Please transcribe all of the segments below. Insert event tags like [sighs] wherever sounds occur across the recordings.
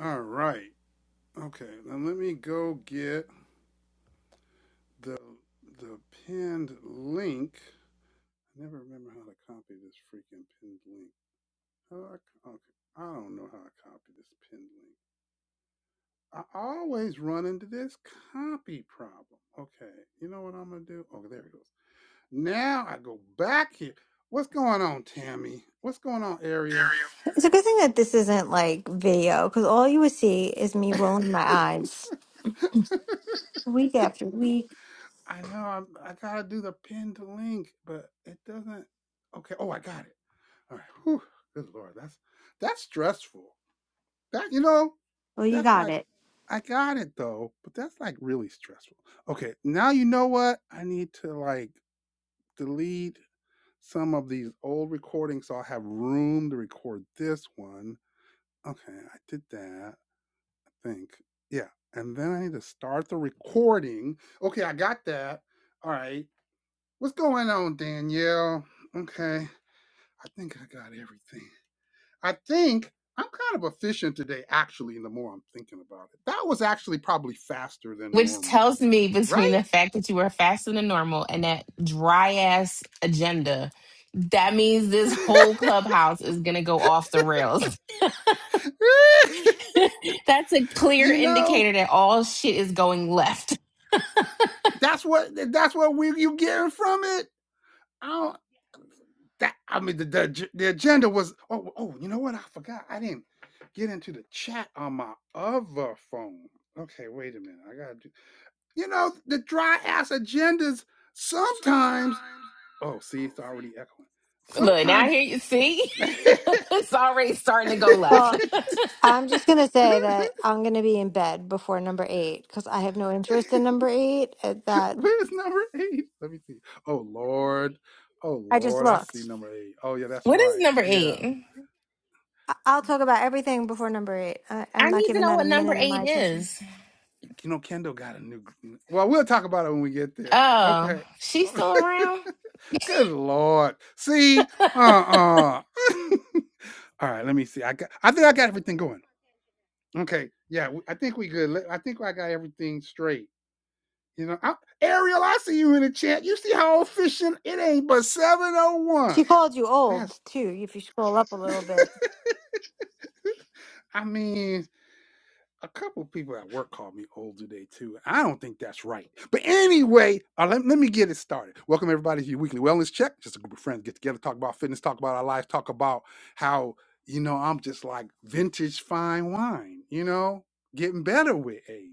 All right. Okay. Then let me go get the the pinned link. I never remember how to copy this freaking pinned link. How do I, okay. I don't know how I copy this pinned link. I always run into this copy problem. Okay. You know what I'm gonna do? Oh, there it goes. Now I go back here. What's going on, Tammy? What's going on, Ariel? [laughs] It's a good thing that this isn't like video because all you would see is me rolling my eyes week after week. I know I'm, I gotta do the pinned link, but it doesn't. Okay. Oh, I got it. All right. Whew, good lord, that's that's stressful. That you know, Well, you that's got like it. I got it though, but that's like really stressful. Okay, now you know what? I need to like delete some of these old recordings so I have room to record this one. Okay, I did that. I think yeah, and then I need to start the recording. Okay, I got that. All right, what's going on, Danielle? Okay, I think I got everything. I think I'm kind of efficient today, actually, the more I'm thinking about it. That was actually probably faster than Which normal, tells me between right? the fact that you were faster than normal and that dry ass agenda, that means this [laughs] whole clubhouse is gonna go off the rails. [laughs] That's a clear you know, indicator that all shit is going left. that's what that's what we you getting from it. I don't that I mean the the, the agenda was oh oh you know what I forgot I didn't get into the chat on my other phone. Okay, wait a minute. I gotta do you know the dry ass agendas sometimes oh see it's already echoing. [laughs] Look, now Sometimes here you see, [laughs] [laughs] it's already [laughs] starting to go left. Well, [laughs] I'm just going to say that I'm going to be in bed before number eight because I have no interest in number eight. At that, Where's number eight? Let me see. Oh Lord. Oh I just Lord, I see looked. number eight. Oh yeah, that's What is right. number Yeah. eight? I- I'll talk about everything before number eight. I- I'm I not need to giving know that a what number minute of my eight attention. is. You know, Kendall got a new well, we'll talk about it when we get there. Oh, Okay. she's still around? [laughs] Good Lord. See? Uh-uh. [laughs] All right, let me see. I got I think I got everything going. Okay. Yeah, I think we good. I think I got everything straight. You know, I, Ariel, I see you in the chat. You see how efficient it ain't but She 701. called you That's old too, if you scroll up a little [laughs] bit. I mean, a couple people at work called me old today too. I don't think that's right. But anyway, uh, let, let me get it started. Welcome everybody to your weekly wellness check. Just a group of friends get together, talk about fitness, talk about our lives, talk about how you know I'm just like vintage fine wine. You know, getting better with age,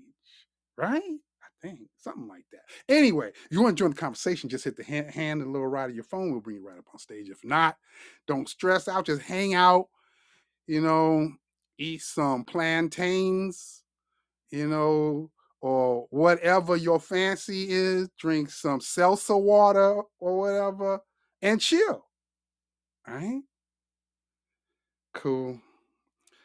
right? I think something like that. Anyway, if you want to join the conversation, just hit the hand, hand and the little right of your phone. We'll bring you right up on stage. If not, don't stress out. Just hang out you know, eat some plantains, you know, or whatever your fancy is, drink some seltzer water or whatever, and chill. Right? Cool.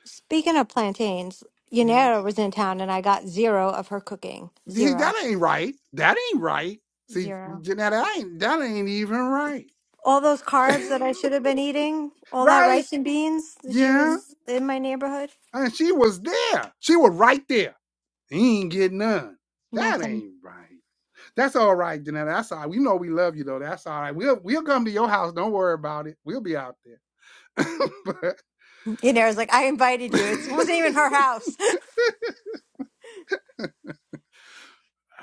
Speaking of plantains, Yeah. Yanera was in town and I got zero of her cooking. See, Zero. that ain't right. That ain't right. See, Zero. Janetta, that ain't that ain't even right. all those [laughs] carbs that I should have been eating, all that right? rice and beans that she Yeah. was in my neighborhood. And she was there. She was right there He ain't getting none. That Nothing. ain't right. That's all right, Janetta. That's all right. We know we love you though. That's all right. We'll we'll come to your house. Don't worry about it. We'll be out there. [laughs] but You know, I was like, I invited [laughs] you. It wasn't even her house.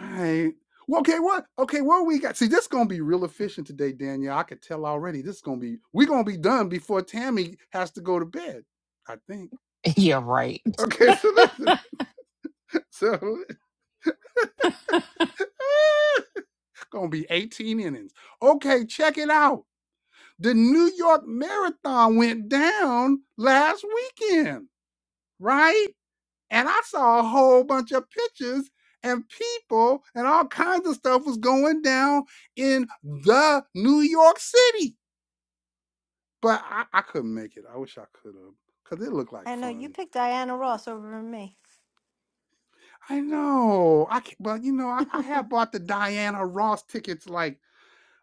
all right. Well, okay, what? Okay, what we got? See, this is gonna be real efficient today, Danielle. I could tell already. This is gonna be we're gonna be done before Tammy has to go to bed. I think. [laughs] Yeah, right. Okay, so listen. So [laughs] gonna be 18 innings. Okay, check it out. The New York Marathon went down last weekend, right? And I saw a whole bunch of pictures and people and all kinds of stuff was going down in the New York City. But I, I couldn't make it. I wish I could have, because it looked [laughs] like I know you fun. picked Diana I, Ross over me, I know. I can, but you know, I, I have bought the Diana Ross tickets like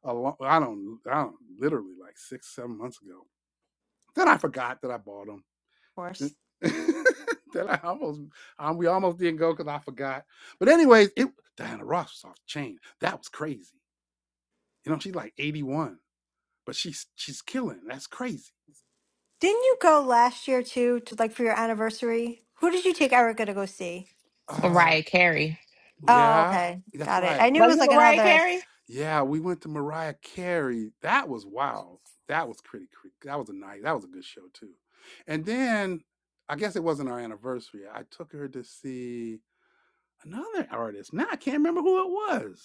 a long, I don't, I don't, literally like six, seven months ago. Then I forgot that I bought them. of course. [laughs] that I almost um, we almost didn't go because I forgot. But anyways, it Diana Ross was off the chain. That was crazy. You know, she's like 81, but she's she's killing. That's crazy. Didn't you go last year too, to like for your anniversary? Who did you take Erica to go see? Uh Mariah Carey. Oh, yeah, okay, that's got it. I right. knew it was Wasn't it like Mariah another, Carey? Yeah, we went to Mariah Carey. That was wow. That was pretty cre- that was a night. That was a good show too. And then I guess it wasn't our anniversary. I took her to see another artist. Now I can't remember who it was.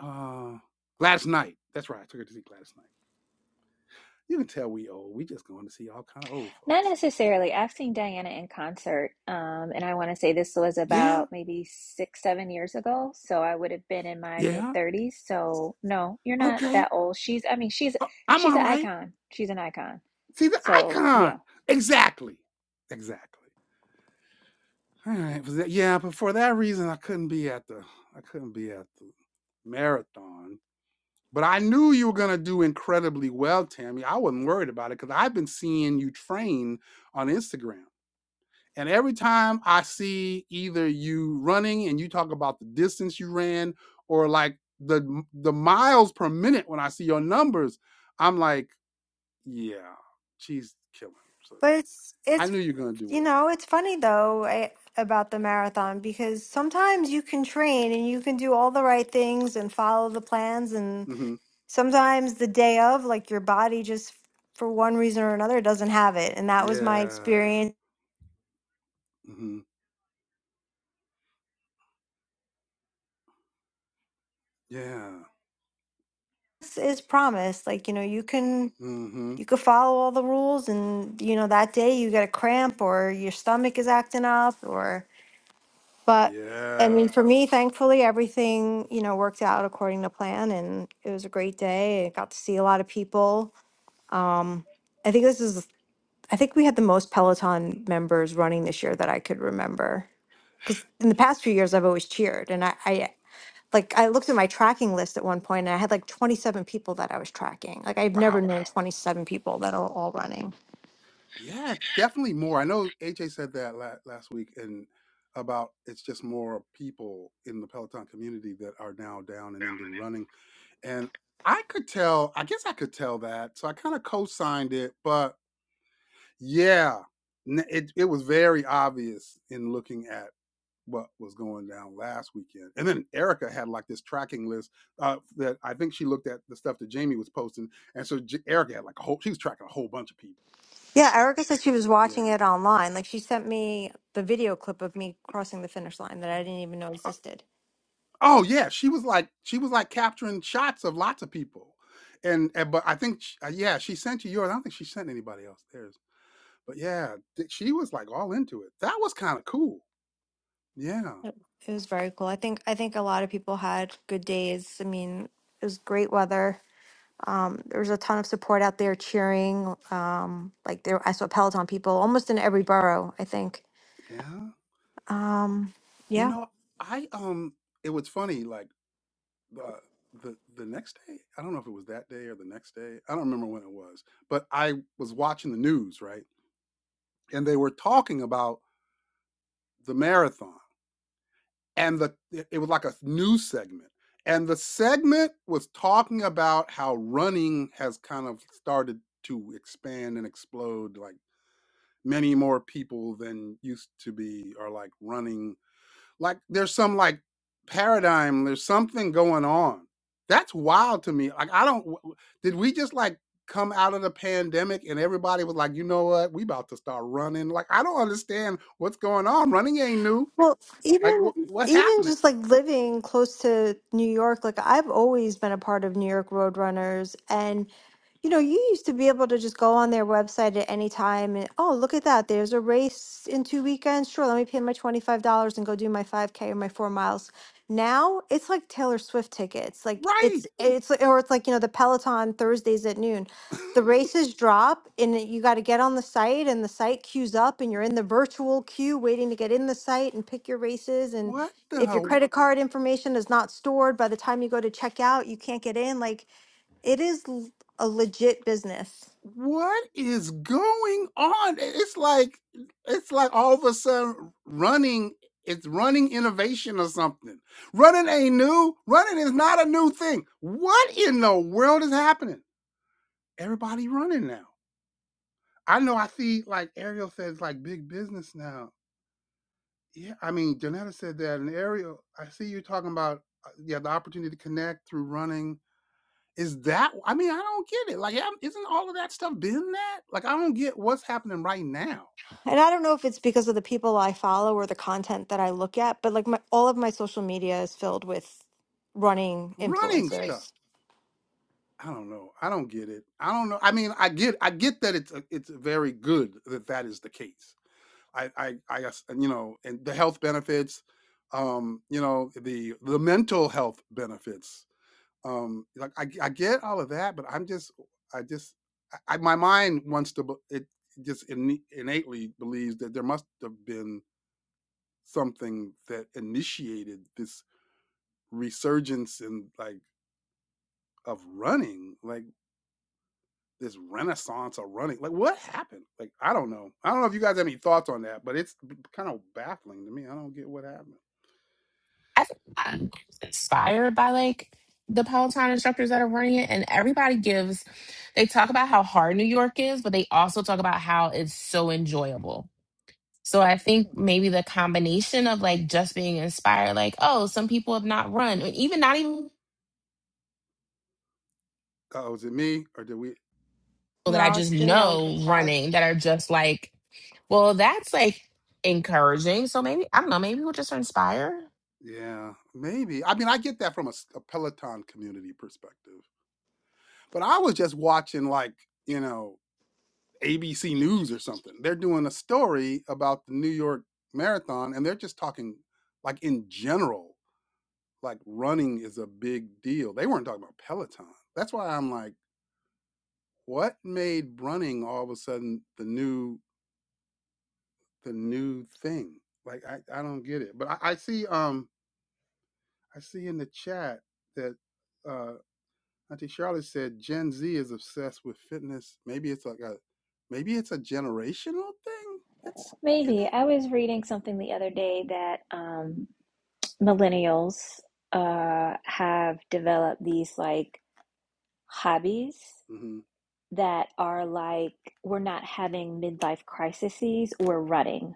uh Gladys Knight. That's right. I took her to see Gladys Knight. You can tell we old. We just going to see all kind of old Not folks. necessarily. I've seen Diana in concert, um, and I want to say this was Yeah, about maybe six, seven years ago. So I would have been in my mid yeah. thirties. So no, you're not Okay. that old. She's, I mean, she's Uh, I'm she's all an right. icon. She's an icon. See the So yeah, icon. Exactly. Exactly. All right. Was that, yeah, but for that reason I couldn't be at the I couldn't be at the marathon. But I knew you were gonna do incredibly well, Tammy. I wasn't worried about it because I've been seeing you train on Instagram. And every time I see either you running and you talk about the distance you ran or like the the miles per minute when I see your numbers, I'm like, yeah, she's killing. So but it's I it's knew you're gonna do you well. know it's funny though I, about the marathon because sometimes you can train and you can do all the right things and follow the plans and hmm sometimes the day of, like your body just f- for one reason or another doesn't have it. And that was my Yeah. experience hmm Yeah. This is promise. Like, you know, you can hmm you could follow all the rules and you know, that day you get a cramp or your stomach is acting up or but I mean Yeah. for me, thankfully everything, you know, worked out according to plan and it was a great day. I got to see a lot of people. Um I think this is I think we had the most Peloton members running this year that I could remember. because in the past few years I've always cheered, and I, I like I looked at my tracking list at one point, and I had like 27 people that I was tracking. Like I've never Wow. known 27 people that are all running. Yeah, definitely more. I know AJ said that la- last week, and about it's just more people in the Peloton community that are now down and into running And I could tell, I guess I could tell that. So I kind of co-signed it, but yeah, n- it it was very obvious in looking at what was going down last weekend. And then Erica had like this tracking list uh, that I think she looked at the stuff that Jamie was posting, and so J- Erica had like a whole, she was tracking a whole bunch of people. Yeah, Erica said she So, was yeah. watching it online. Like she sent me the video clip of me crossing the finish line that I didn't even know Uh, existed. oh yeah, she was like she was like capturing shots of lots of people. And, and but I think sh- uh, yeah, she sent you yours. I don't think she sent anybody else theirs. But yeah, th- she was like all into it. That was kind of cool. Yeah, It was very cool. I think I think a lot of people had good days. I mean, it was great weather. Um, there was a ton of support out there cheering. Um, like there, I saw Peloton people almost in every borough. I think. yeah. Um, You yeah. know, I um, it was funny. Like uh, the the next day, I don't know if it was that day or the next day. I don't remember when it was, but I was watching the news, right? And they were talking about the marathon, and the it it was like a news segment, and the segment was talking about how running has kind of started to expand and explode, like many more people than used to be are like running like there's some like paradigm there's something going on that's wild to me like i don't w- did we just like come out of the pandemic and everybody was like you know what we about to start running like i don't understand what's going on running ain't new Well, like even what what even happening just like living close to New York, like I've always been a part of New York Roadrunners, and. You know, you used to be able to just go on their website at any time and, oh, look at that. There's a race in two weekends. Sure, let me pay my $25 and go do my 5K or my four miles. Now it's like Taylor Swift tickets. Like right it's, it's, like- or it's like, you know, the Peloton Thursdays at noon. The races drop and it- you got to get on the site and the site queues up and you're in the virtual queue waiting to get in the site and pick your races. And what the if your hell? credit card information is not stored by the time you go to check out, you can't get in. Like, it is a legit business. what is going on? It's like it's like all of a sudden running it's running innovation or something. Running ain't new. Running is not a new thing. What in the world is happening? Everybody running now. I know I see like Ariel says like big business now. Yeah, I mean Janetta said that and Ariel, I see you talking about uh, yeah, the opportunity to connect through running. Is that I mean, I don't get it. Like, yeah, isn't all of that stuff been that? Like I don't get what's happening right now And I don't know if it's because of the people I follow or the content that I look at, but like my all of my social media is filled with running running influencers. stuff. I don't know. I don't get it. I don't know. I mean, I get I get that it's a, it's very good that that is the case. I I I guess, and, you know, and the health benefits, um, you know, the the mental health benefits. Um, like I I get all of that, but I'm just I just I, I my mind wants to be- it just inne- innately believes that there must have been something that initiated this resurgence in like of running. Like this renaissance of running. Like, what happened? Like, I don't know. I don't know if you guys have any thoughts on that, but it's kind of baffling to me. I don't get what happened. I think I'm inspired by like the Peloton instructors that are running it, and everybody gives. They talk about how hard New York is, but they also talk about how it's so enjoyable. So I think maybe the combination of like just being inspired, like oh, some people have not run, and even not even Oh, is it me or did we? people that I No, just it's Danielle with the know cows. running that are just like, well, that's like encouraging. So maybe I don't know. Maybe we'll just inspire. Yeah, maybe. I mean, I get that from a a Peloton community perspective, but I was just watching like you know ABC News or something. They're doing a story about the New York Marathon, and they're just talking like in general, like running is a big deal. They weren't talking about Peloton. That's why I'm like what made running all of a sudden the new the new thing like i, I don't get it but I, I see um i see in the chat that uh auntie charlotte said gen z is obsessed with fitness maybe it's like a maybe it's a generational thing let's get maybe it I was reading something the other day that um, millennials uh, have developed these like hobbies mm-hmm, that are like we're not having midlife crises. We're running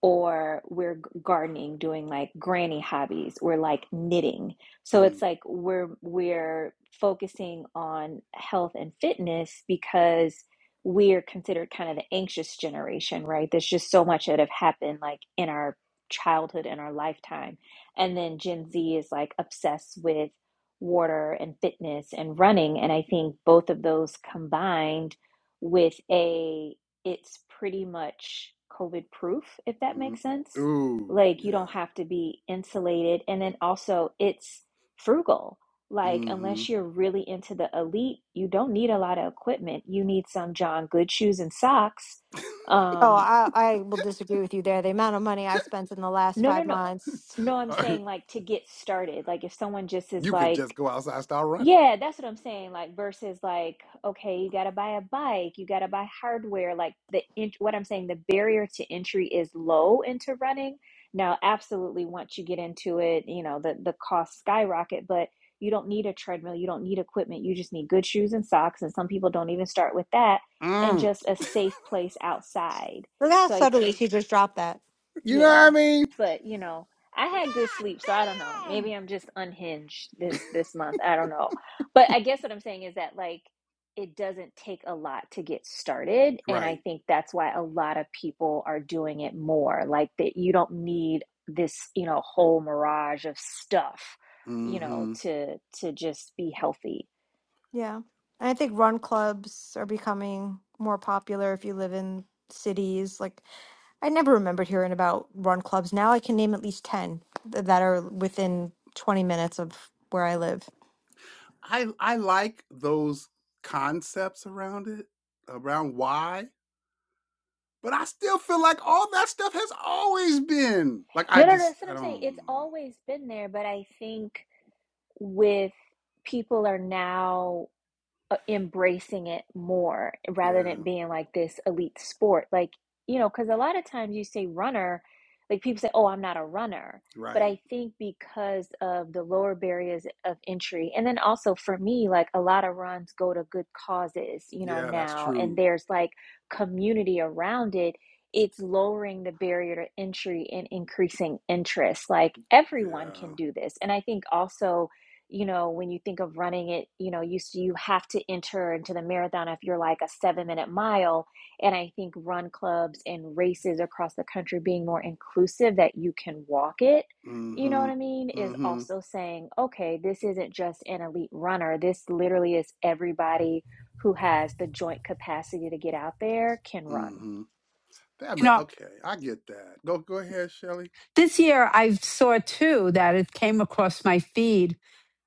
or we're gardening doing like granny hobbies or like knitting so it's mm-hmm, like we're we're focusing on health and fitness because we're considered kind of the anxious generation right there's just so much that have happened like in our childhood and our lifetime and then gen z is like obsessed with water and fitness and running and i think both of those combined with a it's pretty much COVID proof, if that makes mm-hmm. sense. ooh Like you yeah don't have to be insulated. And then also it's frugal. Like mm-hmm unless you're really into the elite, you don't need a lot of equipment. You need some John Good shoes and socks. Oh, Um, I, I will disagree with you there. The amount of money I spent in the last no, no, five no. months. No, I'm [laughs] saying like to get started. Like if someone just is you could just like, go outside and start running Yeah, that's what I'm saying. Like versus like, okay, you gotta buy a bike, you gotta buy hardware. Like the int what I'm saying, the barrier to entry is low into running. Now, absolutely, once you get into it, you know, the the costs skyrocket, but you don't need a treadmill, you don't need equipment, you just need good shoes and socks. And some people don't even start with that, and mm. just a [laughs] safe place outside. Look how So I subtly she just dropped that. you know what i yeah, mean but you know, I had good God sleep, so I don't know. damn! Maybe I'm just unhinged this this month. I don't know. But I guess what I'm saying is that like it doesn't take a lot to get started, and I right think that's why a lot of people are doing it more. Like that you don't need this, you know, whole mirage of stuff, you Mm-hmm. know, to to just be healthy. Yeah. And I think run clubs are becoming more popular if you live in cities. Like I never remembered hearing about run clubs. Now I can name at least 10 th- that are within 20 minutes of where I live. I I like those concepts around it, around why, but I still feel like all that stuff has always been. Like I No, no, no, just that's what I I'm saying. It's don't know. always been there, but I think with people are now uh, embracing it more rather than Yeah, it being like this elite sport. Like, you know, because a lot of times you say runner, like people say, oh, I'm not a runner. But right. I think because of the lower barriers of entry, and then also for me, like a lot of runs go to good causes, you know, Yeah, that's now, and true. there's like community around it. It's lowering the barrier to entry and increasing interest. Like everyone Yeah. can do this. And I think also, you know when you think of running it you know you you have to enter into the marathon if you're like a 7 minute mile and i think run clubs and races across the country being more inclusive that you can walk it you know Mm-hmm. what i mean is Mm-hmm. also saying okay this isn't just an elite runner this literally is everybody who has the joint capacity to get out there can run Mm-hmm. That You ma- know, okay, I get that. Go go ahead, Shelly. this year I saw too that it came across my feed.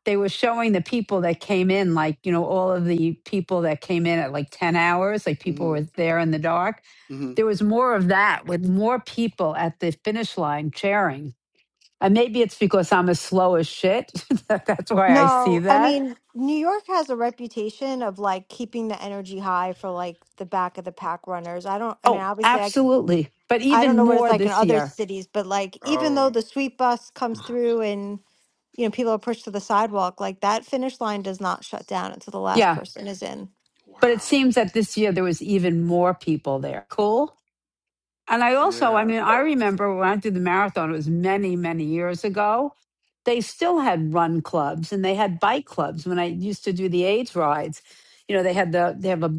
They were showing the people that came in, like, you know, all of the people that came in at like 10 hours, like people Mm-hmm. were there in the dark. Mm-hmm. There was more of that with more people at the finish line cheering. And maybe it's because I'm as slow as shit. [laughs] that That's why I see No, I that. mean, New York has a reputation of like keeping the energy high for like the back of the pack runners. I don't, I mean, Oh, obviously, I, absolutely. But I don't even know what it's more like in this other year. cities, but like even though Oh, the sweep bus comes through and, you know, people are pushed to the sidewalk, like that finish line does not shut down until the last Yeah. person is in. But it wow. seems that this year there was even more people there. Cool. And I also, I Yeah. mean, I remember when I did the marathon, it was many, many years ago. They still had run clubs and they had bike clubs when I used to do the AIDS rides. You know, they had the they have a,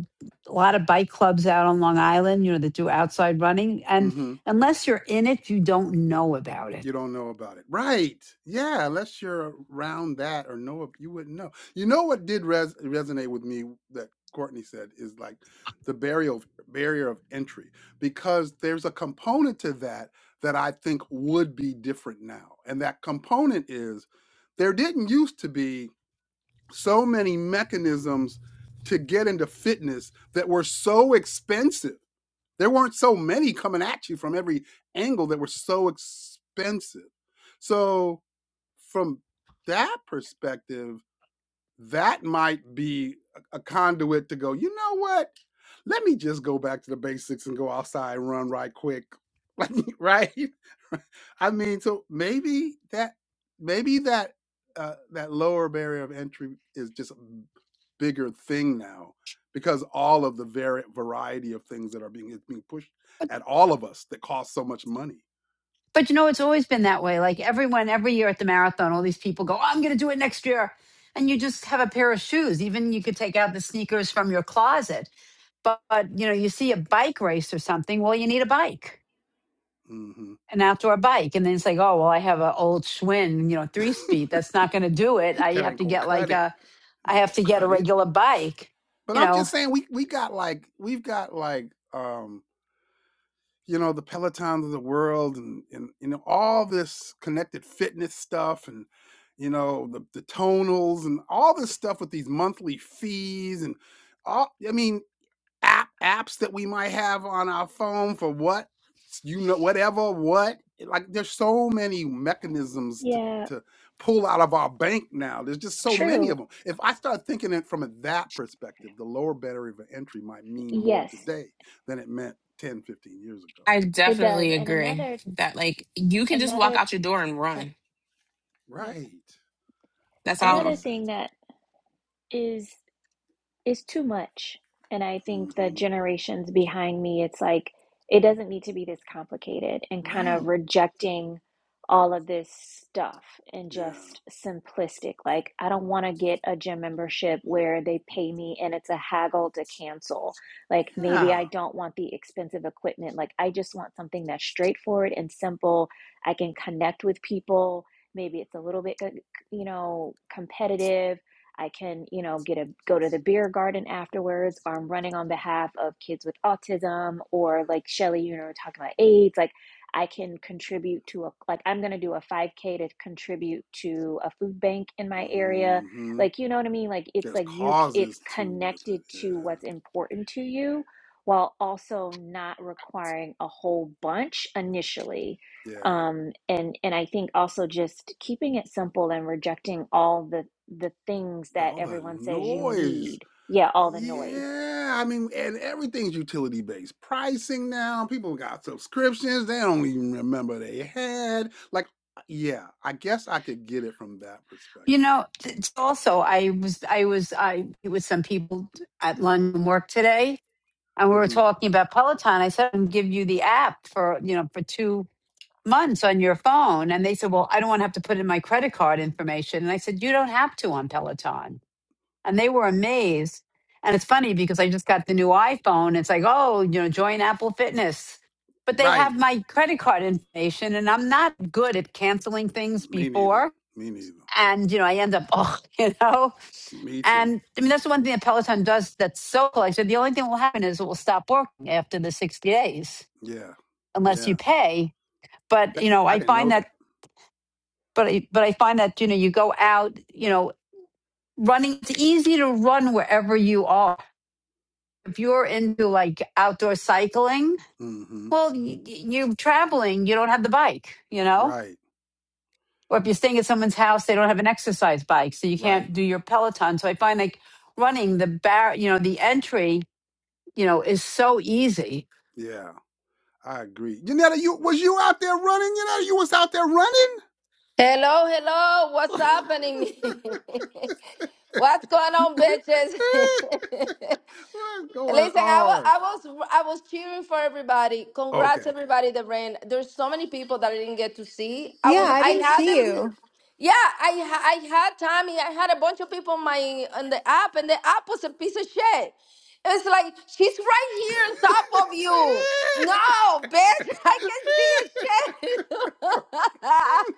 a lot of bike clubs out on Long Island, you know, that do outside running. And Mhm. unless you're in it, you don't know about it You don't know about it. Right. Yeah. Unless you're around that or know, it, you wouldn't know. You know what did res- resonate with me that Courtney said is like the barrier of, barrier of entry, because there's a component to that that I think would be different now. And that component is there didn't used to be so many mechanisms to get into fitness that were so expensive there weren't so many coming at you from every angle that were so expensive. So from that perspective, that might be a conduit to go, you know what? Let me just go back to the basics and go outside and run right quick. [laughs] Like, right? [laughs] I mean, so maybe that maybe that uh, that lower barrier of entry is just a b- bigger thing now because all of the vari- variety of things that are being is being pushed at all of us that cost so much money. But you know, it's always been that way. Like everyone, every year at the marathon, all these people go, oh, I'm going to do it next year. And you just have a pair of shoes. Even you could take out the sneakers from your closet. But, but, you know, you see a bike race or something. Well, you need a bike, hmm an outdoor bike. And then it's like, oh, well, I have an old Schwinn, you know, [laughs] three speed. That's not going to do it. I that have ain't to gonna get like cut it. a, I Ain't have gonna to get a cut it. regular bike. But You I'm know, just saying we we got like we've got like um you know the Pelotons of the world and and you know all this connected fitness stuff and you know the the tonals and all this stuff with these monthly fees and all I mean app apps that we might have on our phone for what you know whatever what like there's so many mechanisms to yeah to pull out of our bank now there's just so many true of them if i start thinking it from that perspective the lower barrier of entry might mean more yes today than it meant ten, fifteen years ago I It does. definitely And agree another that like you can just walk another out your door and oh, run. yep. right That's that Another all. makes thing sense that is is too much. And I think the hmm generations behind me, it's like, it doesn't need to be this complicated and kind of right rejecting all of this stuff and yeah just simplistic. Like, I don't want to get a gym membership where they pay me and it's a haggle to cancel. Like, maybe yeah I don't want the expensive equipment. Like, I just want something that's straightforward and simple. I can connect with people. Maybe it's a little bit, you know, competitive I can, you know, get a go to the beer garden afterwards, or I'm running on behalf of kids with autism, or like Shelly, you know, talking about AIDS. Like I can contribute to a like I'm gonna do a 5K to contribute to a food bank in my area. mm hmm Like you know what I mean? Like it's there's like you it's causes too with connected it to what's important to you while also not requiring a whole bunch initially yeah yeah um, and and I think also just keeping it simple and rejecting all the the things the, that all the everyone says you noise. need. Yeah, all the Yeah, noise. yeah. I mean, and everything's utility based pricing now. People got subscriptions they don't even remember they had. Like, uh, yeah, I guess I could get it from that perspective. you know. It's also, I was, I was, I with some people at London work today, and we were hmm talking about Peloton. I said, "I'll give you the app for you know for two months on your phone." And they said, "Well, I don't want to have to put in my credit card information." And I said, "You don't have to on Peloton." And they were amazed. And it's funny because I just got the new iPhone. It's like, oh, you know, join Apple Fitness. But they Right. have my credit card information, and I'm not good at canceling things Me neither. before. Me neither. And you know, I end up, [laughs] oh, you know. Me too. And I mean, that's the one thing that Peloton does that's so cool. Like I said, the only thing that will happen is it will stop working after the 60 days Yeah. unless you Yeah. pay. But, That, you know, I I didn't find know that. that, but I, but I find that, you know, you go out, you know, running, it's easy to run wherever you are. If you're into like outdoor cycling, hmm well, y- y- you're traveling, you don't have the bike, you know? Right. Or if you're staying at someone's house, they don't have an exercise bike, so you Right. can't do your Peloton. So I find like running the bar, you know, the entry, you know, is so easy Yeah. I agree. Janetta, you was you out there running? Janetta, you was out there Hello, hello. What's happening? [laughs] What's going on, bitches? [laughs] running? [laughs] What's going Listen, I was, on? I was I was cheering for everybody. Congrats, Okay. everybody that ran. There's so many people that I didn't get to see. I Yeah, was Yeah. I I didn't had see them. you. Yeah, I ha- I had Tommy. I had a bunch of people on my on the app, and the app was a piece of shit. It's like she's right [laughs] here on top of you. No, bitch, [laughs] I can see a shit. [laughs]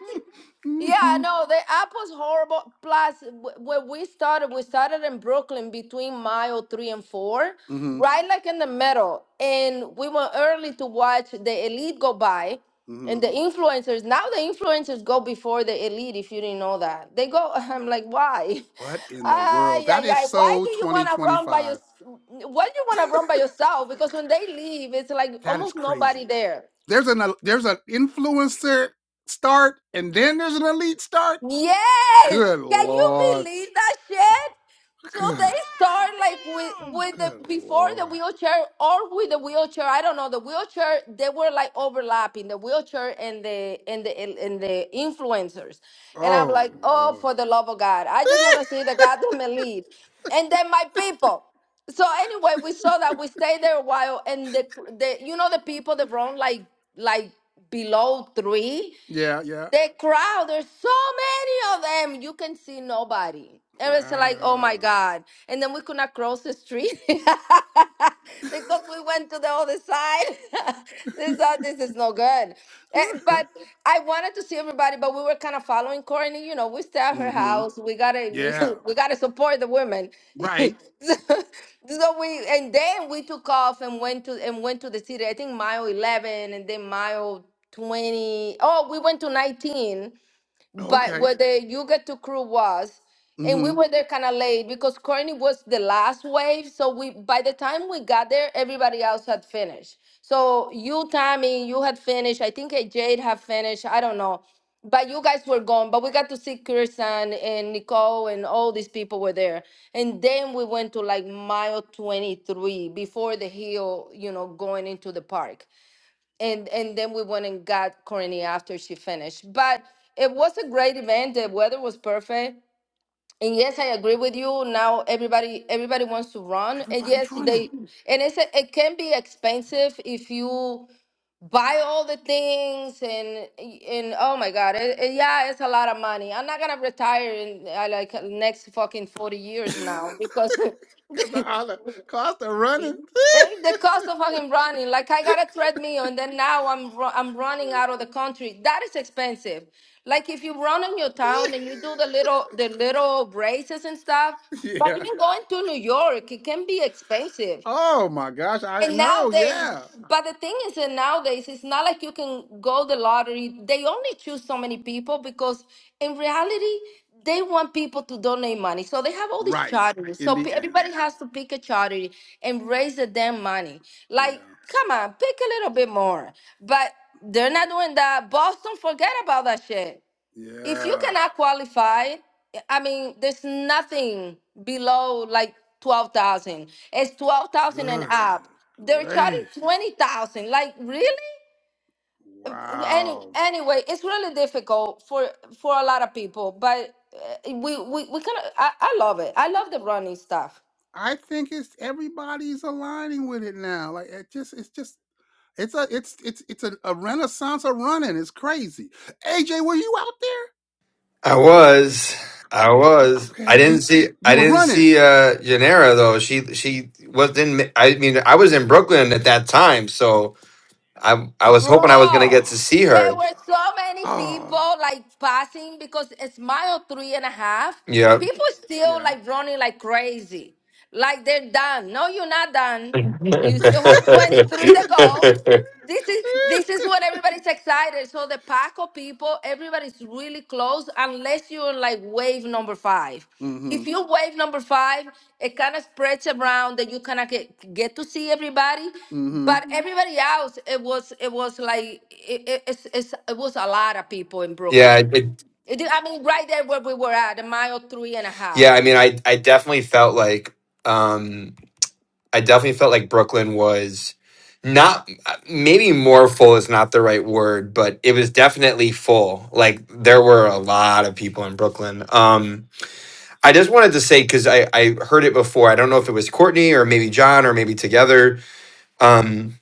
Yeah, hmm no, the app was horrible. Plus, w- when we started, we started in Brooklyn between mile three and four, hmm right like in the middle. And we went early to watch the elite go by hmm and the influencers. Now the influencers go before the elite, if you didn't know that. They go, [laughs] I'm like, why? [laughs] What in the Ah, world? yeah, That is yeah. Why so do you want to run by your? 2025. Why do you want to run by yourself? Because when they leave, it's like That is almost nobody crazy. there. There's an there's an influencer start, and then there's an elite start. Yes! Good Can you lord. believe that shit? So Good. they start like with Goddamn. with the Good before the lord. wheelchair or with the wheelchair. I don't know. The wheelchair they were like overlapping the wheelchair and the and the and the influencers. And I'm Oh like, oh, lord. for the love of God, I just want to [laughs] see the goddamn elite. And then my people. So anyway, we saw that we stayed there a while, and the the you know the people that run like like below three. yeah. Yeah. The crowd, there's so many of them, you can see nobody. And it's like, oh Wow. my God. And then we could not cross the street [laughs] because we went to the other side. [laughs] this, [laughs] uh, this is no good. Eh, But I wanted to see everybody, but we were kind of following Courtney. You know, we stay at her mm-hmm. house. We gotta, we, Yeah. [laughs] we gotta support the women. [laughs] so, Right. so we, and then we took off and went to and went to the city. I think mile eleven, and then mile. 20 oh, we went to 19 but Okay. where the yuga to crew was and we hmm were there kind of late because Courtney was the last wave so we by the time we got there everybody else had finished so you Tammy you had finished I think eh, Jade had finished I don't know but you guys were gone but we got to see Kirsten and Nicole and all these people were there and then we went to like mile 23 before the hill you know going into the park and and then we went and got Courtney after she finished. But it was a great event. The weather was perfect. And yes, I agree with you. Now everybody everybody wants to run. And yes, Everybody's running. they and it's a, it can be expensive if you buy all the things and and oh my god, it, it- yeah, it's a lot of money. I'm not gonna retire in uh, like next fucking forty [laughs] years Cause now because [laughs] the all the cost of running. Ain't the cost of him running. Like I gotta treadmill, and then now I'm ru- I'm running out of the country. That is expensive. Like if you run in your town and you do the [laughs] little the little races and stuff, but yeah. even going to New York, it can be expensive. Oh my gosh. I And know. nowadays, Yeah. but the thing is that nowadays, it's not like you can go the lottery. They only choose so many people because in reality, they want people to donate money. So they have all these Right. charities. In So the pe- end. everybody has to pick a charity and raise the damn money. Like, Yeah. come on, pick a little bit more. But they're not doing that. Boston, forget about that shit if you Yeah. cannot qualify, I mean, there's nothing below like twelve thousand. It's twelve thousand and Goodness up. They're charging gracious. twenty thousand. Like really? Uh, Any Wow. anyway, it's really difficult for for a lot of people, but uh, we we we kind of I, I love it. I love the running stuff. I think it's everybody's aligning with it now. Like it just it's just it's a it's it's it's a, a renaissance of running. It's crazy. AJ, were you out there? I was. I was. I Okay, didn't you see. you I were didn't running. see uh Janera though. She she was in. I mean, I was in Brooklyn at that time, so I I was hoping I was gonna Bro, get to Oh, see there her. were so many oh, people like passing because it's mile three and a half. Yeah. People still yeah. like running like crazy. Like they're done. No, you're not [laughs] done. yeah. You [laughs] still have 23 to go. This is this is what everybody's excited. So the pack of people, everybody's really close unless you're like wave number five. mm-hmm. If you wave number five, it kind of spreads around that you kind of get, get to see everybody, Mm-hmm. but everybody else, it was it was like it, it, it's, it's, it was a lot of people in Brooklyn. It, It did, I mean, right there where we were at, a mile three and a yeah. half. I mean, I I definitely felt like. um I definitely felt like Brooklyn was not maybe more full is not the right word, but it was definitely full. Like there were a lot of people in Brooklyn. Um, I just wanted to say because I I heard it before. I don't know if it was Courtney or maybe John or maybe together. Um,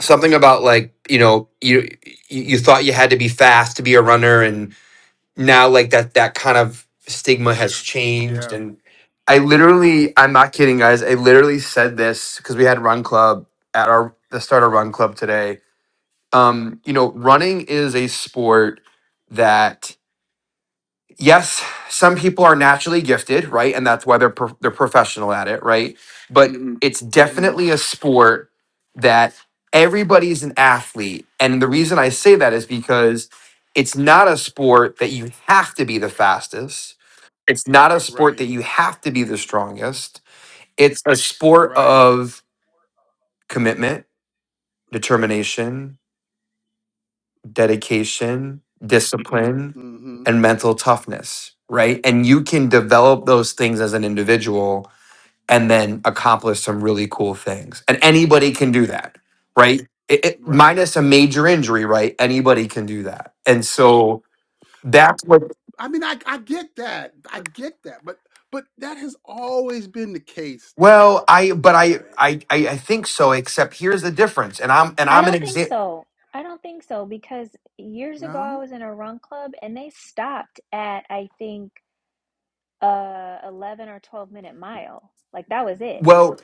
something about like you know you you thought you had to be fast to be a runner and now like that that kind of stigma has changed Yeah. and i literally i'm not kidding guys i literally said this because we had run club at our the start of run club today um you know running is a sport that yes, some people are naturally gifted, right? And that's why they're pro- they're professional at it, right? But Mhm. it's Mm-hmm. definitely a sport that everybody's an athlete. And the reason I say that is because it's not a sport that you have to be the fastest. It's not a sport that Right. you have to be the strongest. It's a sport Right. of commitment, determination, dedication, discipline, Mm-hmm. and mental toughness, right? And you can develop those things as an individual and then accomplish some really cool things. And anybody can do that, right? It, it- Right. minus a major injury, right? Anybody can do that. And so that's what I mean, I I get that. I get that. But but that has always been the case, though. well, I but AJ, I right? I I I think so except here's the difference and I'm and I I'm an don't think example. so. I don't think so because years ago I No. was in a run club and they stopped at I think uh 11 or 12 minute mile. Like that was it Well.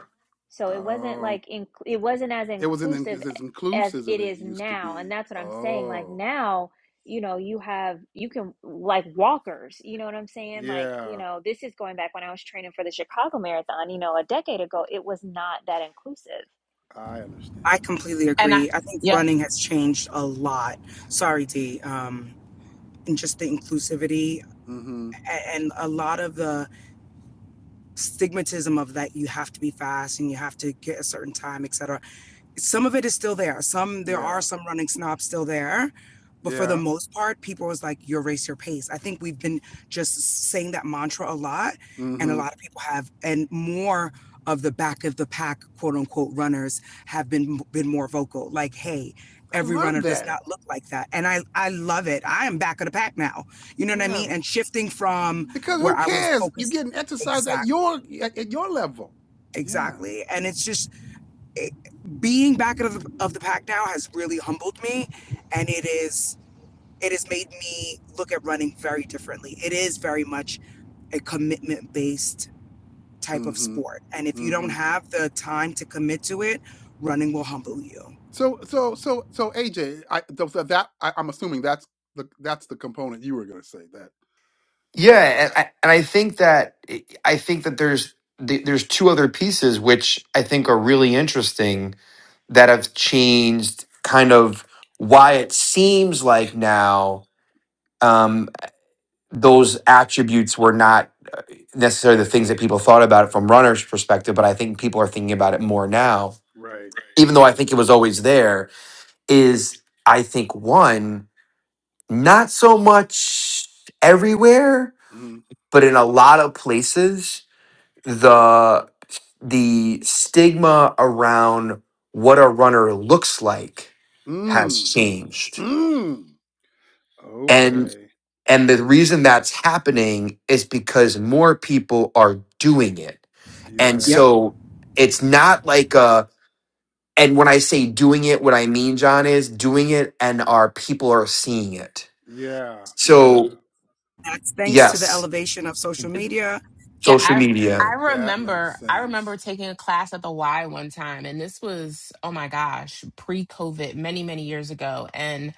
So it wasn't Oh, like in, it wasn't as it was an inclusive it's as as inclusive it as it is used to now, and be. that's what I'm saying. Like Oh, now, you know, you have you can like walkers. You know what I'm saying? Like you yeah. know, this is going back when I was training for the Chicago Marathon. You know, a decade ago, it was not that inclusive. I I understand. completely and I agree. I think yeah running has changed a lot. Sorry, D. Um, and just the inclusivity Mm-hmm. a- and a lot of the stigmatism of that you have to be fast and you have to get a certain time, etc some of it is still there. Some there are Yeah. some running snobs still there, but for the Yeah. most part, people was like, "Your race, your pace." I think we've been just saying that mantra a lot, and a Mm-hmm. lot of people have, and more of the back of the pack, quote unquote, runners have been been more vocal. Like, hey. I Every love runner does that. not look like that. And I, I love it. I am back of the pack now. You know what I Yeah, mean? And shifting from because where who I was cares? You're focused getting exercise at your exactly at, at your level. Yeah. exactly and it's just it, being back out of the, of the pack now has really humbled me and it is it has made me look at running very differently it is very much a commitment based type of Mm-hmm. sport and if you don't Mm-hmm. have the time to commit to it running will humble you So so so so AJ, I so so that I, I'm assuming that's the that's the component you were gonna say that that Yeah, and I, and I think that I think that there's th- there's two other pieces which I think are really interesting that have changed kind of why it seems like now um, those attributes were not necessarily the things that people thought about it from runners' perspective, but I think people are thinking about it more now, right. even though I think it was always there. Is I think one not so much everywhere, Mm. but in a lot of places the the stigma around what a runner looks like has Mm. changed Mm. and Okay. and the reason that's happening is because more people are doing it and yep Yeah. so it's not like a and when i say doing it what i mean john is doing it and our people are seeing it Yeah. Yeah. so that's thanks to the yes elevation of social media yeah social I media I That makes remember I remember sense. taking a class at the Y one time and this was oh my gosh pre COVID many many years ago and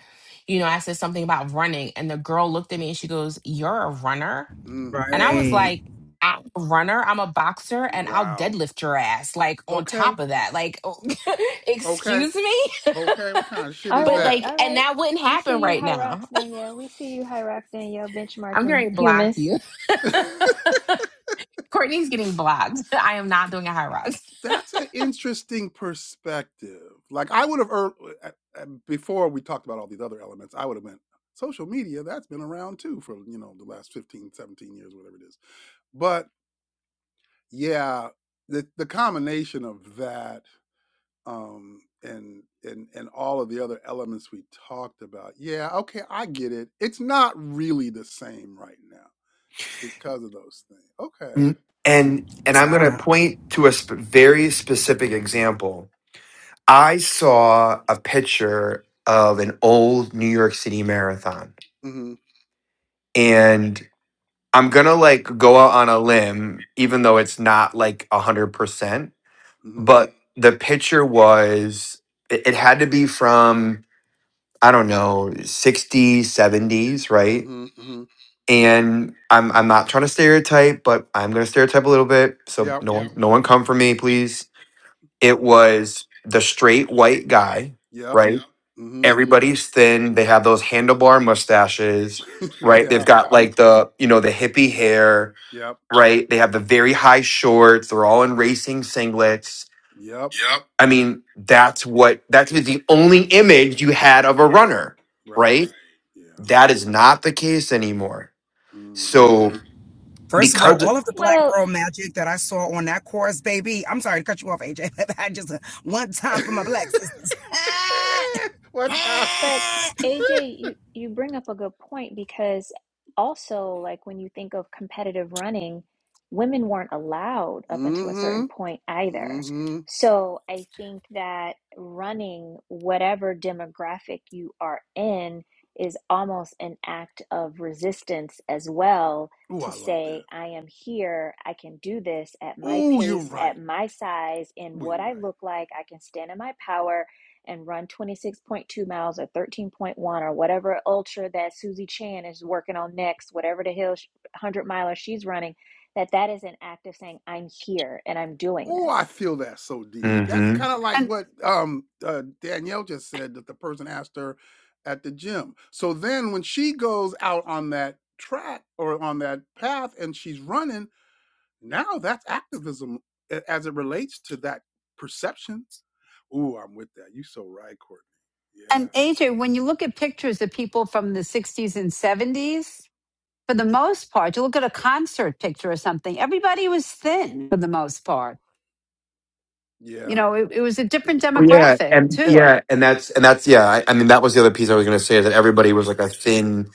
you know I said something about running and the girl looked at me and she goes you're a runner Mm. and I Mm. was Mm. right like I'm a runner I'm a boxer and I'll Wow. deadlift your ass like on Okay. top of that like [laughs] Okay. excuse me Okay. What kind of shit [laughs] All is but right, that? like all and right. that wouldn't We happen see you, right now Hyrox [laughs] Danielle. We see you, Hyrox Danielle, I'm benchmarking going to block humans. you [laughs] [laughs] Courtney's getting blocked. [laughs] I am not doing a high rise. That's an interesting perspective. Like I would have er, uh, uh, before we talked about all these other elements, I would have went social media that's been around too for, you know, the last 15, 17 years whatever it is. But yeah, the the combination of that um and and and all of the other elements we talked about. Yeah, okay, I get it. It's not really the same right now because of those things. Okay. N- and and it's i'm going to not point to a sp- very specific example I saw a picture of an old New York City marathon. mm And I'm going to like go out on a limb, even though it's not like 100%. Mhm. But the picture was, it, it had to be from, I don't know, 60s, 70s, mm Mhm. right? Mhm. Mhm. And I'm I'm not trying to stereotype, but I'm gonna stereotype a little bit. So Yep. no one no one come for me, please. It was the straight white guy, Yep. right? mm Mhm. everybody's thin. They have those handlebar mustaches, [laughs] right? Yeah. They've got like the, you know, the hippie hair, Yep. right? They have the very high shorts. They're all in racing singlets. Yep. Yep. I mean, that's what that was the only image you had of a runner, Right. right? Yeah. That is not the case anymore. Mm-hmm. So First of all, because all of the black Well, girl magic that I saw on that course, baby. I'm sorry to cut you off, AJ, [laughs] but I just uh, one time [laughs] for my black sisters. [laughs] What's happening? But I AJ, you you bring up a good point because also like when you think of competitive running, women weren't allowed up until a Mm-hmm. certain point either. Mm-hmm. So I think that running, whatever demographic you are in, is almost an act of resistance as well Ooh, to I love that. say, I am here, I can do this at my Ooh, you're pace, at right. my size, in Ooh, what you're I right. look like, I can stand in my power and run 26.2 miles or 13.1 or whatever ultra that Susie Chan is working on next, whatever the hill 100 miler she's running, that that is an act of saying, I'm here and I'm doing Oh, I this. feel that so deep. That's hmm kind of like And what um uh, Danielle just said that the person asked her at the gym. So then when she goes out on that track or on that path and she's running, now that's activism a- as it relates to that perception Ooh, I'm with that. You so right, Courtney. Yeah. and AJ, when you look at pictures of people from the 60s and 70s, for the most part, you look at a concert picture or something, everybody was thin for the most part. You Yeah. know, it, it was a different Oh, yeah, demographic and too. yeah, and that's and that's yeah. I, I mean, that was the other piece I was going to say is that everybody was like a thin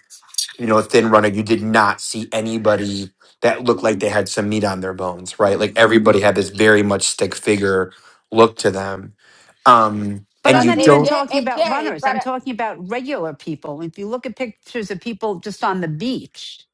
you know, a thin runner, you did not see anybody that looked like they had some meat on their bones, right? Like Mm-hmm. everybody had this very much stick figure look to them. Um, But and I'm you But not even AJ, don't. talking about AJ, runners. but I'm uh, talking about regular people. If you look at pictures of people just on the beach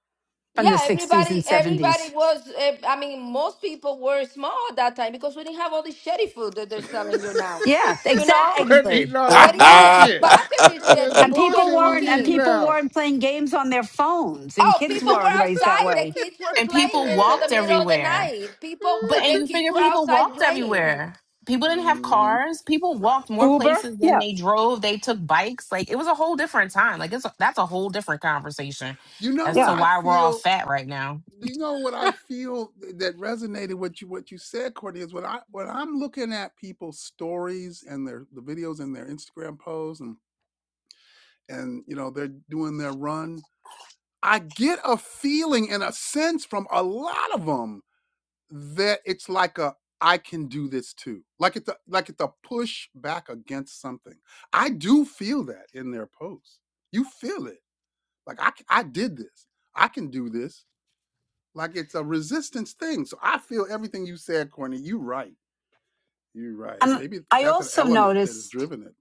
from the yeah, 60s and everybody, everybody 70s. was. Uh, I mean, most people were small at that time because we didn't have all this shitty food that they're [laughs] selling you now. Yeah, You know, We're exactly. eating [laughs] all this they didn't have all these I bullshit. packaged All shit. this And People were people bullshit we weren't and eating cooking. people now. weren't playing games on their phones and Oh, kids people weren't were raised that outside. The way. kids were And people playing until the walked middle of the everywhere. night. People, But uh, [laughs] and the you kids figure were people outside walked playing. everywhere. People didn't have hmm cars. People Right. walked more Uber? places than Yeah. they drove. They took bikes. Like it was a whole different time. Like it's a, that's a whole different conversation You know as what to Yeah. I why we're all feel? fat right now. You know what I feel that resonated with you what you said, Courtney, is when I when I'm looking at people's stories and their [laughs] the videos and their Instagram posts and and you know they're doing their run I get a feeling and a sense from a lot of them that it's like a I can do this too. Like it's a, like it's a push back against something. I do feel that in their posts. You feel it. Like I c- I did this. I can do this. Like it's a resistance thing. So I feel everything you said, Courtney. You right. You right. And Maybe I that's an also element that has noticed driven it.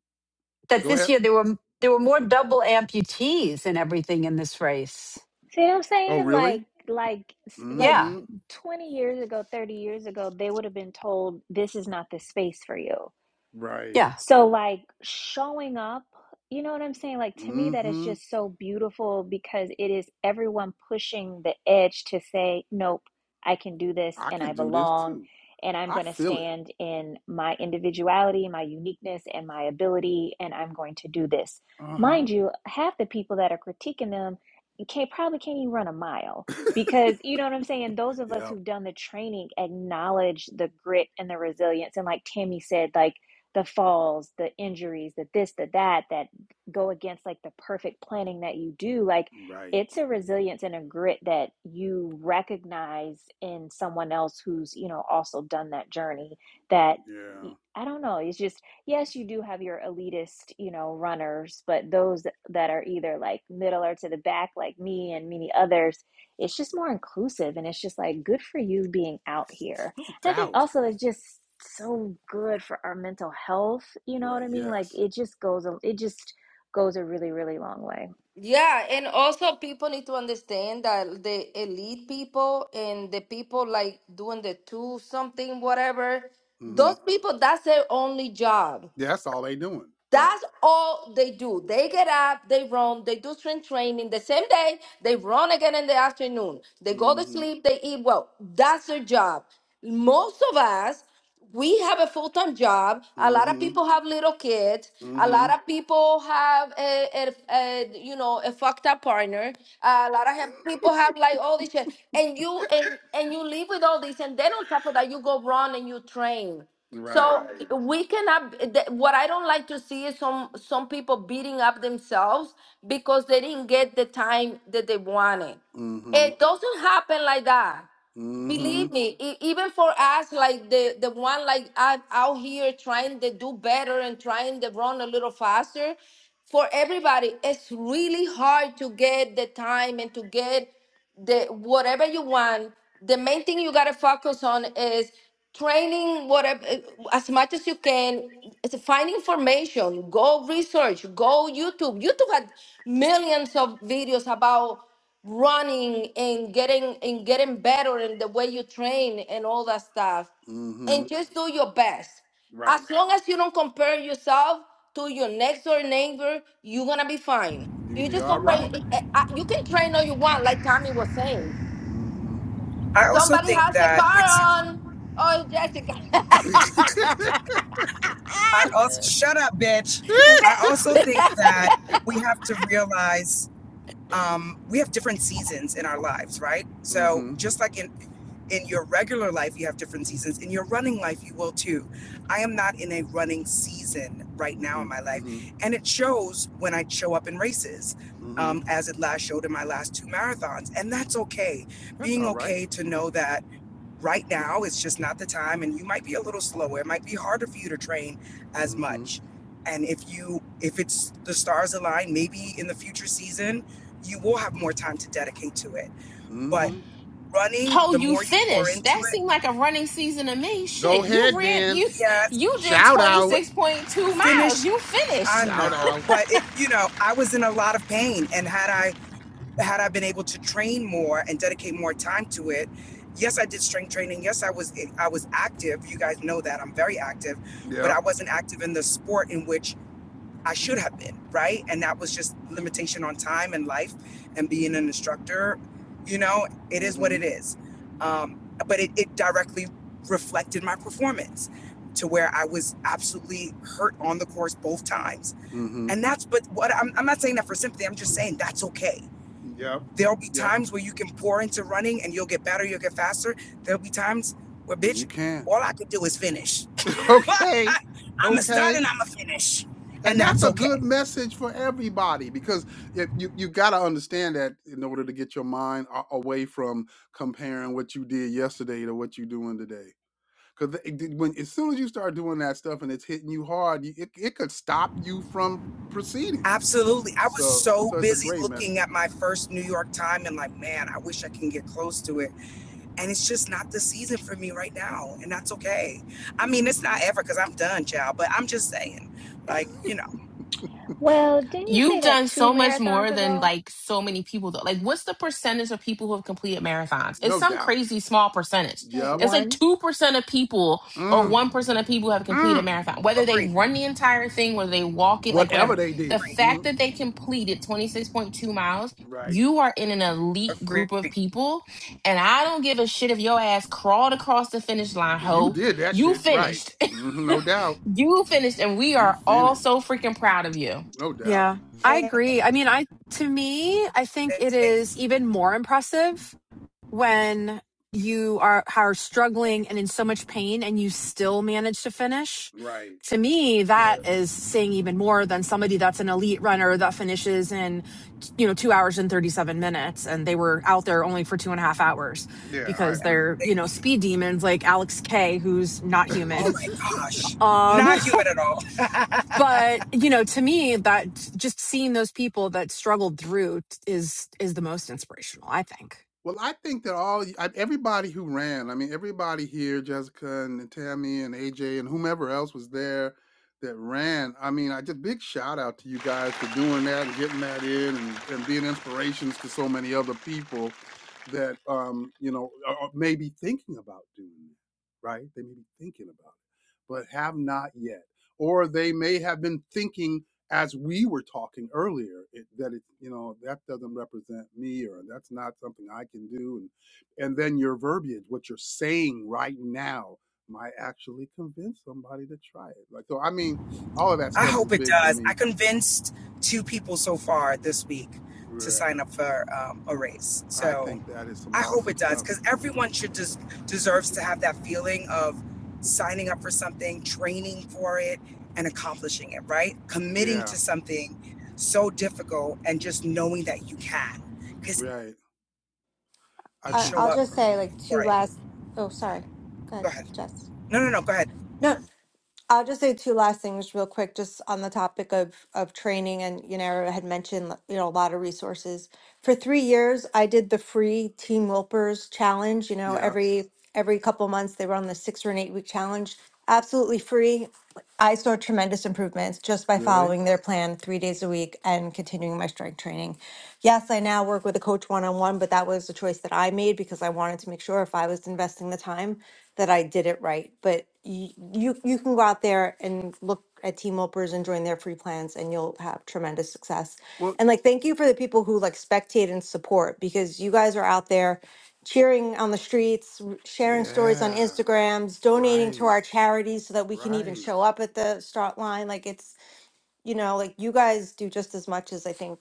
that Go this ahead. year there were there were more double amputees and everything in this race. See what I'm Oh, saying? really? Like, like, like Yeah, Mm-hmm. 20 years ago, 30 years ago, they would have been told, this is not the space for you Right. yeah, So, like, showing up, you know what I'm saying? Like, to me, that is Mm-hmm. just so beautiful because it is everyone pushing the edge to say, nope, I can do this I and I can do this belong too. and I'm I going to feel it. stand in my individuality, my uniqueness, and my ability, and I'm going to do this. Uh-huh. Mind you, half the people that are critiquing them you can't probably can't even run a mile [laughs] because you know what I'm saying. Those of us Yep. who've done the training acknowledge the grit and the resilience, and like Tammy said, like the falls, the injuries, the this, the that, that go against like the perfect planning that you do. Like Right. it's a resilience and a grit that you recognize in someone else who's, you know, also done that journey that I Yeah. I don't know. It's just, yes, you do have your elitist, you know, runners, but those that are either like middle or to the back, like me and many others, it's just more inclusive. And it's just like, good for you being out here No I think doubt. also it's just so good for our mental health. You know what Right. I mean? Like Yes. it just goes a it just goes a really really long way. Yeah, and also people need to understand that the elite people and the people like doing the two something, whatever, Mm-hmm. those people, that's their only job. Yeah, that's all they doing. Right. That's all they do. They get up, they run, they do strength training the same day, they run again in the afternoon. They go to Mm-hmm. sleep, they eat well. That's their job. Most of us, we have a full time job. A lot of Mm-hmm. people have little kids. A Mm-hmm. lot of people have a, a, a you know a fucked up partner. A lot of have, people have like all this shit, and you and and you live with all this, and then on top of that, you go run and you train. So Right. Right. we cannot. th- What I don't like to see is some some people beating up themselves because they didn't get the time that they wanted. Mm-hmm. It doesn't happen like that Mm-hmm. believe me e- even for us like the the one like out, out here trying to do better and trying to run a little faster for everybody it's really hard to get the time and to get the whatever you want the main thing you got to focus on is training whatever as much as you can it's find information go research go youtube youtube had millions of videos about running and getting and getting better in the way you train and all that stuff Mm-hmm. and just do your best Right. as long as you don't compare yourself to your next door neighbor you're gonna be fine You'll you be just all compare right. eh, eh, uh, you can train all you want like tommy was saying Mm-hmm. also somebody think has a that it's car on oh jessica [laughs] mm-hmm. I also shut up, bitch. [laughs] Baby, I also think that we have to realize um, we have different seasons in our lives, right? So Mm-hmm. just like in in your regular life, you have different seasons. In your running life, you will too. I am not in a running season right now in my life, Mm-hmm. and it shows when I show up in races. Mm-hmm. Um, as it last showed in my last two marathons. And that's okay. That's Being all right. okay to know that right now it's just not the time and you might be a little slower it might be harder for you to train as Mm-hmm. much and if you if it's the stars align maybe in the future season you will have more time to dedicate to it but Mm-hmm. running Ho, the you more you pour finished. into That it seemed like a running season to me. Shit, Go you ahead ran then. you yes you did Shout out. but 26.2 miles. finish You finished. i Shout know out. but it you know i was in a lot of pain and had i had I been able to train more and dedicate more time to it, yes, I did strength training. Yes, I was I was active. You guys know that I'm very active, but Yep. I wasn't active in the sport in which I should have been, right? And that was just limitation on time and life and being an instructor. You know, it is what Mm-hmm. it is. Um, but it, it directly reflected my performance to where I was absolutely hurt on the course both times. Mm-hmm. And that's but what I'm, I'm not saying that for sympathy. I'm just saying that's okay Yep. There'll be Yep. times where you can pour into running and you'll get better, you'll get faster. There'll be times where, When you bitch, can. all I could do is finish. [laughs] [laughs] okay. I'm a start Okay. and I'm a finish. And And that's that's a okay. good message for everybody because if you, you got to understand that in order to get your mind a- away from comparing what you did yesterday to what you're doing today. Because when as soon as you start doing that stuff and it's hitting you hard, you, it, it could stop you from proceeding. Absolutely. I was So so so it's a busy great looking message. at my first New York time and like, man, I wish I can get close to it. And it's just not the season for me right now. And that's okay. I mean, it's not hmm ever because I'm done, child, but I'm just saying, like, you know, Well, didn't you say You've that done two so much marathons more than ago? like so many people though. Like what's the percentage of people who have completed marathons? It's No some doubt. crazy small percentage. Like Yep. It's like one? 2% of people or Mm, 1% of people who have completed a mm. marathon. Whether agreed, they run the entire thing, whether they walk it, like Whatever whatever. they The did. agreed, fact Mm, that they completed 26.2 miles, right. you are in an elite agreed. group of people. And I don't give a shit if your ass crawled across the finish line, You ho. did that You shit right. finished. Mhm, No doubt. [laughs] you finished and we You are all finished. so freaking proud of you No doubt. Yeah, I Thank agree. I mean, I to me, I think it is even more impressive when you are are struggling and in so much pain and you still manage to finish. Right. To me, you. Thank that is saying even more than somebody that's an elite runner that finishes in, you know, two hours and 37 minutes and they were out there only for two and a half hours Yeah, I because agree. they're, you. you know, speed demons like Alex K, who's not Oh human. my gosh. Um, [laughs] Not human at all. but you know to me that just seeing those people that struggled through t- is is the most inspirational i think Well, I think that all y- I- everybody who ran, I mean, everybody here, Jessica and Tammy and AJ and whomever else was there that ran. I mean, I just big shout out to you guys for doing that and getting that in and, and being inspirations to so many other people that, um, you know, are, are maybe thinking about doing that, right? They may be thinking about but have not yet. Or they may have been thinking, as we were talking earlier, it, that it, you know, that doesn't represent me, or that's not something I can do, and and then your verbiage, what you're saying right now, might actually convince somebody to try it. Like so, I mean, all of that I stuff is hope it big for does. I me. convinced two people so far this week to Yeah, sign up for um, a race. I So think that is some I hope awesome it does stuff. because everyone should des- deserves to have that feeling of signing up for something, training for it, and accomplishing it, right? Committing Yeah, to something so difficult and just knowing that you can because right. I you I- think show I'll up that's just say awesome. like two for it. last. Oh, sorry. Go Go ahead, ahead. Jess. No, no, no. Go ahead. No, I'll just say two last things real quick, just on the topic of of training. And you know, I had mentioned you know a lot of resources. For three years, I did the free Team Wilpers challenge. You know, Yeah, every every couple months they run the six or an eight week challenge, absolutely free. I saw tremendous improvements just by really. following their plan three days a week and continuing my strength training. Yes, I now work with a coach one on one, but that was a choice that I made because I wanted to make sure if I was investing the time that I did it right. But y- you you can go out there and look at team opers and join their free plans and you'll have tremendous success Well, and like thank you for the people who like spectate and support because you guys are out there cheering on the streets r- sharing stories on yeah, instagrams donating to right, our charities so that we can even right. show up at the start line like it's you know, like you guys do just as much as I think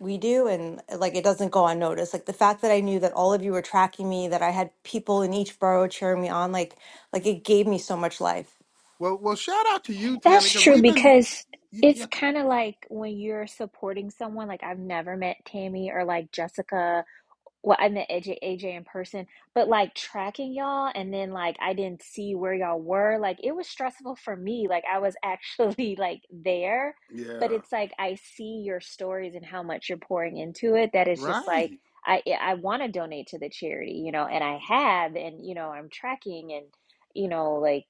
we do, and uh, like it doesn't go unnoticed. Like the fact that I knew that all of you were tracking me, that I had people in each borough cheering me on, like like it gave me so much life. Well, well, shout out to you, Tammy, That's because true we've been because y- it's yeah, kind of like when you're supporting someone. Like I've never met Tammy or like Jessica Well, I met AJ, AJ in person, but like tracking y'all and then like I didn't see where y'all were, like it was stressful for me. Like I was [laughs] actually like there, but yeah, it's like I see your stories and how much you're pouring into it That is just like right, I eh, I want to donate to the charity, you know, and I have and you know, I'm tracking and you know, like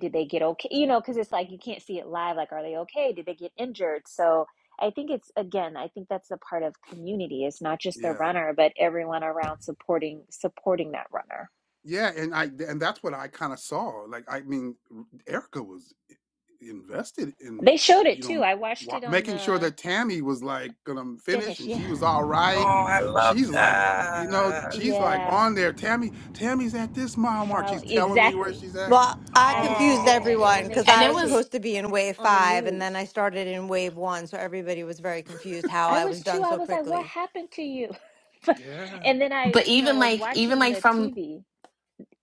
did they get okay? You know, because it's like you can't see it live. Like, are they okay? Did they get injured? So, I think it's again, I think that's the part of community. It's not just the yeah, runner, but everyone around supporting supporting that runner. yeah, and I and that's what I kind of saw. Like, I mean, Erica was invested in They showed it you too. know I watched wa- it on making sure the that Tammy was like gonna finish finish. [laughs] and Yeah. she was all Oh, right, and I love she's like, uh, you know, that. she's like Yeah. on there. Tammy, Tammy's at this mile mark. Follow She's telling me where exactly. she's at. Well, I I would be confused doing y- Oh. that. And everyone [laughs] then they because and I it was showed was it supposed to be in wave on the five, and news. then I started in wave one, so everybody was very confused how I I was was too, done I so was like, what quickly. happened to you? [laughs] But, Yeah. and then I, but you know, even was like even watching like the from TV.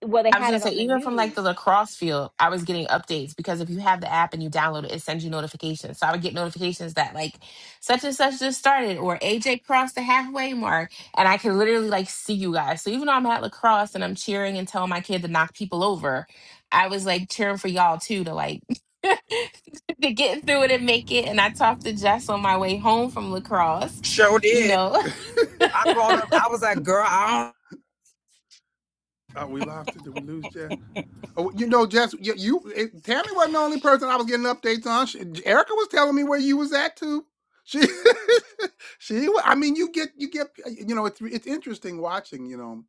Well, they I was had gonna it say, on the even from like the news. lacrosse field, I was getting updates because if you have the app and you download it, it sends you notifications. So I would get notifications that like such and such just started or AJ crossed the halfway mark, and I could literally like see you guys. So even though I'm at lacrosse and I'm cheering and telling my kid to knock people over, I was like cheering for y'all too to like [laughs] to get through it and make it. And I talked to Jess on my way home from lacrosse. Sure You did. know, [laughs] I called her. I was like, girl, I don't. oh, we lost it. Did we lose Jeff? Oh, you know, Jess, you, you it, Tammy wasn't the only person I was getting updates on. She, Erica was telling me where you was at too. She, [laughs] she. wa- I mean, you get, you get. You know, it's it's interesting watching. You know,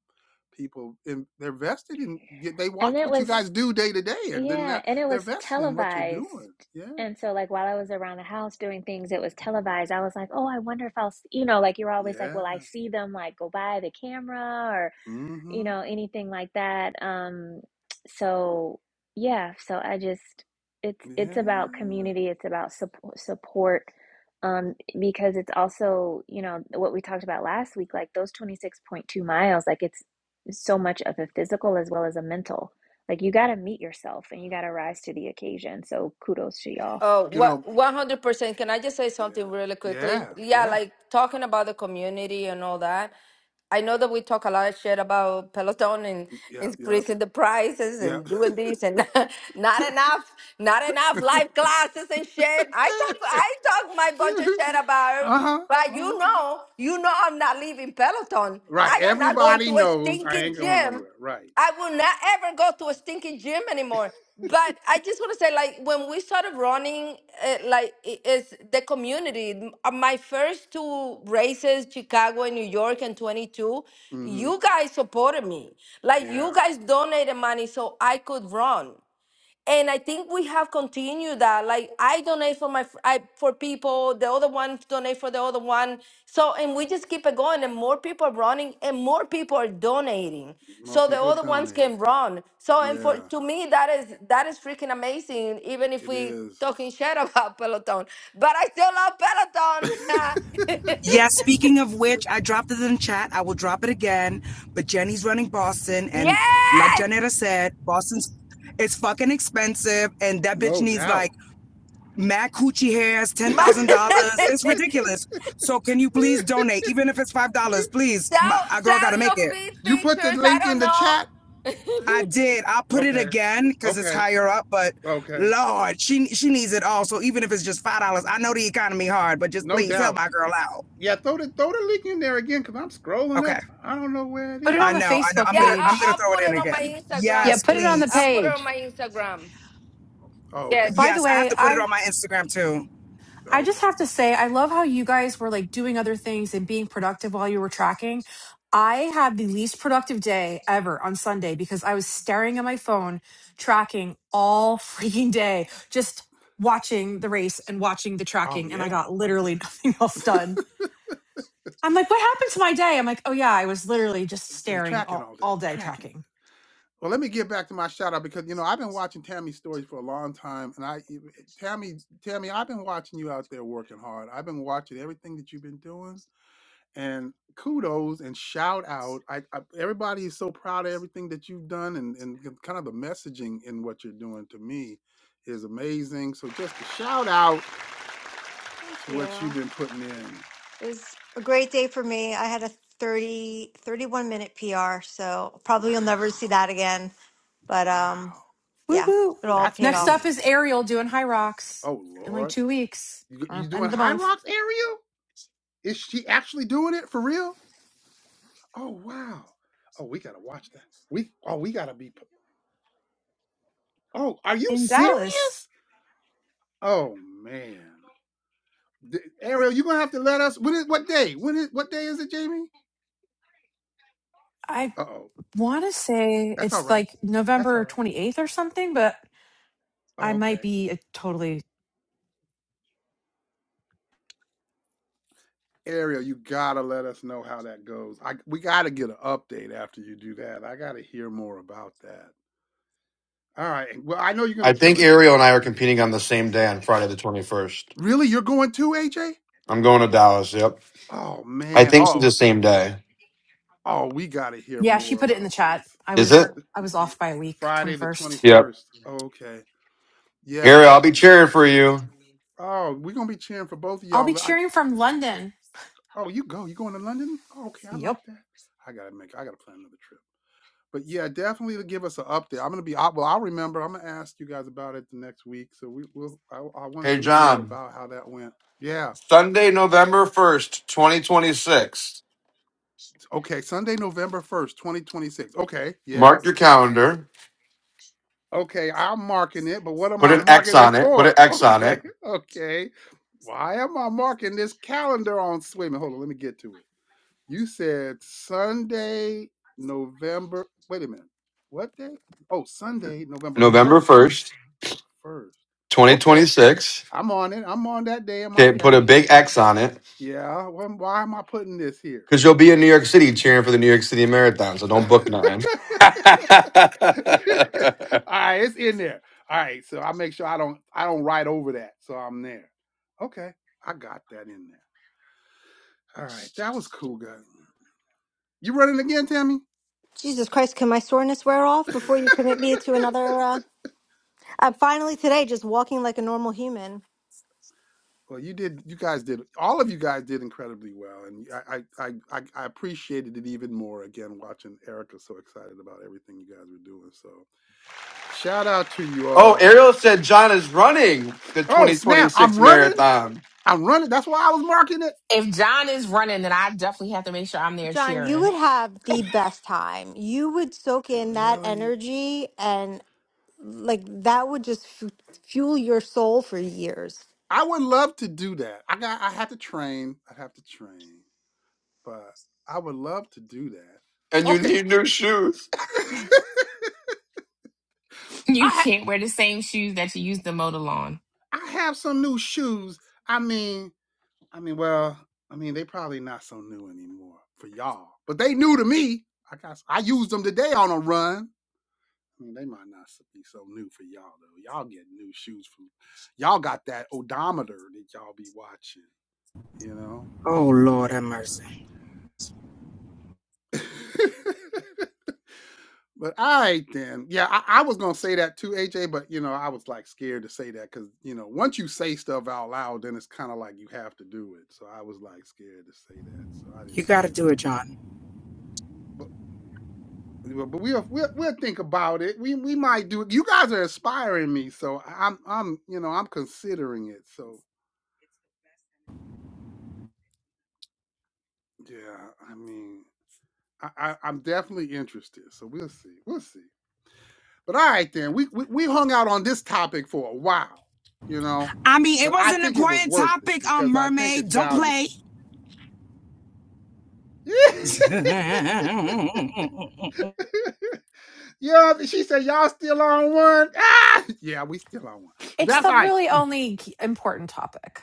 people in, they're vested in. y- They And watch it what you was guys do day to day, and then Yeah, they're, and it they're was vested in what you're televised. doing. Yeah, And so, like, while I was around the house doing things, it was televised. I was like, oh, I wonder if I'll, s-" you know, like, you're always like, yeah, will I see them, like, go by the camera you mm-hmm, know, anything like that. Um, so yeah, so I just it's it's about yeah. community, it's about support support um because it's also, you know, what we talked about last week, like those 26.2 miles, like it's so much of a physical as well as a mental. Like you got to meet yourself and you got to rise to the occasion. So kudos to y'all. Oh, You what know, 100%. Can I just say something yeah, really quickly? yeah, Yeah, yeah, like talking about the community and all that. I know that we talk a lot of shit about Peloton and yeah, yeah, increasing the prices yeah. and doing this and [laughs] not enough, not enough live classes and shit. I talk, I [laughs] talk my bunch of shit about it, uh huh. but Uh [laughs] you know, you know, I'm not leaving Peloton. Right. I am not going to Everybody a knows I stinking ain't going gym nowhere. Right. I will not ever go to a stinking gym anymore. But I just want to say, like, when we started running, uh, like, i- it's the community. M- uh, My first two races, Chicago and New York and 22, Mm-hmm. you guys supported me. Like, Yeah. you guys donated money so I could run and I think we have continued that. Like I donate for my fr- I, for people, the other one donate for the other one. So and we just keep it going, and more people are running, and more people are donating. More So the people are other ones donating. can run. So and for Yeah, to me that is that is freaking amazing. Even if it we is. talking shit [laughs] about Peloton, but I still [laughs] love Peloton. Yeah, speaking of which, I dropped it in chat. I will drop it again. But Jenny's running Boston. [laughs] And like yes. Janetta said, Boston's it's fucking expensive. And that bitch no needs like doubt. mad coochie hairs, [laughs] My- $10,000. It's [laughs] ridiculous. So can you please donate? Even if it's $5, please. My, sell our girl got to sell make your it. feet you put the pictures. I link in don't the chat. I know. [laughs] did. I'll put it Okay. again because it's Okay. higher up, but Okay. Lord, she she needs it all. So even if it's just five dollars, I know the economy hard, but just No please help doubt. my girl out. Yeah, throw the throw the link in there again because I'm scrolling Okay. up. I don't know where it put it is. I on the know, I know. Facebook I'm Yeah, gonna I'll, I'm gonna page. I'll throw it put in it on again. my yeah. Instagram Yes, Put it too. on the I'll please. put it on page. my Instagram. Oh, okay. By the Yes, I have Yes. way, to put it I on my Instagram too. I just Okay. have to say I love how you guys were like doing other things and being productive while you were tracking. I had the least productive day ever on Sunday because I was staring at my phone tracking all [laughs] freaking day, just watching the race and watching the Oh tracking and I yeah. got Oh yeah. literally [laughs] nothing else done. I'm like, what happened to my day? I'm like, oh yeah, I was literally just It was staring tracking all, all day. It all was day tracking. tracking. Well, let me get back to my shout out because you know I've been watching Tammy's stories for a long time, and I, even- Tammy, Tammy, I've been watching you out there working hard. I've been watching everything that you've been doing, and kudos and shout out. I, I everybody is so proud of everything that you've done, and and the- kind of the messaging in what you're doing to me is amazing. So just a shout out Thank to what you've you. been putting in. It was a great day for me. I had a 30 31 minute PR, so probably Wow, you'll never see that again. But um, wow, Woo Yeah, woo. it all that's paid Next off. up big. is Ariel doing high rocks Oh in like Lord, two weeks you, or you end of doing the High month Rocks area? Is she actually doing it for real? Oh wow. Oh, we gotta watch that. We oh we gotta be. Oh, are you in Dallas. serious? Oh man, D- Ariel, you gonna have to let us. When is what day? When is what day is it, Jamie? I Uh oh, want to say that's all it's right. like That's November all right. 28th or something, but Oh I might okay, be a totally. Ariel, you gotta let us know how that goes. I we gotta get an update after you do that. I gotta hear more about that. All right. Well, I know you're gonna kill think it. Ariel and I are competing on the same day on Friday the 21st. Really, you're going too, AJ? I'm going to Dallas. Yep. Oh I man. think it's the Oh same day. Oh, we got to hear Yeah, she more put it in the about chat. this. I Is was it? I was Y- off by a week, Friday the 21st. Yep. 21st. Oh, okay. Yeah, Ariel, I'll be definitely. cheering for you. Oh, we're going to be cheering for both of I'll be y'all. I, cheering from London. oh, you go. You going to London? Oh, okay. I Yep. like that. I got to make, I got to plan another trip. But yeah, definitely to give us an update. I'm going to be, I, well, I'll remember. I'm going to ask you guys about it the next week. So we will, I, I want to Hey, hear more John. about how that went. Yeah. Sunday, November 1st, 2026. Okay. Sunday, November 1st, 2026. Okay. Yeah. Mark your calendar. Okay, I'm marking it, but what am Put I an X marking it on it. Put an for? [laughs] X on it Okay, okay. Why am I marking this calendar on swimming? Hold on, let me get to it. You said Sunday, November. Wait a minute. What day? Oh, Sunday, November November 1st. 1st, November 1st. Okay, 2026. I'm on it. I'm on that day in my Okay, put a calendar. big X on it Yeah, wh- why am I putting this here? because you'll be in New York City cheering for the New York City Marathon. So don't book nothing. [laughs] [laughs] All [laughs] right, it's in there. All right, so I make sure I don't I don't write over that, so I'm there. Okay, I got that in there. All right, that was cool, guys. You running again, Tammy? Jesus Christ, can my soreness wear off before you commit [laughs] me to another? Uh... I'm finally today just walking like a normal human. well, you did. You guys did. All of you guys did incredibly well, and I I I, I appreciated it even more again watching Erica so excited about everything you guys were doing. So shout out to you oh, all. Ariel said John is running the Oh snap! I'm 2026 running. marathon I'm running. That's why I was marking it. [laughs] if John is running, then I definitely have to make sure I'm there John, you cheering. would have the Good. best time. You would soak in that Really? energy and [laughs] like that would just f- fuel your soul for years. I would love to do that. I got I have to train. I'd have to train, but I would love to do and that. you Okay. need new shoes. [laughs] [laughs] I You ha- can't wear the same shoes that you used to mow the lawn. I have some new shoes. I mean, I mean, well, I mean, they probably not so new anymore for y'all, but they new to me. I got I used them today on a run. I mean, they might not be so new for y'all though. Y'all get new shoes from y'all got that odometer that y'all be watching, you know. Oh Lord have mercy. But [laughs] But all right then. Yeah, I, I was gonna say that too, AJ, but you know, I was like scared to say that because you know, once you say stuff out loud, then it's kind of like you have to do it. So I was like scared to say that. So I didn't You say gotta do it, nothing. John. But but but we'll we'll, we'll think about it. We we might do it. You guys are inspiring me, so I- I'm I'm you know, I'm considering it. So yeah, I mean I, I, I'm definitely interested. So we'll see. We'll see. But all right then, we, we we hung out on this topic for a while, you know. I mean, it But was I an think it was important worth it topic, um, because I think mermaid. it's Don't valuable. play. [laughs] [laughs] yeah, she said y'all still on one. [laughs] Ah! Yeah, we still on one. It's That's the all right. really only important topic.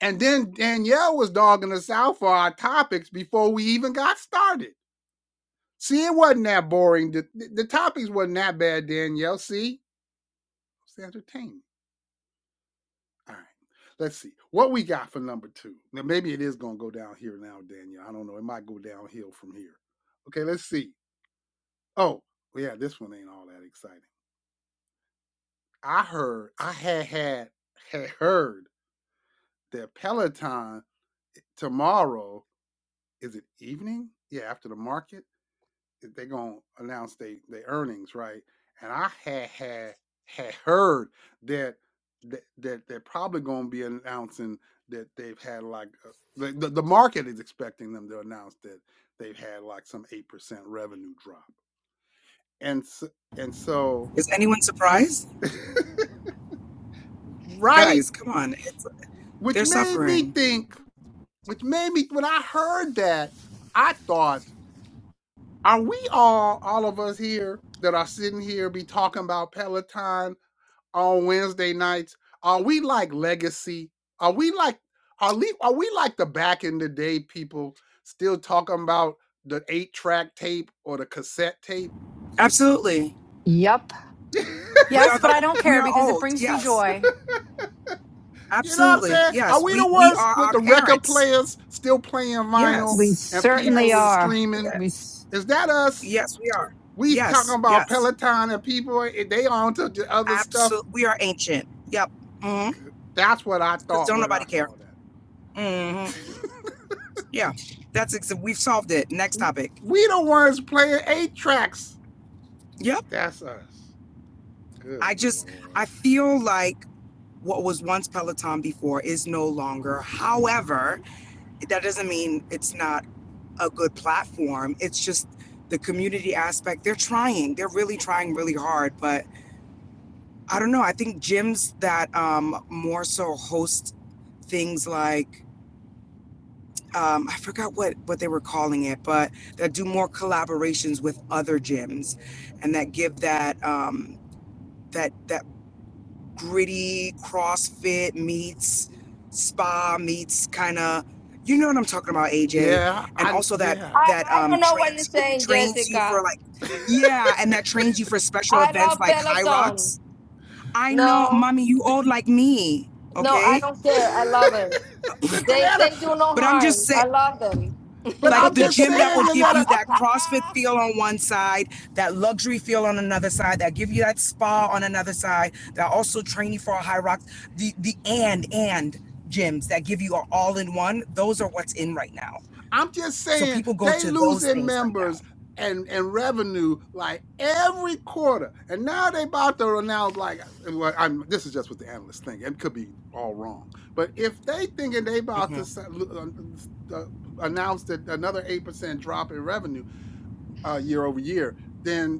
And then Danielle was dogging us out for our topics before we even got started. See, it wasn't that boring. The, the, the topics wasn't that bad, Danielle. See, it was entertaining. All right. Let's see what we got for number two. Now, maybe it is going to go downhill now, Daniel. I don't know. It might go downhill from here. Okay, let's see. Oh, well, yeah, this one ain't all that exciting. I heard, I had had, had heard that Peloton eh, tomorrow is it evening? Yeah, after the market They're gonna announce their their earnings, right? And I had had had heard that that, that they're probably gonna be announcing that they've had like uh, the, the the market is expecting them to announce that they've had like some eight percent revenue drop, and so, and so Is anyone surprised? [laughs] right, Guys, come on. It's, which they're made me suffering. think, which made me when I heard that, I thought are we all all of us here that are sitting here be talking about peloton on Wednesday nights? Are we like legacy? Are we like are we are we like the back in the day people still talking about the eight track tape or the cassette tape? Absolutely. Yup, [laughs] you We Yes, are but I the don't we care are because it old. brings me Yes. joy. know what I'm Absolutely. saying? Are Yes. we the We we ones are with our the record parents. players still playing vinyl we Yes. and certainly people Yes. is are. streaming? We Yes. s- Is that us? Yes, we are. We talking Yes. about Yes. Peloton and people eh, they on to the other stuff. Absolutely. We are ancient. Yep. Mhm. That's what I Cuz thought don't when nobody I care. saw that. Mhm. Yeah. That's ex- we've solved it. Next topic. [laughs] we the ones playing eight tracks. Yep. That's us. Good I just I lord. feel like what was once Peloton before is no longer. However, that doesn't mean it's not a good platform. It's just the community aspect. They're trying. They're really trying really hard. But I don't know. I think gyms that um, more so host things like um, I forgot what what they were calling it, but that do more collaborations with other gyms, and that give that um, that that gritty CrossFit meets spa meets kind of, you know what I'm talking about, AJ, Yeah, and I also that yeah. I, that I um don't know what you're trains saying, trains you for Jessica. like, yeah, and that trains you for special I events love like High Peloton. Rocks. I [laughs] D- know, No, mommy, you d- old like me, no, I okay? don't care. I love it. They they Yanetta, do no But I'm just harm. saying, I love them. but like I'm the [laughs] just gym that saying, will give you Yanetta, that CrossFit feel on one side, that luxury feel on another side, that give you that spa on another side, that also train you for a high rock. The the and and gyms that give you an all in one. Those are what's in right now. I'm just So saying people go they to those losing things right now. members and and revenue like every quarter, and now they about to announce like, and what I'm this is just what the analysts think. It could be all wrong, but if they thinking they about Mhm. to sa- l- uh, s- uh, announce that another eight percent drop in revenue uh, year over year. Then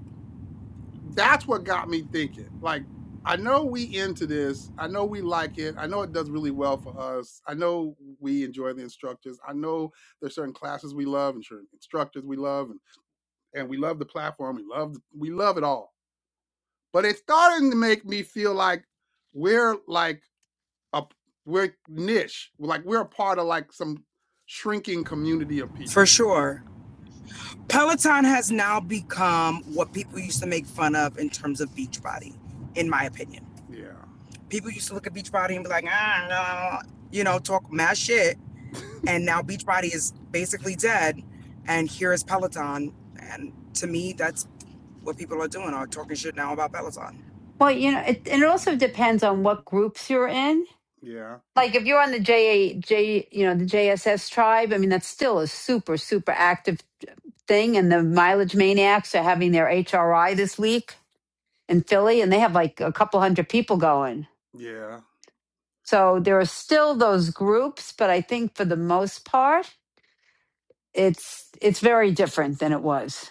that's what got me thinking. Like, I know we into this. I know we like it. I know it does really well for us. I know we enjoy the instructors. I know there's certain classes we love and certain instructors we love, and, and we love the platform. We love the, we love it all. But it's starting to make me feel like we're like a p- we're niche. Like we're a part of like some shrinking community of For people. sure. Peloton has now become what people used to make fun of in terms of Beachbody, in my opinion. Yeah, People used to look at Beachbody and be like, ah, no, you know, talk mad shit. And now Beachbody is basically dead. And here is Peloton. And to me, that's what people are doing are talking shit now about Peloton. well, you know, it, and it also depends on what groups you're in. yeah, Like if you're on the J J, you know, the JSS tribe. I mean, that's still a super super active thing. And the mileage maniacs are having their HRI this week in Philly, and they have like a couple hundred people going. yeah. So there are still those groups, but I think for the most part, it's it's very different than it was.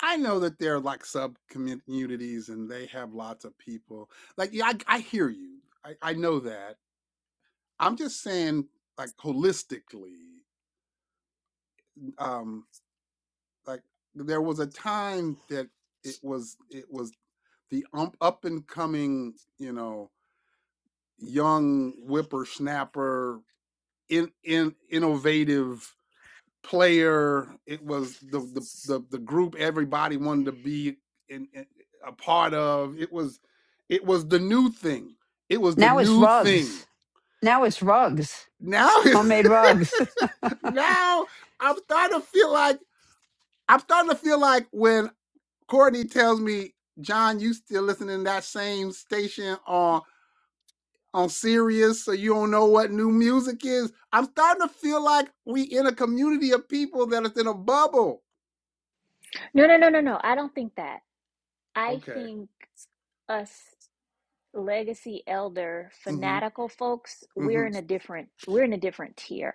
I know that there are like sub communities and they have lots of people. Like, yeah, I, I hear you. I, I know that. I'm just saying, like, holistically, um, like there was a time that it was it was the um, up and coming, you know, young whippersnapper, in in innovative player. It was the the the, the group everybody wanted to be in, in- a part of. It was it was the new thing. It was the Now it's new thing. rugs. Now it's rugs. Now [laughs] Homemade rugs. [laughs] now I'm starting to feel like I'm starting to feel like when Courtney tells me, John, you still listening to that same station on on Sirius, so you don't know what new music is. I'm starting to feel like we in a community of people that is in a bubble. No, no, no, no, no. I don't think that. I Okay. think us legacy elder Mm-hmm. fanatical folks Mm-hmm. we're in a different we're in a different tier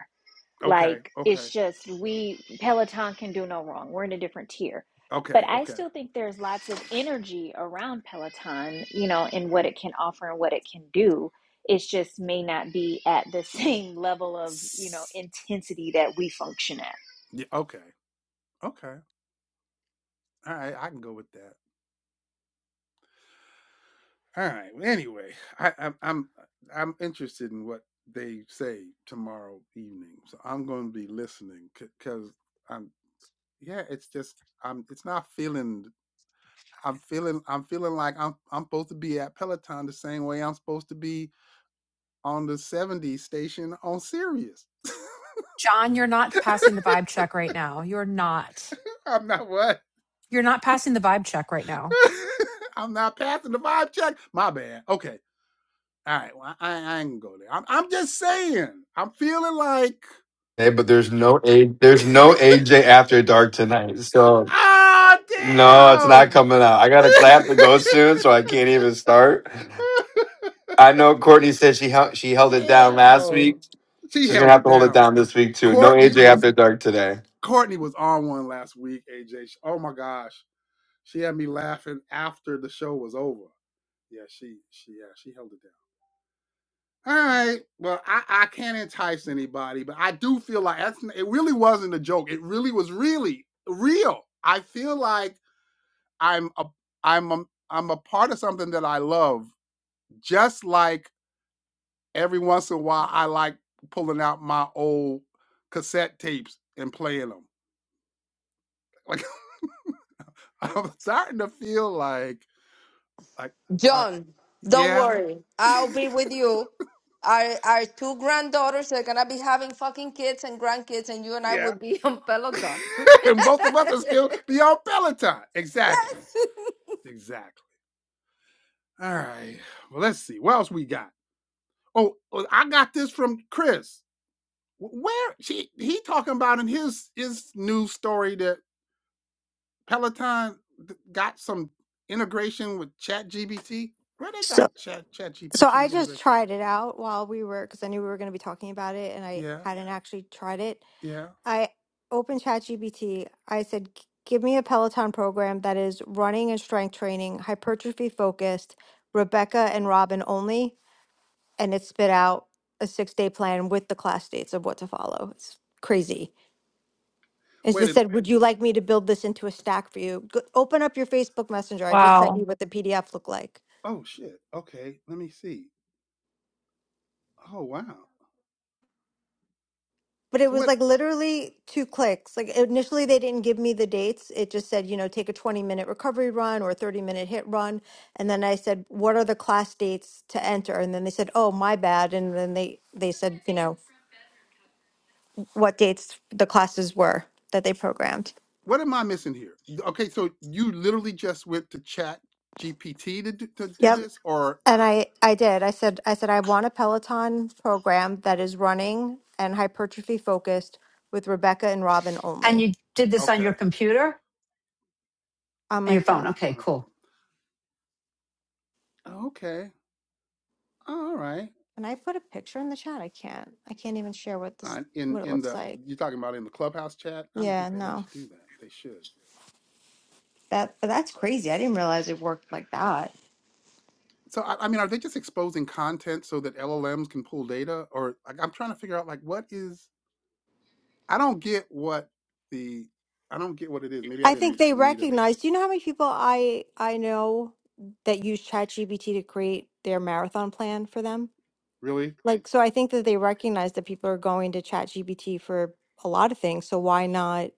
Okay, like okay, it's just we peloton can do no wrong we're in a different tier but okay, i okay, still think there's lots of energy around peloton you know in what it can offer and what it can do It just may not be at the [laughs] same level of you know intensity that we function at yeah, okay, okay. All right, I can go with that. All right. well, Anyway, I, I'm I'm I'm interested in what they say tomorrow evening, so I'm going to be listening because I'm yeah. It's just I'm. It's not feeling. I'm feeling. I'm feeling like I'm. I'm supposed to be at Peloton the same way I'm supposed to be on the 70 station on Sirius. John, you're not passing the vibe check right now. You're not. [laughs] I'm not what. You're not passing the vibe check right now. [laughs] I'm not passing the vibe check. My bad. Okay. All right, well, I, I ain't gonna go there. I'm, I'm just saying. I'm feeling like, Hey, but there's no A [laughs] there's no AJ after dark tonight. So ah, no, it's not damn, coming out. I gotta 'cause I have to go soon, so I can't even start. I know Courtney said she [laughs] held she held it down last damn. week. She She's gonna held have it to hold it down. down this week too. No Courtney AJ was after dark today. Courtney was on one last week. AJ, oh my gosh, she had me laughing after the show was over. Yeah, she she yeah she held it down. All right. Well, I, I can't entice anybody, but I do feel like that's it really wasn't a joke. It really was really real. I feel like I'm a I'm a, I'm a part of something that I love. Just like every once in a while I like pulling out my old cassette tapes and playing them. Like [laughs] I'm starting to feel like like I John, don't yeah. worry. I'll be with you. Our our two granddaughters are gonna be having fucking kids and grandkids, and you [laughs] and I yeah. will be on [laughs] Peloton. and both of us are still beyond Peloton. Exactly. [laughs] Exactly. All right. Well, let's see. What else we got? Oh, oh, I got this from Chris. Where she he talking about in his his news story that Peloton got some integration with Chat GPT. Where they So, got Chat Chat so I GPT just integration? tried it out while we were because I knew we were going to be talking about it and I Yeah, hadn't actually tried it. yeah. I opened ChatGPT. I said, "G- give me a Peloton program that is running and strength training, hypertrophy focused, Rebecca and Robin only. And it spit out a six day plan with the class dates of what to follow. It's crazy. It Wait just a said, would you like me to build this into a stack for you? Go- open up your Facebook Messenger. I just sent you Wow. what the PDF looked like. oh shit. Okay, let me see. Oh wow. but it So was what like literally two clicks. Like initially, they didn't give me the dates. It just said, you know, take a 20 minute recovery run or a 30 minute hit run. And then I said, what are the class dates to enter? And then they said, oh, my bad. And then they, they said, you know, what dates the classes were that they programmed. what am I missing here? Okay, so you literally just went to Chat GPT to do, to do Yep. this, or And I, I did. I said, I said, I want a Peloton program that is running and hypertrophy focused with Rebecca and Robin And only you did this on your okay computer on and my your phone. phone. Okay, on the cool. phone. Okay. Oh, All right. Can I put a picture in the chat? I can't. I can't even share what this I, in what it in looks the like. you're talking about in the clubhouse chat. I don't Yeah, think they let no. you do that. They should. That but that's crazy. I didn't realize it worked like that. So I, I mean, are they just exposing content so that LLMs can pull data, or like I'm trying to figure out like what is? I don't get what the I don't get what it is. Maybe I I think didn't they read enough. recognize. Do you know how many people I I know that use ChatGPT to create their marathon plan for them? Really? Like, so I think that they recognize that people are going to ChatGPT for a lot of things. So why not?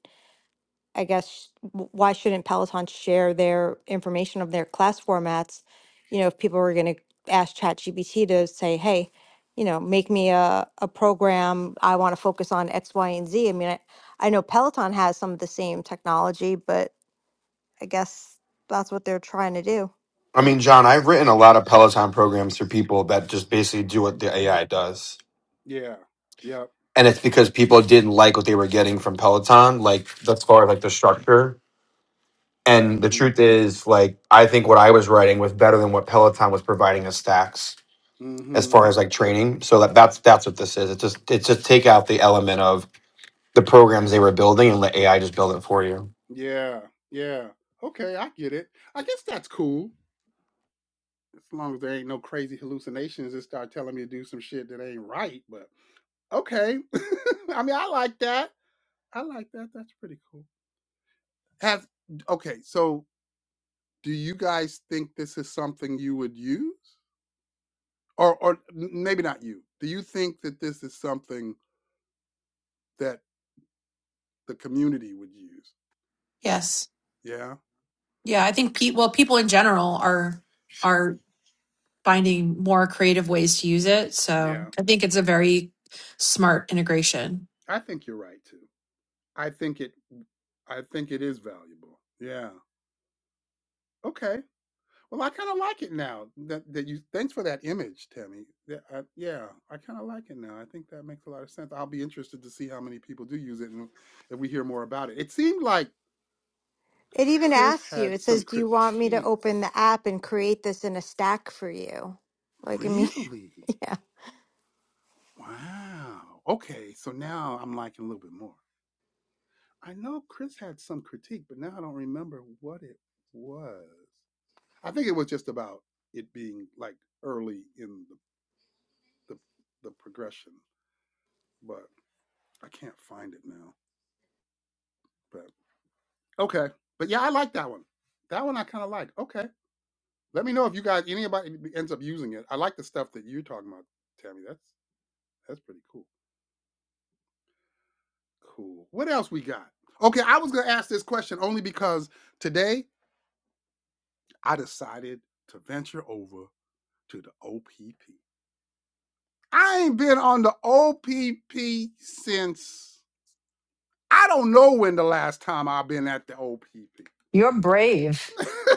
I guess, sh- w- why shouldn't Peloton share their information of their class formats? You know, if people were going to ask ChatGPT to say, hey, you know, make me a, a program, I want to focus on X, Y, and Z." I mean, I, I know Peloton has some of the same technology, but I guess that's what they're trying to do. I And mean, It, John, I've written a lot of Peloton programs for people that just basically do what the AI does. Yeah. Yep. And it's because people didn't like what they were getting from Peloton, like as far as like the structure. And the Mm-hmm. truth is, like, I think what I was writing was better than what Peloton was providing as stacks as Mm-hmm. far as like training. So that, that's that's what this is. It's just it's just take out the element of the programs they were building and let AI just build it for you. Yeah. Yeah. Okay, I get it. I guess that's cool. as long as there ain't no crazy hallucinations that start telling me to do some shit that ain't right. But okay, [laughs] I mean, I like that. I like that. That's pretty cool. Have okay. So, do you guys think this is something you would use, or or n- maybe not you? Do you think that this is something that the community would use? Yes. Yeah, Yeah, I think pe- well, people in general are are finding more creative ways to use it. So yeah. I think it's a very smart integration. I think you're right too. I think it. I think it is valuable. Yeah. Okay. Well, I kind of like it now that, that you. Thanks for that image, Tammy. Yeah, I, yeah, I kind of like it now. I think that makes a lot of sense. I'll be interested to see how many people do use it and if we hear more about it. It seemed like it even Chris asks you, had it some says, do you want me to open the critiques. app and create this in a stack for you? Like, I mean, Really? [laughs] yeah. Wow. Okay, so now I'm liking a little bit more. I know Chris had some critique, but now I don't remember what it was. I think it was just about it being like early in the the, the progression, but. I can't find it now. But okay. But yeah, I like that one. That one I kind of like. Okay. Let me know if you guys anybody ends up using it. I like the stuff that you're talking about, Tammy. That's that's pretty cool. Cool. What else we got? Okay, I was gonna ask this question only because today I decided to venture over to the OPP. I ain't been on the OPP since I don't know when the last time I've been at the OPP. You're brave. [laughs]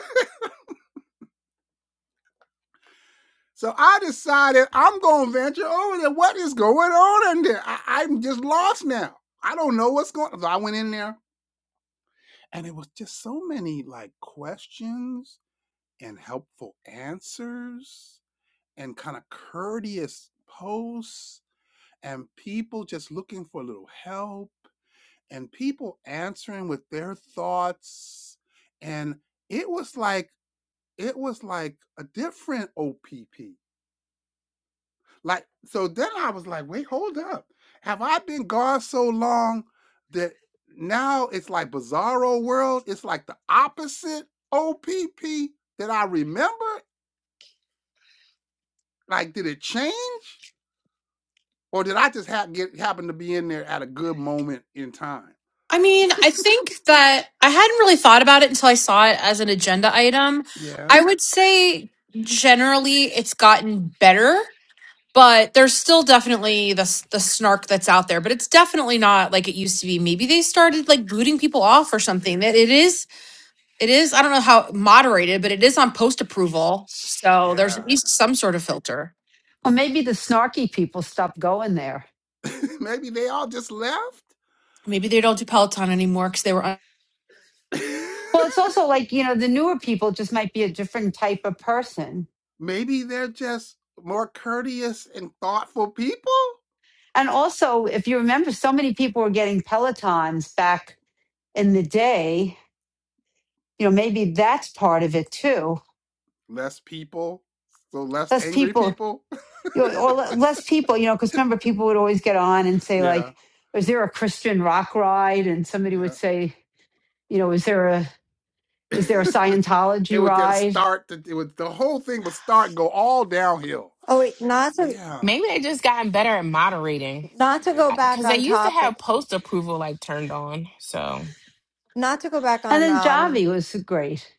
So I decided I'm going to venture over there. What is going on in there? I, I'm just lost now. I don't know what's going on. So I went in there and it was just so many like questions and helpful answers and kind of courteous posts and people just looking for a little help and people answering with their thoughts. And it was like, it was like a different OPP Like, so then I was like, wait, hold up. Have I been gone so long that now it's like bizarro world? It's like the opposite OPP that I remember? Like, did it change? Or did I just ha- get happen to be in there at a good moment in time? I mean, I think that I hadn't really thought about it until I saw it as an agenda item. Yeah. I would say generally it's gotten better, but there's still definitely the s- the snark that's out there, but it's definitely not like it used to be. Maybe they started like booting people off or something. That it is it is I don't know how moderated, but it is on post approval. So there's at Yeah. least some sort of filter. Or maybe the snarky people stopped going there. [laughs] Maybe they all just left? Maybe they don't do Peloton anymore because they were un- [laughs] Well, it's also like, you know, the newer people just might be a different type of person. Maybe they're just more courteous and thoughtful people? And also, if you remember, so many people were getting Pelotons back in the day. You know, maybe that's part of it too Less people, so less less angry people people. you know, or less people you know because remember people would always get on and say Yeah, like is there a christian rock ride and somebody would yeah. say you know is there a [laughs] is there a it scientology would just ride start. To, it would the whole thing would start and go all downhill. Oh, wait, not to Yeah, Maybe they just gotten better at moderating not to go maybe. back because they on used to have topic. post approval like turned on. So Not to go back and on then um javi was great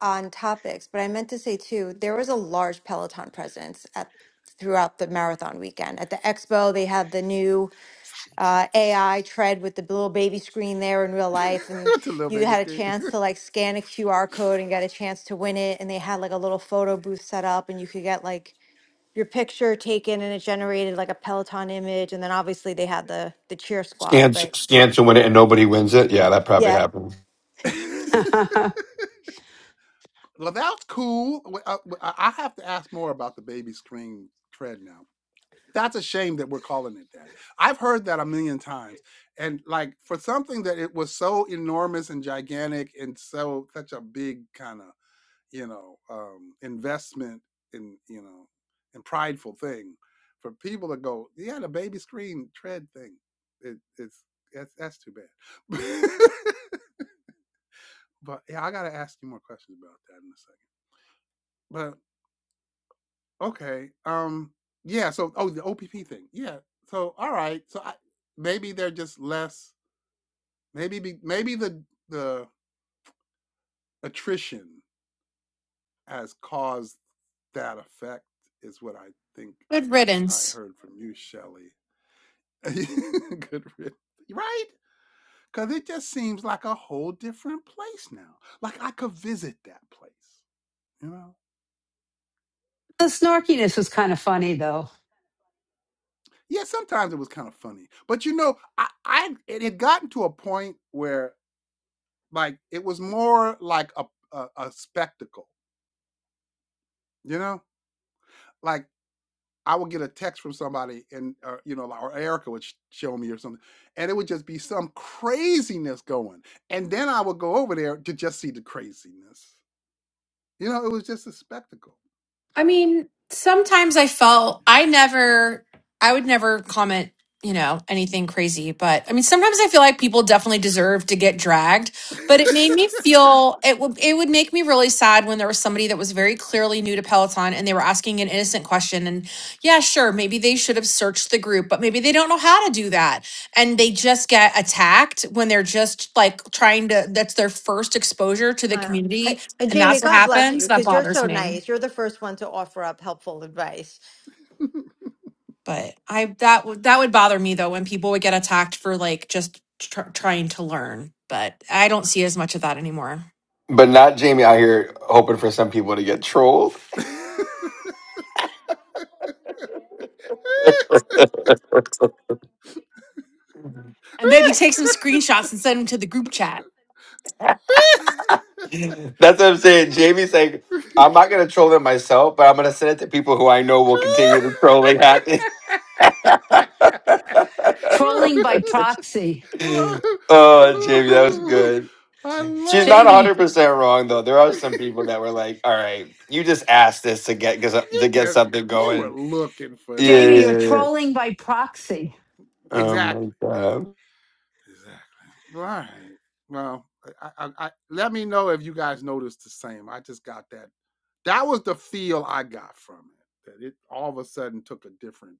on topics, but I meant to say too, there was a large Peloton presence at throughout the marathon weekend. At the expo, they had the new uh, AI tread with the little baby screen there in real [laughs] life, and With the little you baby had a scream. chance to like scan a QR code and get a chance to win it. And they had like a little photo booth set up, and you could get like your picture taken, and it generated like a Peloton image. And then obviously they had the the cheer squad, Scans but scans to win it and nobody wins it. Yeah, that probably yeah. happened. [laughs] [laughs] the well, that's cool. Wh- uh, well, I I have to ask more about the baby scream trend now. That's a shame that we're calling it that. I've heard that a million times, and like for something that it was so enormous and gigantic and so such a big kind of you know um investment in you know and prideful thing for people to go yeah the baby screen tread thing it, it's that's, that's too bad [laughs] but yeah i gotta ask you more questions about that in a second but okay um yeah so oh the opp thing yeah so all right so I, maybe they're just less maybe be, maybe the the attrition has caused that effect is what i think good i riddance. heard from you Shelley. [laughs] Good riddance. Right? Because it just seems like a whole different place now. Like I could visit that place, you know? Uh, snarkiness was kind of funny though Yeah, sometimes it was kind of funny. But you know, I, I it had gotten to a point where like it was more like a, a, a spectacle, you know? Like I would get a text from somebody and, uh, you know, or Erica would sh- show me or something, and it would just be some craziness going. And then I would go over there to just see the craziness. You know, it was just a spectacle. I mean, sometimes I felt I never, I would never comment, you know, anything crazy. But I mean, sometimes I feel like people definitely deserve to get dragged. [laughs] But it made me feel it would it would make me really sad when there was somebody that was very clearly new to Peloton and they were asking an innocent question. And yeah, sure, maybe they should have searched the group, but maybe they don't know how to do that, and they just get attacked when they're just like trying to. That's their first exposure to the I don't. I, community, and and Jamie, that's what God bless you happens. That because you're bothers so me. nice. You're the first one to offer up helpful advice. But I that would that would bother me though when people would get attacked for like just tr- trying to learn. But I don't see as much of that anymore. But not Jamie out here hoping for some people to get trolled. [laughs] And maybe take some screenshots and send them to the group chat. That's what I'm saying. Jamie's like, I'm not gonna troll them myself, but I'm gonna send it to people who I know will continue the trolling Happy, trolling by [laughs] proxy oh, Jamie, that was good. I She's love not it. jamie 100% wrong though. There are some people that were like, "All right, you just asked this to get [laughs] you to get just something you were going." looking for Yeah, this. jamie yeah, you're yeah. yeah. trolling by proxy Oh Exactly. my god. Exactly. All right. Well, I, I, I, let me know if you guys noticed the same. I just got that. That was the feel I got from it. That it all of a sudden took a different.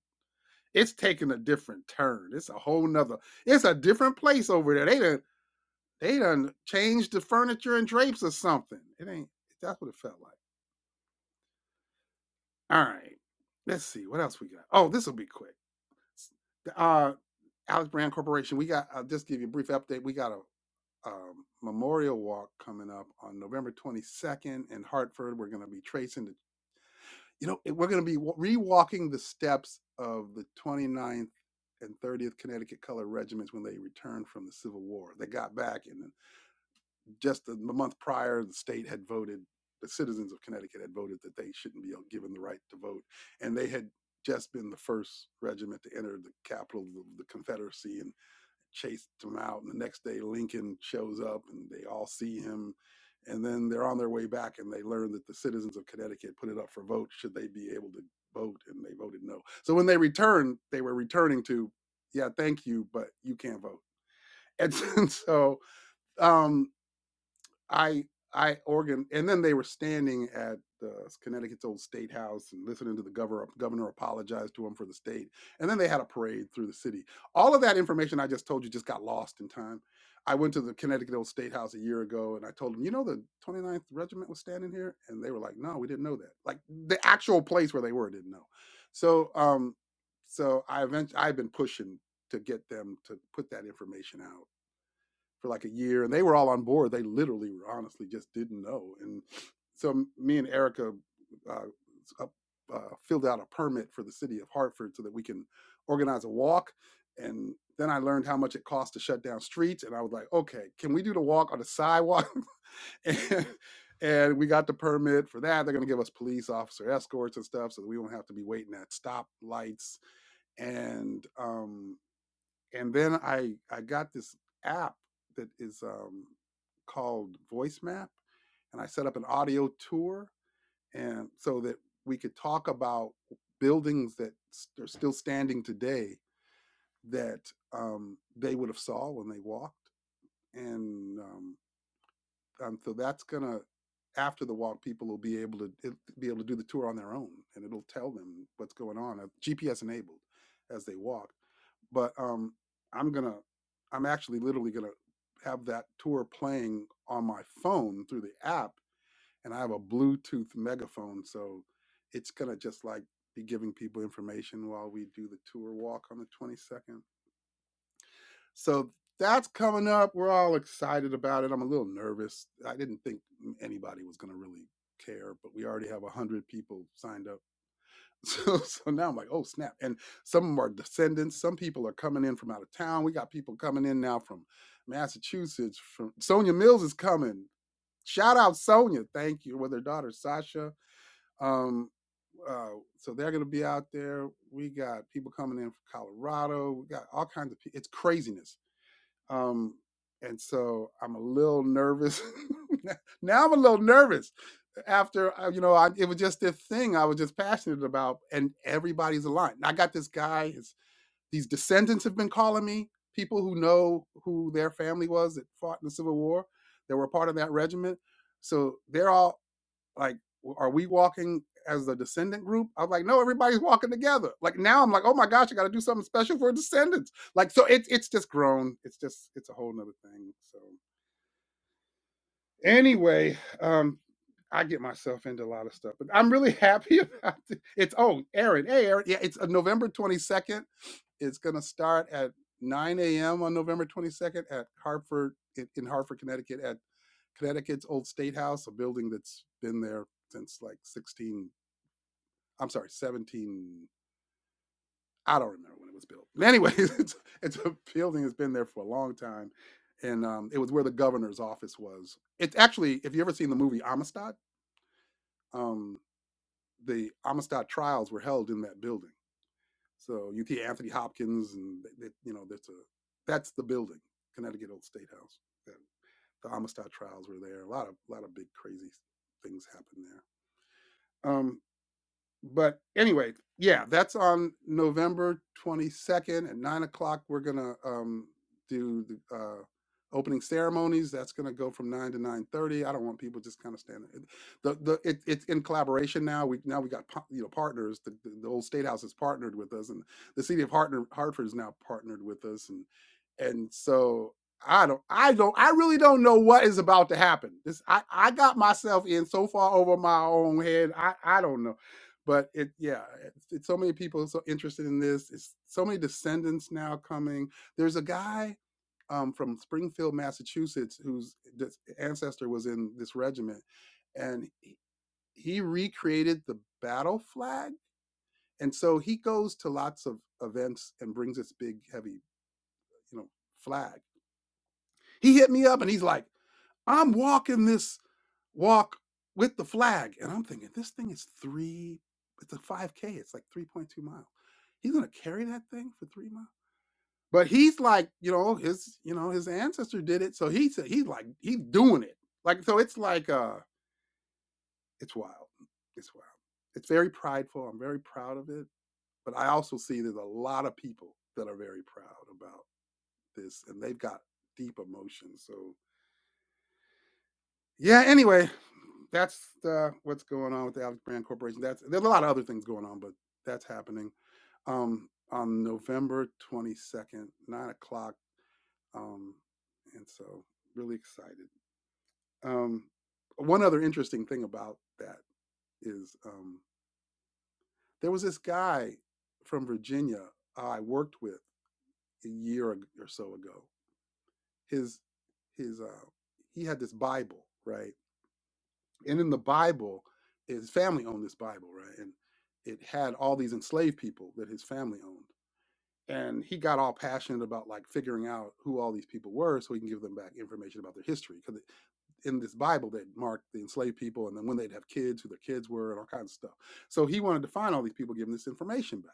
It's taking a different turn. It's a whole nother. It's a different place over there. They done they done changed the furniture and drapes or something. It ain't. That's what it felt like. All right. Let's see what else we got. Oh, this will be quick. the, Uh, Alex Brand Corporation. We got. I'll just give you a brief update. We got a um, Memorial Walk coming up on November 22nd in Hartford. We're going to be tracing the, you know, we're going to be rewalking the steps of the twenty ninth and 30th Connecticut Color Regiments when they returned from the Civil War. They got back, and just the month prior, the state had voted, the citizens of Connecticut had voted that they shouldn't be uh, given the right to vote. And they had just been the first regiment to enter the capital of the Confederacy and chased him out. And the next day, Lincoln shows up and they all see him. And then they're on their way back and they learn that the citizens of Connecticut put it up for vote should they be able to vote. And they voted no. So when they returned, they were returning to, yeah, thank you, but you can't vote. [laughs] And so um, I I organ and then they were standing at the Connecticut's old state house and listening to the governor governor apologize to them for the state. And then they had a parade through the city. All of that information I just told you just got lost in time. I went to the Connecticut Old State House a year ago and I told them, you know, the twenty ninth Regiment was standing here? And they were like, no, we didn't know that. Like the actual place where they were didn't know. So, um, so I eventually, I've been pushing to get them to put that information out for like a year, and they were all on board. They literally, were honestly, just didn't know. And so me and Erica uh, uh, uh, filled out a permit for the city of Hartford so that we can organize a walk. And then I learned how much it costs to shut down streets, and I was like, okay, can we do the walk on the sidewalk? [laughs] and, and we got the permit for that. They're going to give us police officer escorts and stuff, so that we won't have to be waiting at stoplights and um, and then I I got this app that is um, called Voice Map, and I set up an audio tour, and so that we could talk about buildings that are still standing today that um, they would have saw when they walked, and um, um, so that's gonna after the walk, people will be able to be able to do the tour on their own, and it'll tell them what's going on, uh, GPS enabled, as they walk but um, I'm gonna, I'm actually literally gonna have that tour playing on my phone through the app, and I have a Bluetooth megaphone, so it's gonna just like be giving people information while we do the tour walk on the 22nd. So that's coming up. We're all excited about it. I'm a little nervous. I didn't think anybody was gonna really care, but we already have 100 people signed up [laughs] So, so now I'm like, oh snap! And some of 'em are descendants. Some people are coming in from out of town. We got people coming in now from Massachusetts. From Sonia Mills is coming. Shout out Sonia, thank you. With her daughter Sasha. Um, uh, so they're going to be out there. We got people coming in from Colorado. We got all kinds of. pe- It's craziness um, and so I'm a little nervous. [laughs] now I'm a little nervous after, uh, you know, I, it was just this thing I was just passionate about and everybody's aligned. I got this guy, his, these descendants have been calling me, people who know who their family was that fought in the Civil War, that were part of that regiment. So they're all like are we walking as the descendant group i was like no everybody's walking together like now i'm like oh my gosh i gotta do something special for descendants like so it's it's just grown it's just it's a whole nother thing so anyway um i get myself into a lot of stuff but i'm really [laughs] happy about it it's oh aaron hey aaron yeah it's uh, november 22nd it's gonna start at 9 a.m on november 22nd at hartford in, in hartford connecticut at connecticut's old state house a building that's been there since like 16 I'm sorry, 17. I don't remember when it was built. But anyways, [laughs] it's, it's a building that's been there for a long time, and um, it was where the governor's office was. It's actually, if you ever seen the movie Amistad, um, the Amistad trials were held in that building. So you see Anthony Hopkins, and th- th- you know that's a that's the building, Connecticut Old State House. that The Amistad trials were there. A lot of a lot of big crazy things happened there. Um, but anyway, yeah, that's on November 22nd at nine o'clock. We're gonna um, do the uh, opening ceremonies. That's gonna go from nine to nine thirty. I don't want people just kind of standing. it- The the it, it's in collaboration now. We now we got pa- you know partners. The, the, the old state house is partnered with us, and the city of Hartner, Hartford is now partnered with us, and and so. I don't, I don't, I really don't know what is about to happen. This, I, I got myself in so far over my own head. I, I don't know but it yeah it's, it's so many people so interested in this it's so many descendants now coming there's a guy um, from springfield massachusetts whose ancestor was in this regiment and he, he recreated the battle flag and so he goes to lots of events and brings this big heavy you know flag he hit me up and he's like i'm walking this walk with the flag. And I'm thinking, this thing is three, it's a 5K, it's like 3.2 miles. He's gonna carry that thing for three miles. But he's like, you know, his, you know, his ancestor did it. So he said he's like, he's doing it. Like, so it's like uh it's wild. It's wild. It's very prideful. I'm very proud of it. But I also see there's a lot of people that are very proud about this and they've got deep emotions. So. yeah, anyway, that's uh, what's going on with the Alex Brand Corporation. That's there's a lot of other things going on, but that's happening. Um, on November 22nd, nine o'clock. Um, and so really excited. Um, one other interesting thing about that is um, there was this guy from Virginia I worked with a year or so ago. His his uh, he had this Bible, right? and in the Bible, his family owned this Bible, right? And it had all these enslaved people that his family owned. And he got all passionate about like figuring out who all these people were so he can give them back information about their history. Because in this Bible, they marked the enslaved people and then when they'd have kids, who their kids were, and all kinds of stuff. So he wanted to find all these people, give them this information back.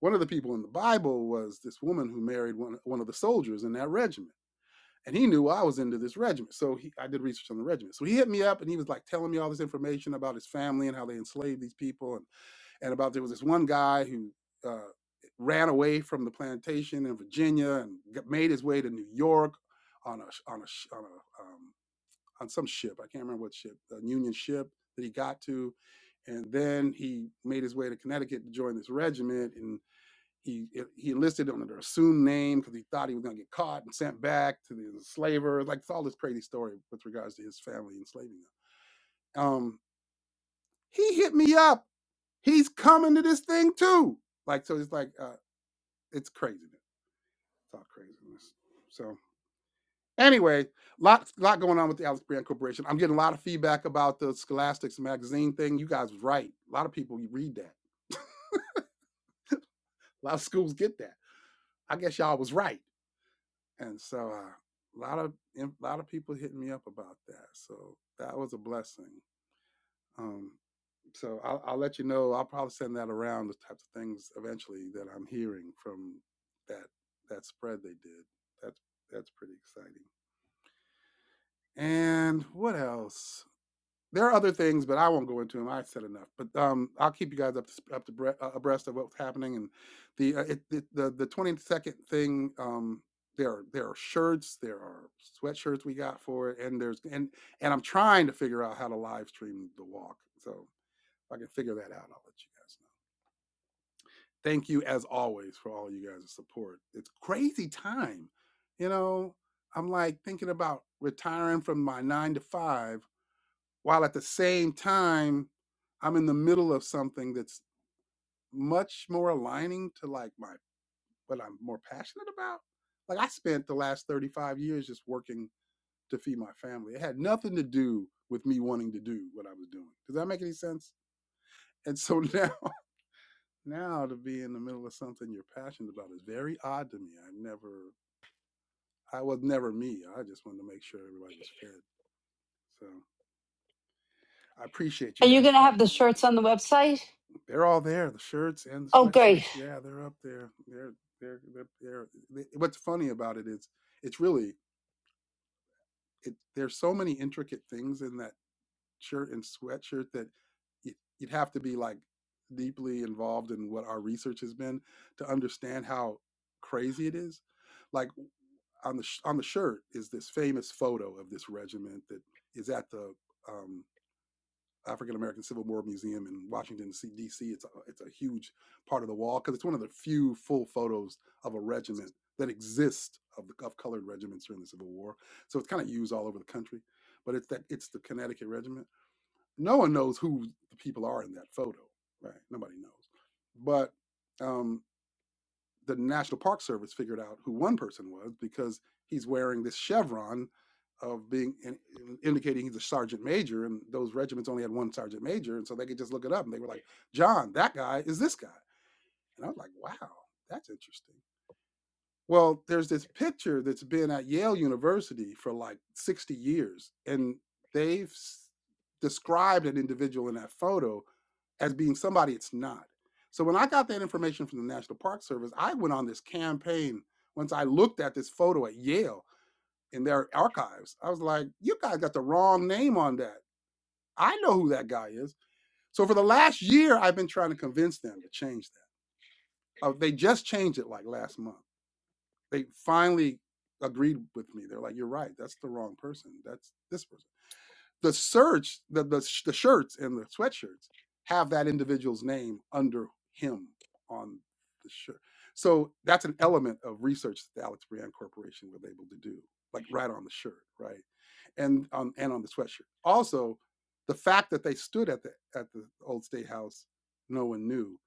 One of the people in the Bible was this woman who married one, one of the soldiers in that regiment and he knew I was into this regiment. So he, I did research on the regiment. So he hit me up and he was like telling me all this information about his family and how they enslaved these people and, and about there was this one guy who uh, ran away from the plantation in Virginia and g- made his way to New York on a on a sh- on a um, on some ship. I can't remember what ship, a Union ship that he got to. And then he made his way to Connecticut to join this regiment. and. He he enlisted under an assumed name because he thought he was going to get caught and sent back to the slaver. Like it's all this crazy story with regards to his family enslaving him. Um, he hit me up. He's coming to this thing too. Like so, it's like uh, it's craziness. It's all craziness. So anyway, lot lot going on with the Alex Brand Corporation. I'm getting a lot of feedback about the Scholastics magazine thing. You guys was right. A lot of people read that. A lot of schools get that. I guess y'all was right. and so uh, a lot of a lot of people hitting me up about that. So that was a blessing. Um, so I'll, I'll let you know. I'll probably send that around the types of things eventually that I'm hearing from that that spread they did. That's that's pretty exciting. And what else? There are other things, but I won't go into them. I said enough. But um, I'll keep you guys up to, sp- up to bre- uh, abreast of what's happening. And the uh, it, it, the the twenty second thing. Um, there are there are shirts, there are sweatshirts we got for it, and there's and and I'm trying to figure out how to live stream the walk. So if I can figure that out, I'll let you guys know. Thank you as always for all you guys' support. It's crazy time, you know. I'm like thinking about retiring from my nine to five while at the same time I'm in the middle of something that's much more aligning to like my what I'm more passionate about. Like I spent the last 35 years just working to feed my family. It had nothing to do with me wanting to do what I was doing. Does that make any sense? And so [laughs] now now to be in the middle of something you're passionate about is very odd to me. I never I was never me. I just wanted to make sure everybody was fed. So I appreciate you Are you guys going to have the helping me with that. shirts on the website? They're all there. The shirts and the Oh, great. sweatshirts. Yeah, they're up there. They're they're they're. they're they, what's funny about it is it's really it. There's so many intricate things in that shirt and sweatshirt that you'd, you'd have to be like deeply involved in what our research has been to understand how crazy it is. Like on the sh- on the shirt is this famous photo of this regiment that is at the um, African American Civil War Museum in Washington, D.C. It's a, it's a huge part of the wall because it's one of the few full photos of a regiment that exists of the of colored regiments during the Civil War. So it's kind of used all over the country, but it's that it's the Connecticut Regiment. No one knows who the people are in that photo, right? Nobody knows, but. Um, the National Park Service figured out who one person was because he's wearing this chevron of being in, in- indicating he's a sergeant major, and those regiments only had one sergeant major, and so they could just look it up, and they were like, "John, that guy is this guy," and I was like, "Wow, that's interesting." Well, there's this picture that's been at Yale University for like 60 years, and they've described an individual in that photo as being somebody it's not. So when I got that information from the National Park Service, I went on this campaign. Once I looked at this photo at Yale in their archives, I was like, you guys got the wrong name on that. I know who that guy is. So for the last year, I've been trying to convince them to change that. Uh, they just changed it like last month. They finally agreed with me. They're like, you're right. That's the wrong person. That's this person. the search the, the the shirts and the sweatshirts have that individual's name under him on the shirt. So that's an element of research that the Alex Brand Corporation was able to do, like right on the shirt, right, and on and on the sweatshirt. Also, the fact that they stood at the at the old State House, no one knew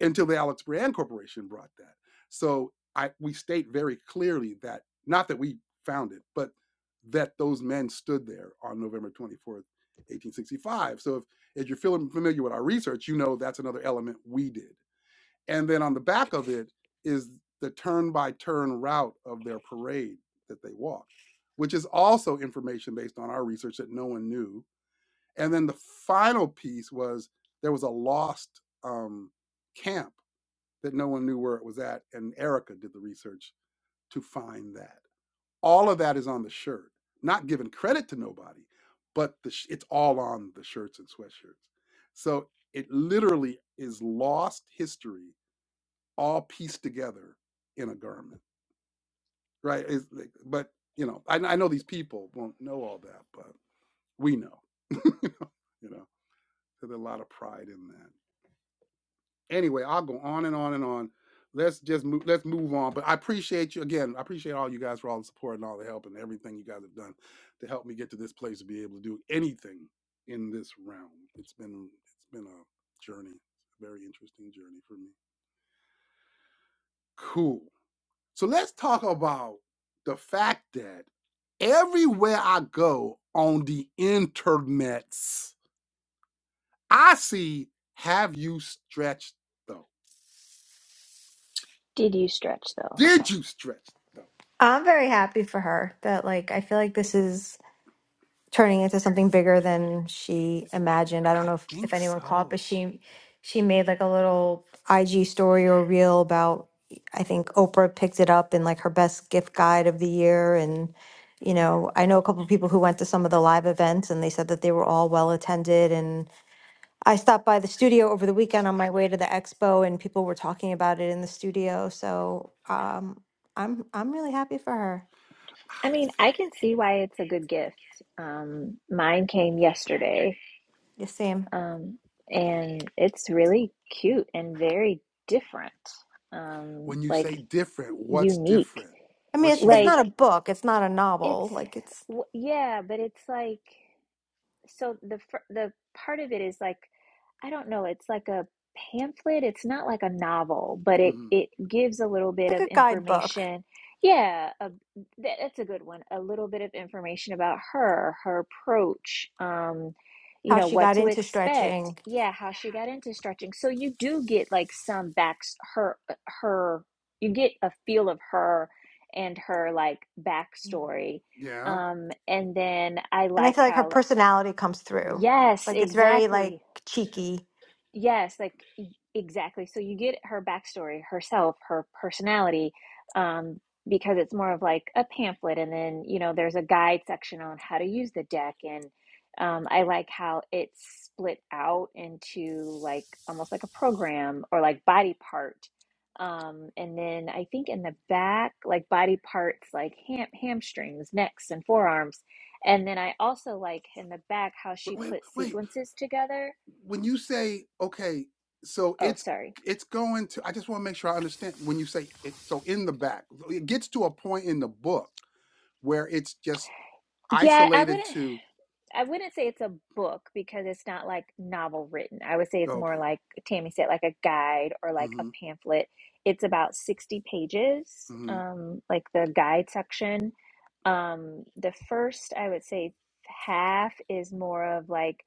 until the Alex Brand Corporation brought that. So I we state very clearly that not that we found it, but that those men stood there on November 24th, 1865. So if, if you're feeling familiar with our research, you know that's another element we did. And then on the back of it is the turn by turn route of their parade that they walked, which is also information based on our research that no one knew. And then the final piece was there was a lost um, camp that no one knew where it was at, and Erica did the research to find that. All of that is on the shirt. Not giving credit to nobody, but the sh- it's all on the shirts and sweatshirts. So it literally is lost history, all pieced together in a garment, right? It's like- but you know, I, I know these people won't know all that, but we know. [laughs] you know, you know, so there's a lot of pride in that. Anyway, I'll go on and on and on. Let's just move, let's move on. But I appreciate you again. I appreciate all you guys for all the support and all the help and everything you guys have done to help me get to this place to be able to do anything in this realm. It's been it's been a journey, a very interesting journey for me. Cool. So let's talk about the fact that everywhere I go on the internets, I see have you stretched though? did you stretch though Did you stretch though? I'm very happy for her that like I feel like this is turning into something bigger than she imagined. I don't I know if, if think anyone caught, so. but she she made like a little IG story or reel about I think Oprah picked it up in like her best gift guide of the year and you know, I know a couple of people who went to some of the live events and they said that they were all well attended I stopped by the studio over the weekend on my way to the expo, and people were talking about it in the studio. So um, I'm I'm really happy for her. I I mean, I think can see why it's a good gift. Um, mine came yesterday, You Sam. um, and it's really cute and very different, um, when you like say different, what's unique. different? I mean, it's What's it's Like not unique? a book. It's not a it's, novel. Like it's w yeah, but it's like so the the part of it is like I don't know, it's like a pamphlet. It's not like a novel, but it hmm it gives a little bit like of a guidebook. information. Yeah, a, that, that's a good one. A little bit of information about her, her approach, um, you How know, she what got to into expect. stretching, Yeah, how she got into stretching. So you do get like some back her her you get a feel of her and her like backstory. Yeah. Um, and then I and I like feel like her how personality comes through. Yes, Like it's very like exactly. cheeky. Yes, like e- exactly. So you get her backstory, herself, her personality, um, because it's more of like a pamphlet, and then you know there's a guide section on how to use the deck, and um, I like how it's split out into like almost like a program or like body part. Um, and then I think in the back, like body parts, like ham hamstrings, necks, and forearms. And then I also like in the back how Wait, she wait, put wait. sequences together. When you say okay, so Oh, it's sorry. it's going to. I just want to make sure I understand. When you say it, so in the back, so it gets to a point in the book where it's just Yeah, I isolated wouldn't to. I wouldn't say it's a book because it's not like novel written. I would say it's more Okay. like Tammy said, like a guide or like a Mm-hmm. pamphlet. It's about 60 pages, Mm-hmm. um, like the guide section. Um, the first, I would say half is more of like,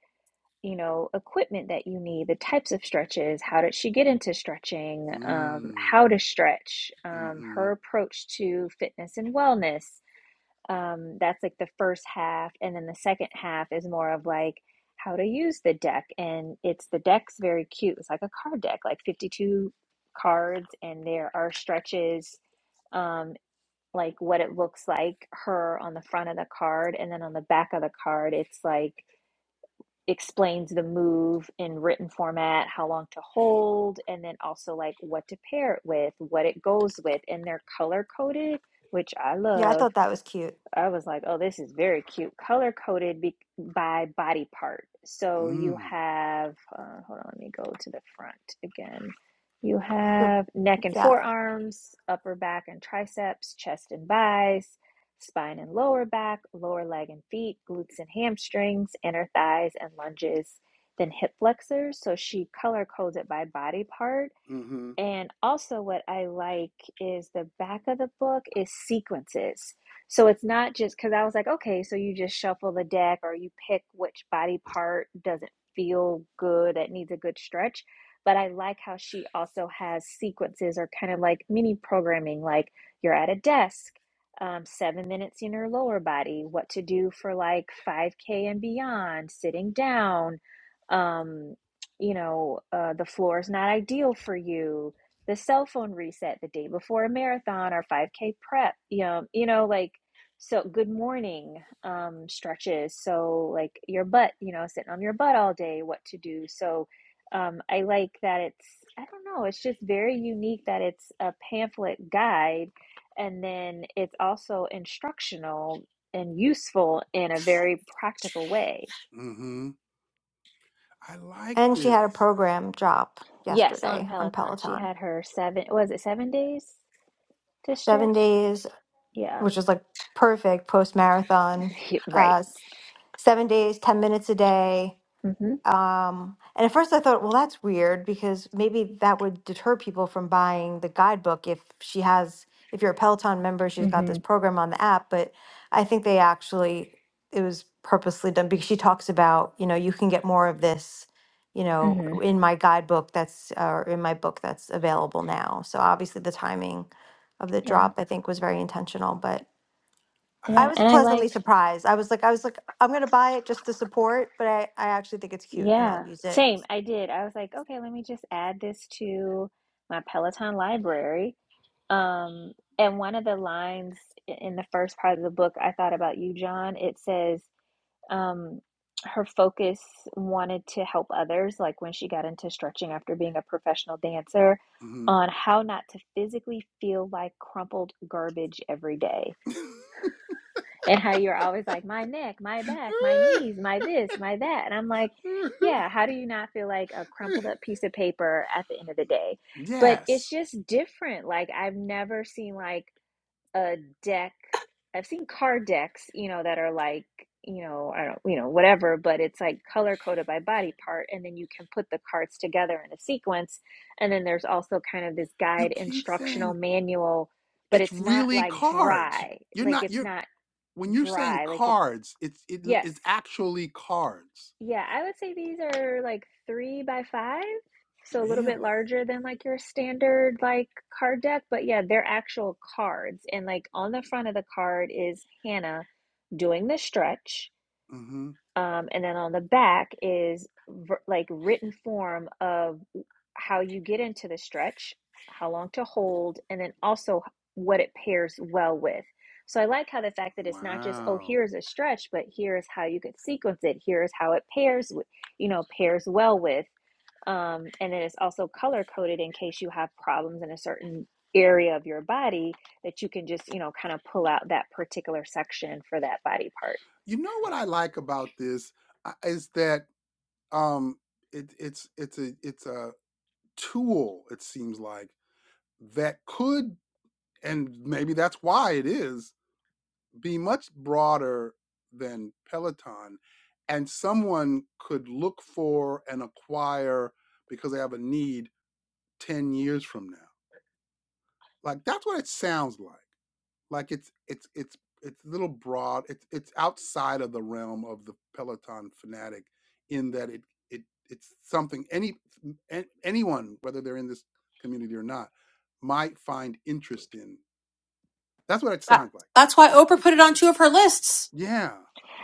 you know, equipment that you need, the types of stretches, how did she get into stretching, um, Mm. how to stretch, um, Mm-hmm. her approach to fitness and wellness um, that's like the first half, and then the second half is more of like how to use the deck, and it's the deck's very cute. It's like a card deck, like 52 cards, and there are stretches, um, like what it looks like her on the front of the card, and then on the back of the card, it's like explains the move in written format, how long to hold, and then also like what to pair it with, what it goes with, and they're color coded, which I Yeah, I love thought that was cute. I was like, oh, this is very cute. Color coded be- by body part. So you Mm. have, uh, hold on, let me go to the front again. You So, have neck and yeah, forearms, upper back and triceps, chest and thighs, spine and lower back, lower leg and feet, glutes and hamstrings, inner thighs and lunges, then hip flexors. So she color codes it by body part Mm-hmm. and also, what I like is the back of the book is sequences. So it's not just because I was like, okay, so you just shuffle the deck or you pick which body part doesn't feel good, that needs a good stretch. But I like how she also has sequences or kind of like mini programming, like you're at a desk, um, seven minutes in your lower body, what to do for like 5K and beyond, sitting down. Um, you know, uh, the floor is not ideal for you. The cell phone reset the day before a marathon or 5K prep, you know, you know, like, so good morning um, stretches. So, like, your butt, you know, sitting on your butt all day, what to do. So, um, I like that it's, I don't know, it's just very unique that it's a pamphlet guide and then it's also instructional and useful in a very practical way Mm-hmm. I like and she had a this. program drop Yes, on yesterday on Peloton. She Peloton. had her seven, was it seven days to Seven stretch? days Yeah. which [laughs] was like perfect post marathon. Yeah, Uh, Right. s- seven days, ten minutes a day. Mm-hmm. Um, and at first I thought, well, that's weird because maybe that would deter people from buying the guidebook if she has, if you're a Peloton member, she's got this Mm-hmm. program on the app. But I think they actually, it was purposely done because she talks about, you know, you can get more of this, you know, Mm-hmm. in my guidebook that's, or in my book that's available now. So obviously the timing of the Yeah. drop, I think, was very intentional. But I I. Yeah. was And I like, pleasantly surprised. I was like, I was like, I'm gonna buy it just to support, but I, I actually think it's cute and I'll yeah. use it. Same. I did. I was like, okay, let me just add this to my Peloton library. Um, and one of the lines i- in the first part of the book, I thought about you, John. It says, um, her focus wanted to help others, like when she got into stretching after being a professional dancer, mm on how not to physically feel like crumpled garbage every day. And how you're always like, my neck, my back, my [laughs] knees, my this, my that. And I'm like, [laughs] yeah, how do you not feel like a crumpled up piece of paper at the end of the day? But it's yes. just different. Like, I've never seen like, a deck. I've seen card decks, you know, that are like, you know, I don't, you know, whatever, but it's like color coded by body part, and then you can put the cards together in a sequence. And then there's also kind of this You guide keep instructional saying manual, but it's it's not really like cards. dry. You're Like not it's you're not when you're saying dry. Like it's cards, it's it, yes. it's actually cards. Yeah, I would say these are like three by five, so a little bit Really? larger than like your standard like card deck. But yeah, they're actual cards, and like on the front of the card is Hannah doing the stretch, Mhm. um, and then on the back is ver- like written form of how you get into the stretch, how long to hold, and then also what it pairs well with. So I like how the fact that it's not just, oh, Wow. here's a stretch, but here's how you could sequence it. Here's how it pairs with, you know, pairs well with. Um, and then it's also color coded in case you have problems in a certain area of your body that you can just, you know, kind of pull out that particular section for that body part. You know what I like about this uh, is that um it, it's it's a it's a tool it seems like that could and maybe that's why it is be much broader than Peloton, and someone could look for and acquire because they have a need ten years from now. Like that's what it sounds like. Like it's it's it's it's a little broad. It's it's outside of the realm of the Peloton fanatic in that it it it's something any an- anyone whether they're in this community or not might find interest in. That's what it That- sounds like. That's why Oprah put it on two of her lists. Yeah.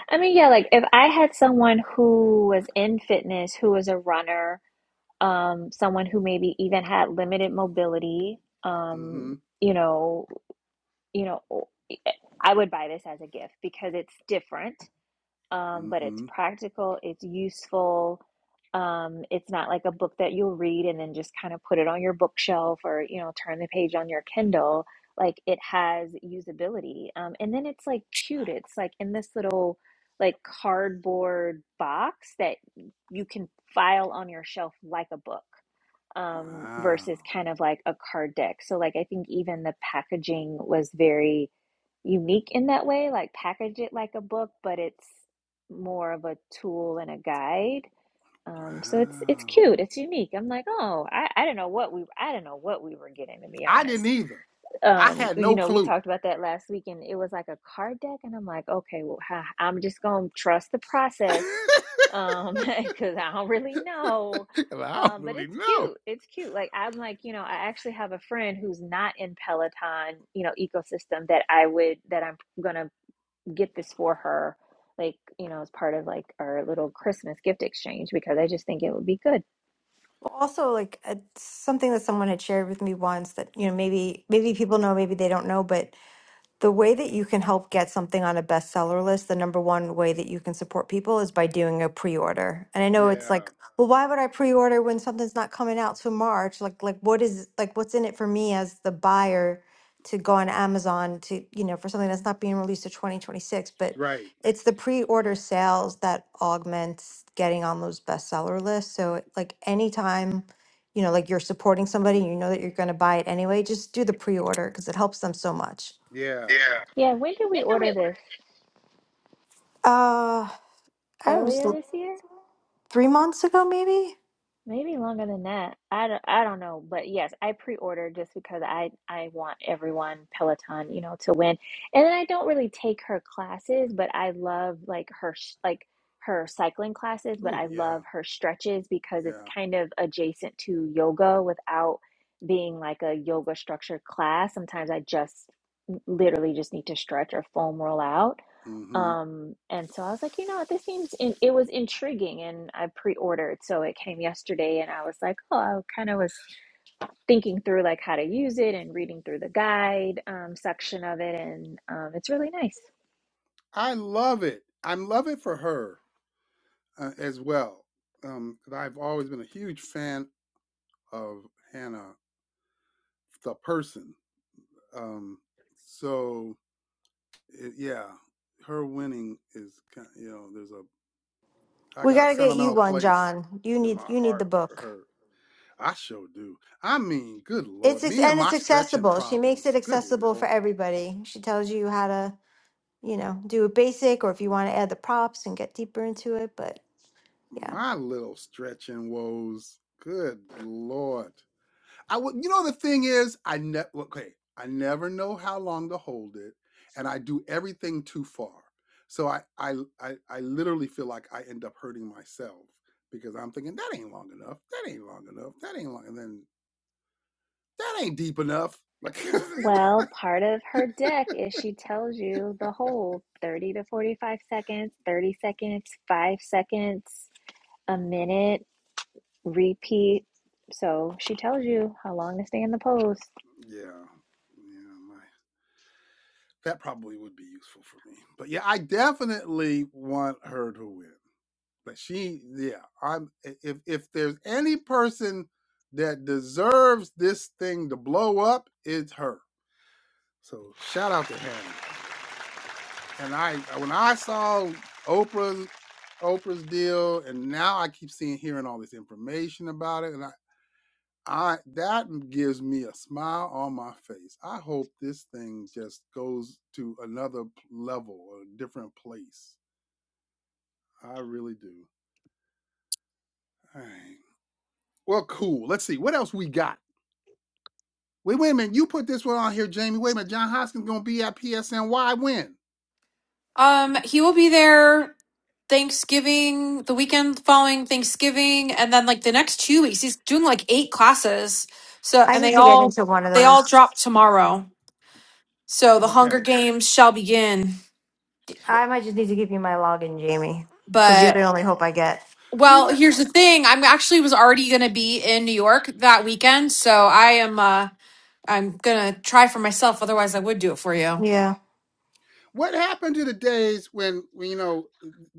I mean, yeah, like if I had someone who was in fitness, who was a runner, um, someone who maybe even had limited mobility, Mm um, hmm. you know, you know, I would buy this as a gift because it's different um, but Mm-hmm. it's practical, it's useful. Um, it's not like a book that you'll read and then just kind of put it on your bookshelf or, you know, turn the page on your Kindle. Like it has usability. Um, and then it's like cute. It's like in this little like cardboard box that you can file on your shelf like a book. Um, Wow. versus kind of like a card deck. So like I think even the packaging was very unique in that way, like package it like a book, but it's more of a tool and a guide. Um, so it's it's Wow. cute, it's unique. I'm like, oh, I, I don't know what we I don't know what we were getting to be I didn't honest either. I um had you no know we clue. talked about that last week and it was like a card deck and i'm like okay well ha- i'm just gonna trust the [laughs] process um [laughs] because i don't really know I don't um but really it's know. cute it's cute like i'm like you know i actually have a friend who's not in peloton you know ecosystem that i would that i'm gonna get this for her like you know as part of like our little christmas gift exchange because i just think it would be good Well, Also, like it's something that someone had shared with me once that you know maybe maybe people know, maybe they don't know, but The way that you can help get something on a bestseller list, the number one way that you can support people is by doing a pre-order. And I know it's Yeah. like, well, why would I pre-order when something's not coming out till March? Like, like what is like what's in it for me as the buyer to go on Amazon to, you know, for something that's not being released to 2026, but Right. it's the pre-order sales that augments getting on those bestseller lists. So like anytime you know, like you're supporting somebody, and you know that you're going to buy it anyway, just do the pre-order because it helps them so much. Yeah. yeah when did we order this Uh, I was earlier l- this year three months ago, maybe. Maybe longer than that. I don't, I don't know, but yes, I pre-ordered just because I I want everyone Peloton, you know, to win. And then I don't really take her classes, but I love like her sh- like her cycling classes, but Ooh, I yeah. love her stretches because it's Yeah. kind of adjacent to yoga without being like a yoga structured class. Sometimes I just literally just need to stretch or foam roll out. Mhm. Um, and so I was like, you know what, this seems in it was intriguing and I pre-ordered, so it came yesterday and I was like, oh, I kind of was thinking through like how to use it and reading through the guide um, section of it and um, it's really nice. I love it. I love it for her uh, as well. Um 'cause I've always been a huge fan of Hannah the person. Um so it, yeah, her winning is ki- you know, there's a I We got a gotta get you sentimental one, place John. You in need my you need the heart for book. her. I sure do. I mean, good It's Lord, ex- me and and it's my stretching accessible. She makes it problems. Good accessible for Lord, everybody. She tells you how to, you know, do a basic, or if you want to add the props and get deeper into it. But yeah, my little stretching woes. Good Lord. I would, you know, the thing is, I never, okay, I never know how long to hold it, and I do everything too far. So I, I, I, I literally feel like I end up hurting myself because I'm thinking that ain't long enough. That ain't long enough. That ain't long, and then that ain't deep enough. Like, [laughs] yeah, Well, part of her deck is she tells you the whole 30 to 45 seconds, 30 seconds, 5 seconds, a minute, repeat. So she tells you how long to stay in the pose. yeah, my That probably would be useful for me. But yeah, I definitely want her to win. But she, yeah, I'm. If if there's any person that deserves this thing to blow up, it's her. So shout out to Hannah. And I, when I saw Oprah's Oprah's deal, and now I keep seeing hearing all this information about it, and I, I that gives me a smile on my face. I hope this thing just goes to another p- level a different place. I really do. Alright. Well, cool. Let's see what else we got. Wait, wait a minute. You put this one on here, Jamie. Wait a minute. John Hoskins gonna be at PSNY when? Um, he will be there Thanksgiving, the weekend following Thanksgiving, and then like the next two weeks. He's doing like eight classes. So I and need they to get all into one of they all those. drop tomorrow. So the Hunger Okay. Games shall begin. I might just need to give you my login, Jamie, because you're But the only hope I get. Well, Remember here's the thing. I'm actually was already going to be in New York that weekend, so I am uh I'm going to try for myself otherwise I would do it for you. Yeah. what happened to the days when, when you know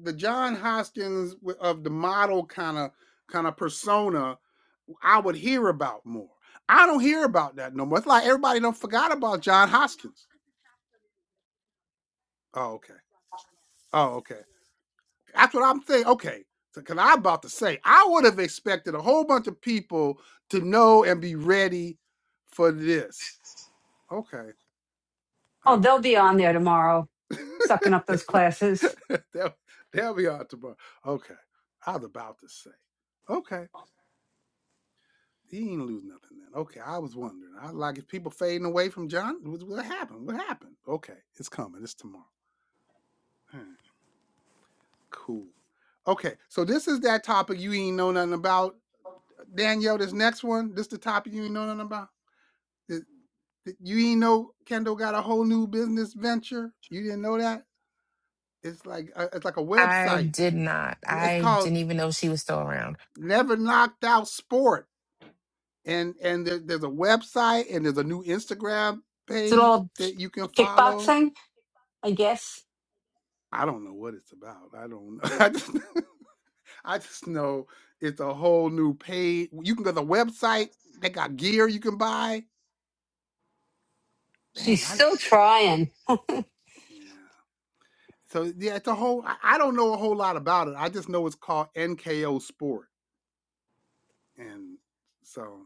the John Hoskins w- of the model kind of kind of persona I would hear about more. I don't hear about that no more. It's like everybody don't forgot about John Hoskins. Oh, okay. Oh, okay. That's what I'm thinking. Okay. Because I'm about to say, I would have expected a whole bunch of people to know and be ready for this. Okay. Oh, All they'll right. be They on there tomorrow, sucking up those classes. just, [laughs] they'll, they'll be on tomorrow. Okay. I was about to say. Okay. He ain't lose nothing then. Okay, I was wondering. I like if people fading away from John. What, what happened? What happened? Okay, it's coming. It's tomorrow. Hmm, cool. Okay, so this is that topic you ain't know nothing about, Danielle. This next one, this the topic you ain't know nothing about. Th- th- You ain't know Kendall got a whole new business venture. You didn't know that. It's like a, it's like a I website. did not. It's I called didn't even know she was still around. Never Knocked Out Sport, and and there, there's a website and there's a new Instagram Is it page all that you can follow kickboxing? I guess I don't know what it's about. I don't know. [laughs] I just [laughs] I just know it's a whole new page. You can go to the website. They got gear you can buy. she's Dang, I still trying, [laughs] but yeah. So yeah, it's a whole. I, I don't know a whole lot about it. I just know it's called NKO Sport, and so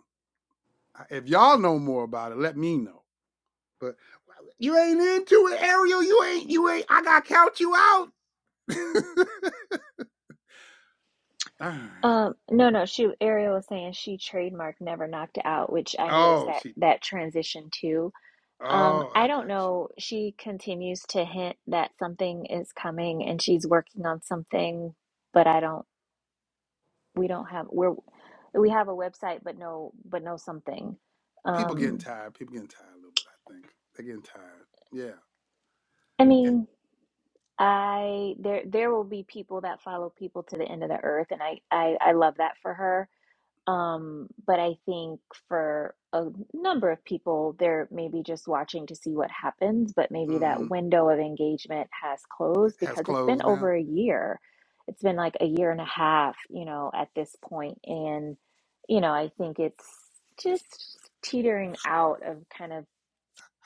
I- if y'all know more about it, let me know. But well, you ain't into it, Ariel. You ain't. You ain't. I got to count you out. [laughs] All right. Um, no, no, she Ariel was saying she trademarked Never Knocked Out, which I noticed Oh, that she. that transition too. Um, Oh, I I don't got you. know. She continues to hint that something is coming and she's working on something, but I don't, we don't have, we're, we have a website, but no, but no something. people getting Um, tired. People getting tired a little bit. I think they're getting tired. Yeah. I And, mean, I, there, there will be people that follow people to the end of the earth, and I, I, I love that for her. Um, but I think for a number of people, they're maybe just watching to see what happens, but maybe mm-hmm. that window of engagement has closed Has because it's been closed now. over a year. It's been like a year and a half, you know, at this point. And, you know, I think it's just teetering out of kind of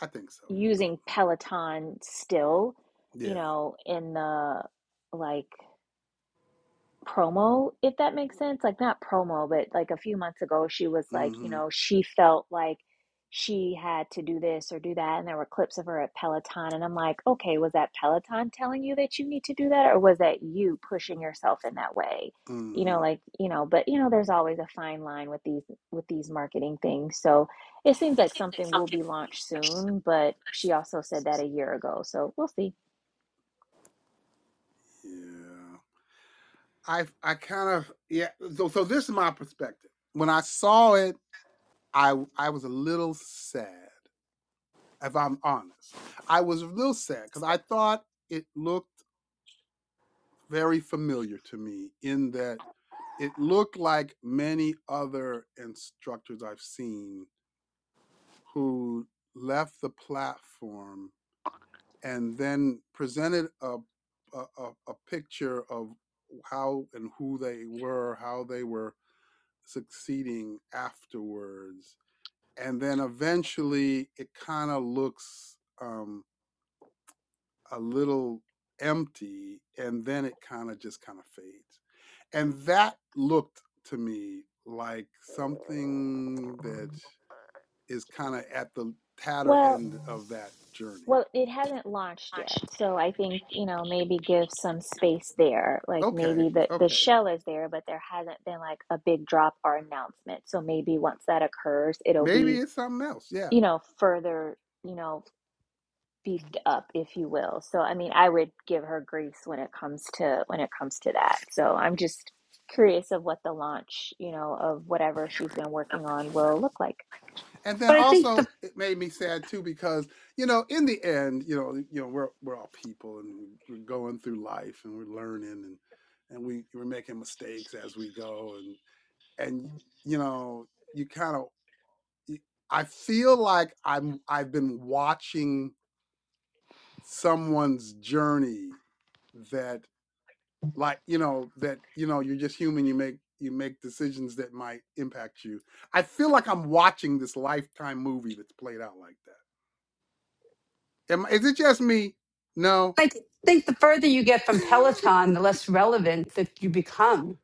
I think so a little using bit. Peloton still, you Yeah. know, in the like promo, if that makes sense. Like, not promo, but like a few months ago, she was like, you Mm-hmm. know, she felt like she had to do this or do that. And there were clips of her at Peloton. And I'm like, okay, was that Peloton telling you that you need to do that? Or was that you pushing yourself in that way? You Mm-hmm. know, like, you know, but you know, there's always a fine line with these with these marketing things. So it seems like something will be launched soon, but she also said that a year ago. So we'll see. Yeah. I I kind of yeah. So so this is my perspective. When I saw it, I I was a little sad. If I'm honest, I was a little sad because I thought it looked very familiar to me in that it looked like many other instructors I've seen who left the platform and then presented a a, a picture of how and who they were, how they were succeeding afterwards, and then eventually it kind of looks um, a little empty, and then it kind of just kind of fades, and that looked to me like something that is kind of at the tatter Well, end of that journey Well, it hasn't launched yet, so I think, you know, maybe give some space there. Like Okay, maybe the the okay. shell is there, but there hasn't been like a big drop or announcement. So maybe once that occurs, it'll Maybe be, it's something else. Yeah. you know, further, you know, beefed up, if you will. So I mean, I would give her grace when it comes to when it comes to that. So I'm just curious of what the launch, you know, of whatever she's been working on will look like. And then I think the also it made me sad too because, you know, in the end, you know, you know, we're we're all people and we- are going through life and we're learning and and we we're making mistakes as we go and and you know, you kind of y- I feel like I'm I've been watching someone's journey that. like you know that you know you're just human you make you make decisions that might impact you i feel like i'm watching this lifetime movie that's played out like that Am, is it just me no I think the further you get [laughs] from Peloton, the less relevant that you become.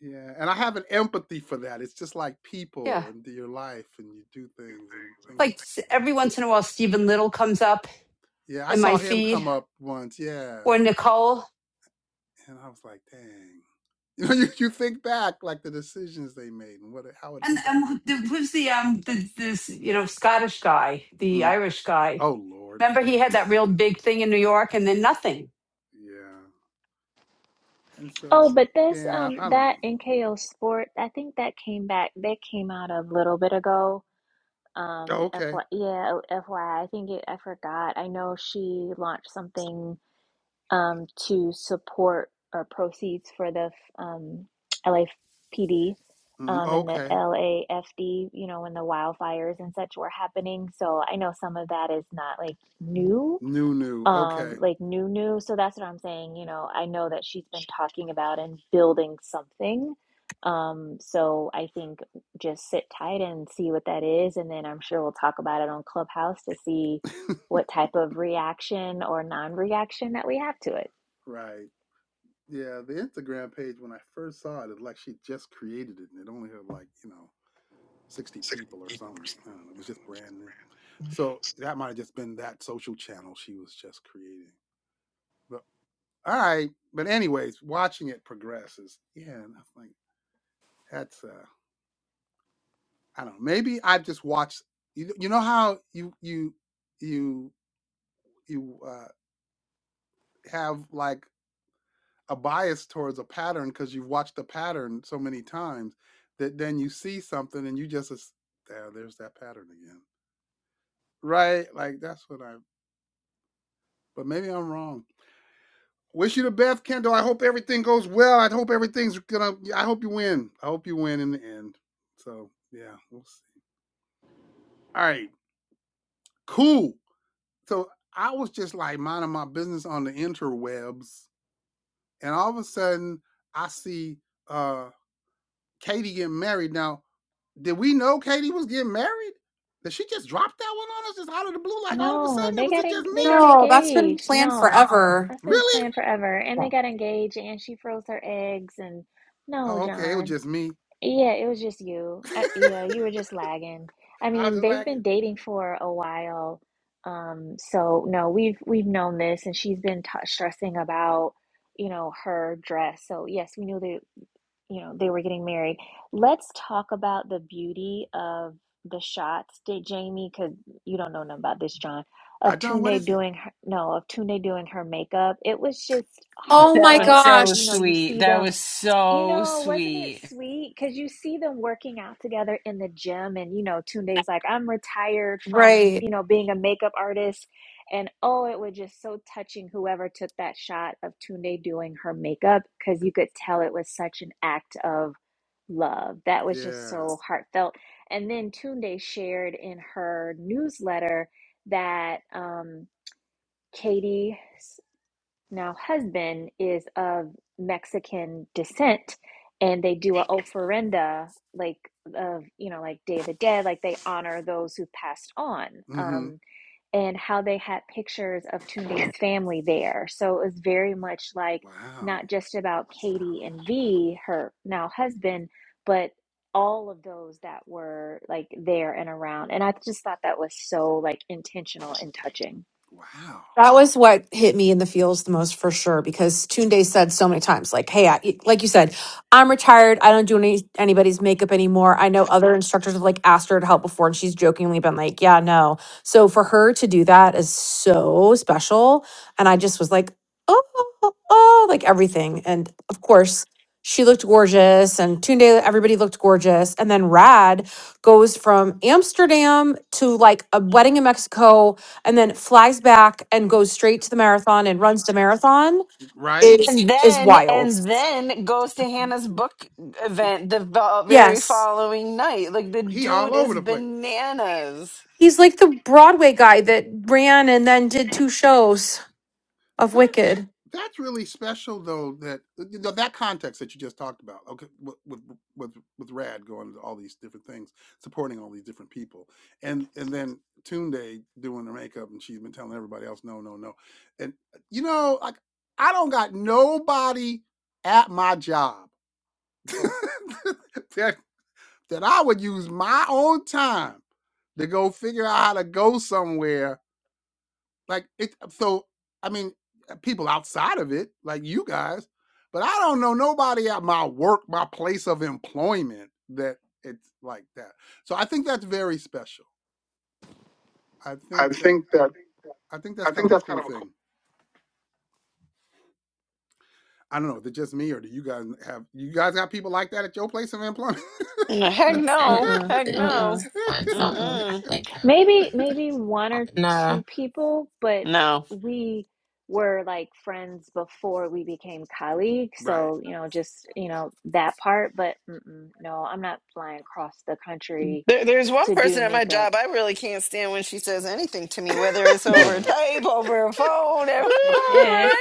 yeah and i have an empathy for that it's just like Yeah, people and your life and you do things and things like s- every once in a while, Stephen Little comes up yeah i in my saw him feed come up once yeah or Nicole. and i was like dang [laughs] you know you, you think back like the decisions they made and what it- how it And impacted and them there was the um the, this you know Scottish guy, the Mm. Irish guy. oh lord Remember, he had that real big thing in New York, and then nothing. yeah And Oh, so, but that's yeah, um I don't that know. NKO Sport, I think that came back. That came out a little bit ago. Oh, Um, okay. FY, yeah, FYI, I I think it, I forgot. I know she launched something um to support or proceeds for the um LAPD Mm, um and the okay. LAFD, you know, when the wildfires and such were happening. So I know some of that is not like new New, new. um Okay. like new new so that's what i'm saying you know i know that she's been talking about and building something um so i think just sit tight and see what that is and then i'm sure we'll talk about it on clubhouse to see [laughs] what type of reaction or non-reaction that we have to it right. Yeah, the Instagram page, when I first saw it, it's like she just created it and it only had like, you know, 60 people or something. I don't know. It was just brand new. So that might have just been that social channel she was just creating. But all right. But, anyways, watching it progresses. Yeah. And I'm like, that's, uh, I don't know. Maybe I've just watched, you, you know how you, you, you, you, uh, have like a bias towards a pattern because you've watched the pattern so many times that then you see something and you just yeah there's that pattern again right like that's what i but maybe i'm wrong wish you the best kendall i hope everything goes well i hope everything's gonna i hope you win i hope you win in the end so yeah we'll see all right cool so i was just like minding my business on the interwebs and all of a sudden i see uh katie getting married now Did we know Katie was getting married? Did she just drop that one on us just out of the blue? Like all of a no sudden, it they was got it en- just they got me? No, that's been engaged planned no forever. that's been Really? planned forever and they got engaged and she froze her eggs and no Oh, okay. It was john just me. Yeah, it was just you. [laughs] Uh, yeah, you were just lagging. I I was mean, just they've like, been dating for a while. Um, so no, we've we've known this, and she's been t stressing about, you know, her dress. So yes, we knew that, you know, they were getting married. Let's talk about the beauty of the shots, did Jamie, because you don't know nothing about this, John, I of done. What Tunde is it? doing her, no, of Tunde doing her makeup. It was just Oh That my was heartfelt so because, you know, gosh. you sweet. see That them. was You so know, wasn't it sweet. sweet? Because you see them working out together in the gym, and you know, Tunde's like, I'm retired from, Right. you know, being a makeup artist. And oh, it was just so touching whoever took that shot of Tunde doing her makeup because you could tell it was such an act of love. That was just Yeah. so heartfelt. And then Tunde shared in her newsletter that um, Katie. Now, husband is of Mexican descent, and they do a ofrenda, like of you know, like Day of the Dead, like they honor those who passed on. Mm-hmm. Um, and how they had pictures of Tunde's family there, so it was very much like Wow. not just about Katie and V, her now husband, but all of those that were like there and around. And I just thought that was so like intentional and touching. Wow. That was what hit me in the feels the most for sure because Tunde said so many times, like, hey, I, like you said, I'm retired. I don't do any anybody's makeup anymore. I know other instructors have like asked her to help before and she's jokingly been like, yeah, no. So for her to do that is so special. And I just was like, oh, oh, oh, like everything. And of course, she looked gorgeous and Tunde, everybody looked gorgeous. And then Rad goes from Amsterdam to like a wedding in Mexico and then flies back and goes straight to the marathon and runs the marathon Right? is And is then, wild. and then goes to Hannah's book event the vo- very Yes. following night. Like the He all dude over is the place. bananas. He's like the Broadway guy that ran and then did two shows of that Wicked. that's really special though that uh, you know, that context that you just talked about okay with with with with rad going to all these different things supporting all these different people and and then Tunde doing her makeup and she's been telling everybody else no no no and uh, you know like i don't got nobody at my job [laughs] that, that i would use my own time to go figure out how to go somewhere like it so I mean, uh, people outside of it, like you guys, but I don't know nobody at my work, my place of employment that it's like that. So I think that's very special. I think that I think that's kind of a cool thing. I don't know, is it just me or do you guys have you guys got people like that at your place of employment? [laughs] Heck Mm, It, no, Mm-mm, heck it, no, mm-mm, It's when mm-mm. someone I mm think of. Maybe maybe one or no. two people, but no. we were like friends before we became colleagues. right. So, you know, just, you know, that part, but mm-mm, no, I'm not flying across the country There, there's one to do person at my makeup. job I really can't stand when she says anything to me, whether it's [laughs] over type, over a phone, [laughs] over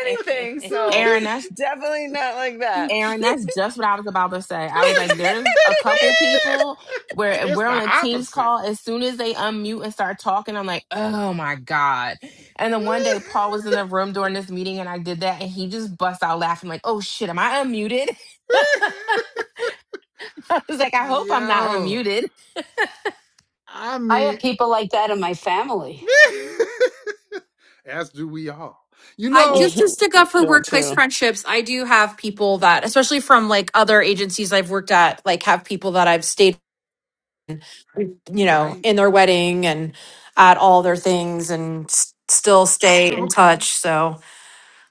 anything. So Aaron, that's definitely not like that. Aaron, that's just what I was about to say. I was like, there's a couple [laughs] people where if It's we're the on a Teams opposite. call, as soon as they unmute and start talking, I'm like, oh my God. And then one day Paul was in the room during this meeting and I did that and he just bust out laughing, like, oh shit, am I unmuted? [laughs] I [laughs] was like, I hope I'm not Yo, unmuted. I I have mean, people like that in my family, [laughs] as do we all. You I just know, to stick up [laughs] for that workplace too. friendships, I do have people that especially from like other agencies I've worked at, like have people that I've stayed you know, right? in their wedding and at all their things and s- still stay Oh, in touch. Okay. So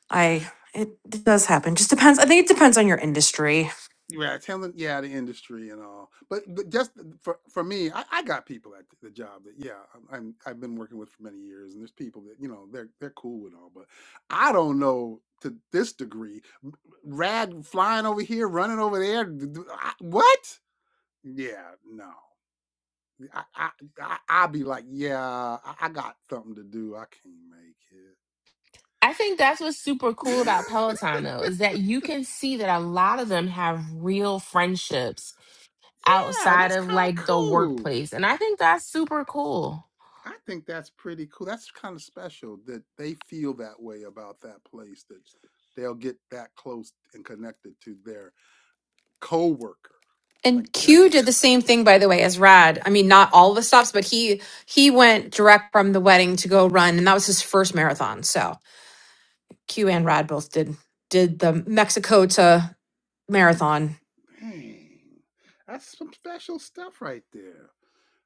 I it, it does happen. Just depends. I think it depends on your industry. Yeah, telling yeah the industry and all, but but just for for me, I, I got people at the job that yeah I'm, I'm I've been working with for many years, and there's people that you know they're they're cool with all, but I don't know to this degree. Rad flying over here, running over there. d- d- I- What? Yeah, no. I I I I'll be like, yeah, I, I got something to do. I can't make I think that's what's super cool it. about Peloton though, is that you can see that a lot of them have real friendships [laughs] yeah, outside that's of kind like of the cool. workplace. And I think that's super cool. I think that's pretty cool. That's kind of special that they feel that way about that place that they'll get that close and connected to their coworker. Like And that Q did the same thing, by the way, as Rad. I mean, not all of the stops, but he he went direct from the wedding to go run, and that was his first marathon. So Q and Rad both did did the Mexico to marathon dang. That's some special stuff right there.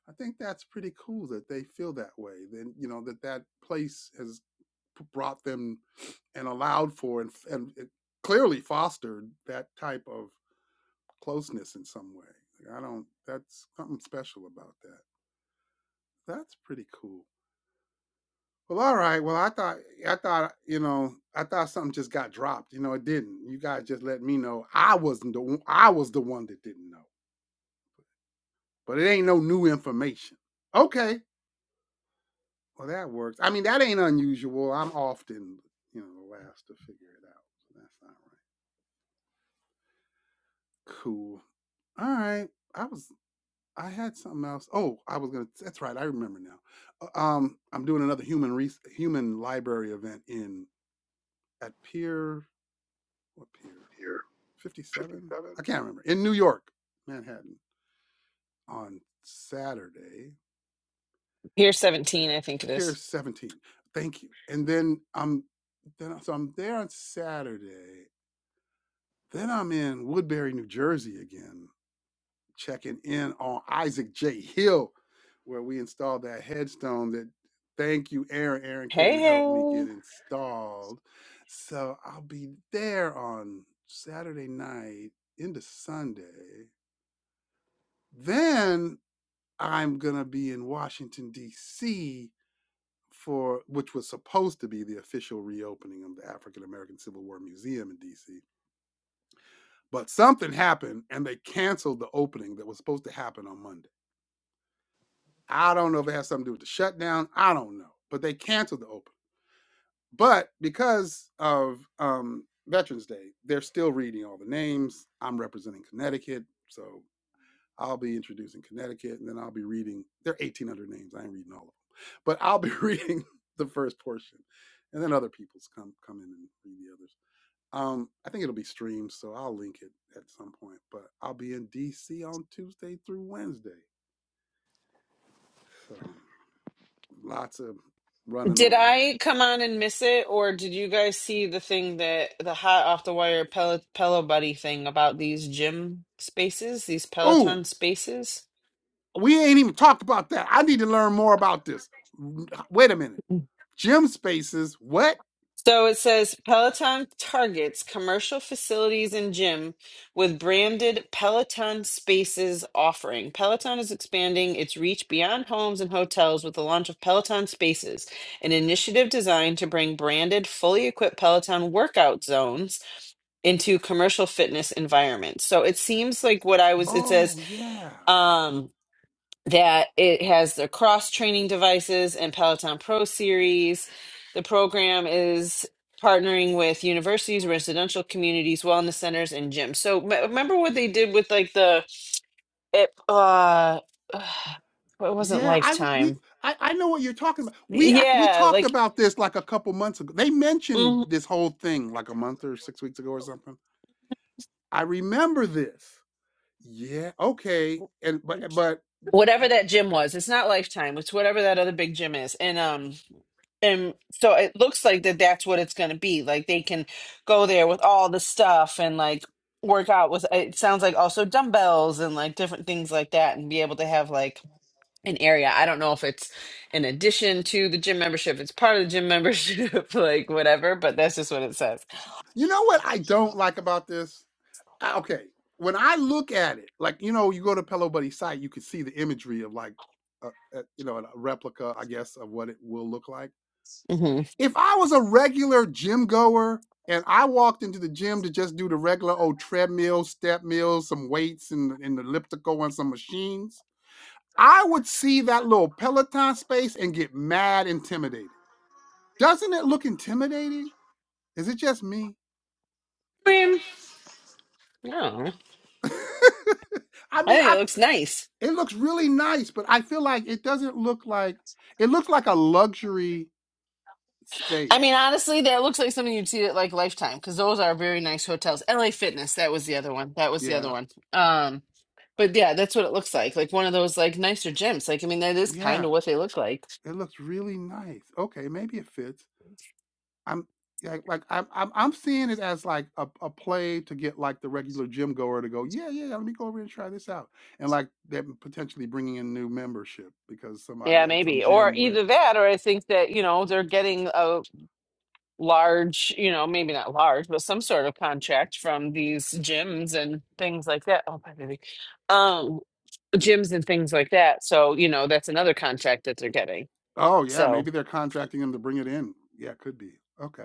I think that's pretty cool that they feel that way. Then you know that that place has brought them and allowed for and, and it clearly fostered that type of closeness in some way. Like, I don't, that's something special about that. That's pretty cool. Well, all right. Well, I thought, I thought, you know, I thought something just got dropped. You know, it didn't. You guys just let me know I wasn't the I was the one that didn't know, but it ain't no new information. Okay. Well, that works. I mean, that ain't unusual. I'm often, you know, the last to figure it out. So that's not right. Cool. All right. I was I had something else. Oh, I was gonna. That's right. I remember now. Uh, Um, I'm doing another human res- human library event in at Pier what Pier 57? I can't remember in New York, Manhattan on Saturday. Here's 17, I think it Pier is. 17. Thank you. And then I'm then so I'm there on Saturday. Then I'm in Woodbury, New Jersey again checking in on Isaac J. Hill, where we installed that headstone that thank you, Aaron. Aaron came Hey, and helped me get hey. installed. So I'll be there on Saturday night into Sunday. Then I'm gonna be in Washington, DC for which was supposed to be the official reopening of the African American Civil War Museum in DC. But something happened and they canceled the opening that was supposed to happen on Monday. I don't know if it has something to do with the shutdown. I don't know, but they canceled the open. But because of um, Veterans Day, they're still reading all the names. I'm representing Connecticut, so I'll be introducing Connecticut, and then I'll be reading. There are 1,800 names. I ain't reading all of them, but I'll be reading [laughs] the first portion, and then other people's come come in and read the others. Um, I think it'll be streamed, so I'll link it at some point. But I'll be in D.C. on Tuesday through Wednesday, so. Lots of running Did around. I come on and miss it, or did you guys see the thing that the hot off the wire Pel Pello Buddy thing about these gym spaces, these Oh, Peloton spaces? we ain't even talked about that. I need to learn more about this. Wait a minute. Gym spaces. What? So it says Peloton targets commercial facilities and gym with branded Peloton Spaces offering. Peloton is expanding its reach beyond homes and hotels with the launch of Peloton Spaces, an initiative designed to bring branded, fully equipped Peloton workout zones into commercial fitness environments. So it seems like what I was, it says, Oh yeah, um, that it has the cross training devices and Peloton Pro series. The program is partnering with universities, residential communities, wellness centers, and gyms. So m- remember what they did with like the it uh [sighs] it wasn't yeah. I we Lifetime. I, I know what you're talking about. We act- we Yeah, talked like about this like a couple months ago. They mm-hmm, mentioned this whole thing like a month or six weeks ago or something. I remember this. Yeah. Okay. And but but whatever that gym was. It's not Lifetime. It's whatever that other big gym is. And um, and so it looks like that that's what it's going to be like they can go there with all the stuff and like work out with it sounds like also dumbbells and like different things like that and be able to have like an area i don't know if it's in addition to the gym membership it's part of the gym membership [laughs] like whatever but that's just what it says you know what I don't like about this? I- okay when i look at it like you know you go to pillow buddy site you can see the imagery of like a, a, you know a replica i guess of what it will look like hmm if i was a regular gym goer and i walked into the gym to just do the regular old treadmill step mills some weights and, and elliptical and some machines i would see that little peloton space and get mad intimidated doesn't it look intimidating is it just me I, mean, I don't know. [laughs] I I mean, think it I looks nice It looks really nice, but I feel like it doesn't look like it looks like a luxury I mean, space. honestly, that looks like something you'd see at like Lifetime because those are very nice hotels. LA Fitness, that was the other one. That was the other Yeah. one. Um, but yeah, that's what it looks like. Like one of those like nicer gyms. Like, I mean, that is kind Yeah. of what they look like. It looks really nice. Okay, maybe it fits. I'm like like I'm I'm I'm seeing it as like a, a play to get like the regular gym goer to go, yeah, yeah, yeah, let me go over and try this out. And like them potentially bringing in new membership because Yeah, somebody at some maybe. Or gym went, either that, or I think that, you know, they're getting a large, you know, maybe not large, but some sort of contract from these gyms and things like that. Oh, my baby. Um, gyms and things like that. So, you know, that's another contract that they're getting. oh yeah, So, maybe they're contracting them to bring it in. Yeah, could be. Okay.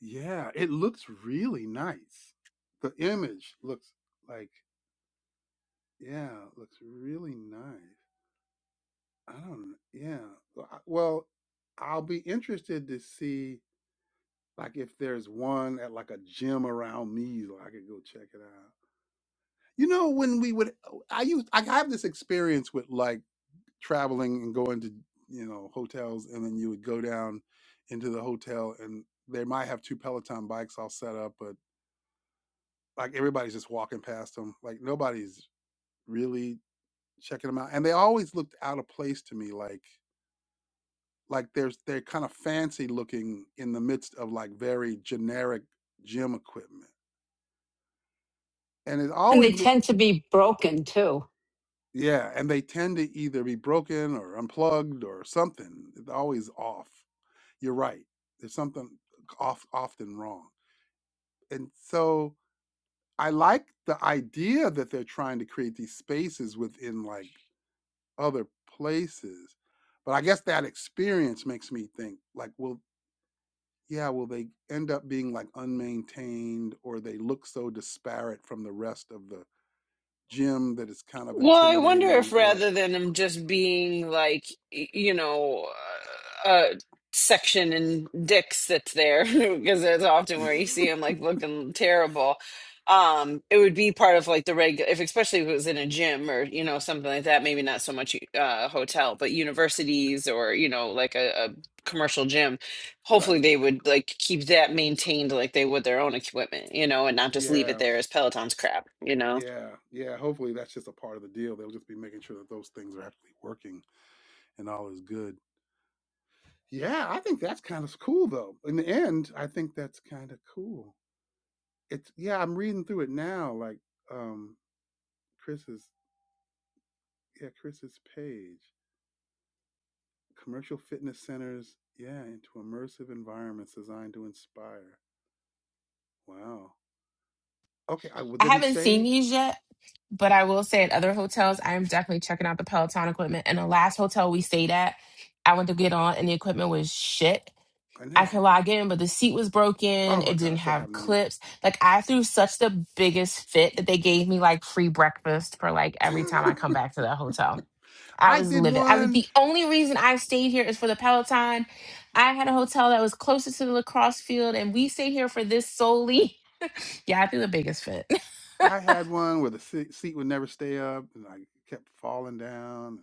Yeah, it looks really nice. The image looks like yeah, looks really nice. I don't know. yeah. Well, I- well, I'll be interested to see like if there's one at like a gym around me, so I could go check it out. You know, when we would, oh, I used I have this experience with like traveling and going to you know hotels, and then you would go down into the hotel, and they might have two Peloton bikes all set up, like everybody's just walking past them. Like nobody's really checking them out. And they always looked out of place to me. Like like there's they're kind of fancy looking in the midst of like very generic gym equipment. And it and always they be, tend to be broken too. yeah. And they tend to either be broken or unplugged or something. It's always off. You're right. There's something off often wrong. And so I like the idea that they're trying to create these spaces within like other places. But I guess that experience makes me think like, well, yeah, will they end up being like unmaintained or they look so disparate from the rest of the gym that it's kind of Well, I wonder if intimidating or rather than him just being like, y- you know, uh, a section in Dick's that's there, [laughs] because that's often [laughs] where you see him like looking terrible. Um, it would be part of like the regular, if especially if it was in a gym or you know something like that. Maybe not so much uh, hotel, but universities or you know like a, a commercial gym. Hopefully, right. they would like keep that maintained like they would their own equipment, you know, and not just leave it Yeah. there as Peloton's crap, you know. Yeah. Yeah. Hopefully that's just a part of the deal. They'll just be making sure that those things are actually working and all is good. Yeah, I think that's kind of cool though. In the end, I think that's kind of cool. It's yeah, I'm reading through it now like um Chris's. yeah, Chris's page. Commercial fitness centers, yeah, into immersive environments designed to inspire. Wow. Okay, I, well, I did he haven't seen say? these yet, but I will say at other hotels, I am definitely checking out the Peloton equipment. And the last hotel we stayed at, I went to get on and the equipment was shit. I I know. could log in, but the seat was Oh broken. my It didn't gosh, that have happened to me. clips. Like I threw such the biggest fit that they gave me like free breakfast for like every time I come back to that hotel. [laughs] I I was did livid. I was one. the only reason I stayed here is for the Peloton. I had a hotel that was closest to the lacrosse field, and we stayed here for this solely. [laughs] Yeah, I threw the biggest fit. [laughs] I had one where the se- seat would never stay up, and I kept falling down.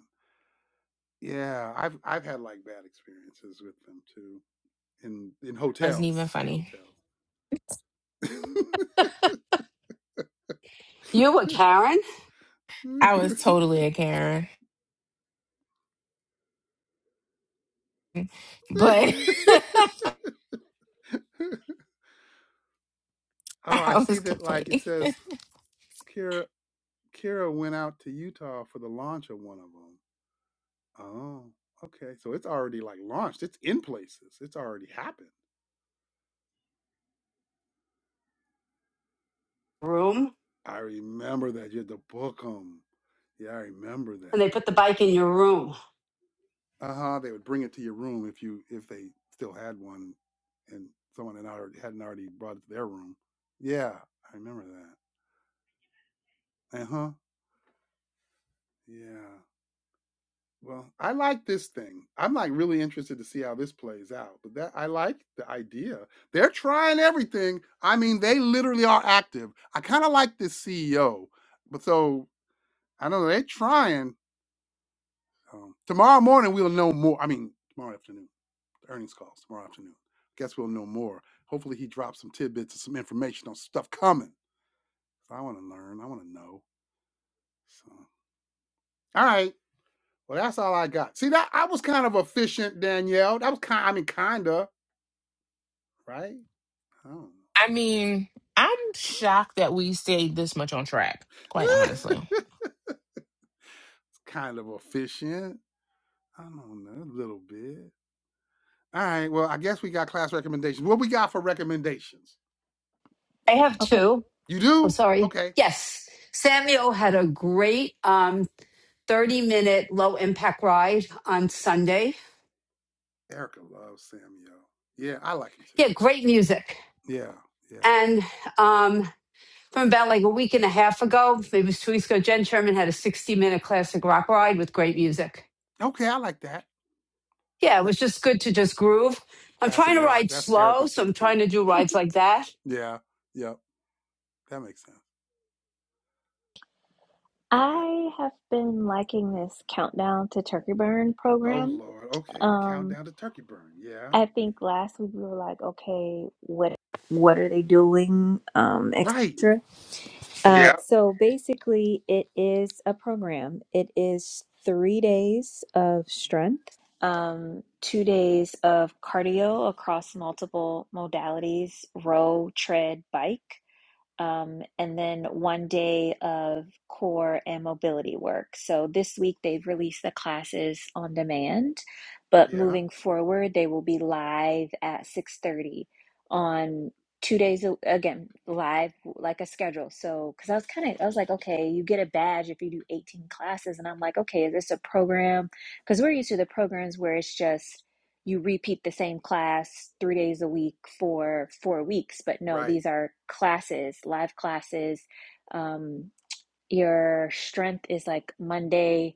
Yeah, I've I've had like bad experiences with them too in in Wasn't even hotels. In funny. hotels. You were Karen I was [laughs] totally a Karen, but [laughs] oh, I I was see that. Like it complaining. says Kira Kira went out to Utah for the launch of one of them. Oh, okay. So it's already like launched. It's in places. It's already happened. room, I remember that you had to book them. Yeah, I remember and they put the that. bike in your room. Uh huh. They would bring it to your room if you if they still had one, and someone had already hadn't already brought it to their room. Yeah, I remember that. Uh huh. Yeah. Well, I like this thing. I'm like really interested to see how this plays out. But that I like the idea. They're trying everything. I mean, they literally are active. I kind of like this CEO. But so I don't know. They're trying. Um, tomorrow morning we'll know more. I mean, tomorrow afternoon. the Earnings calls tomorrow afternoon. Guess we'll know more. Hopefully he drops some tidbits and some information on stuff coming. So, I want to learn. I want to know. So all right. Well, that's all I got. See that I was kind of efficient, Danielle. That was kind. I mean, kinda. right? I don't I mean, I'm shocked that we stayed this much on track, know. quite [laughs] honestly. it's kind of efficient. I don't know, a little bit. All right. Well, I guess we got class recommendations. What we got for recommendations? I have Okay. two. You Oh, do? sorry. Okay. Yes, Samuel had a great um thirty minute low impact ride on Sunday. Erica loves Samuel. Yeah, I like him too. Yeah, great music, Yeah, yeah. and um from about like a week and a half ago, maybe it was two weeks ago, Jen Sherman had a 60 minute classic rock ride with great music. Okay, I like that. Yeah, it That was just good to just groove. I'm classic trying to rock. ride That's slow, Erica's so I'm thing too. trying to do rides like that. Yeah, yeah. That makes sense. All right. I have been liking this countdown to turkey burn Oh program. Lord. Okay, the Um, countdown to turkey burn. Yeah. I think last week we were like, okay, what what are they doing? Um, Right. etc. Uh, Yeah. Yeah. so basically, it is a program. It is three days of strength, um, two days of cardio across multiple modalities row, tread, bike um, and then one day of core and mobility work. So this week they've released the classes on demand, but Yeah. moving forward they will be live at 6:30 on two days a- again live like a schedule. So because I was kind of I was like, okay, you get a badge if you do 18 classes, and I'm like, okay, is this a program? Because we're used to the programs where it's just you repeat the same class three days a week for four weeks. But no, Right. these are classes, live classes. Um, your strength is like Monday,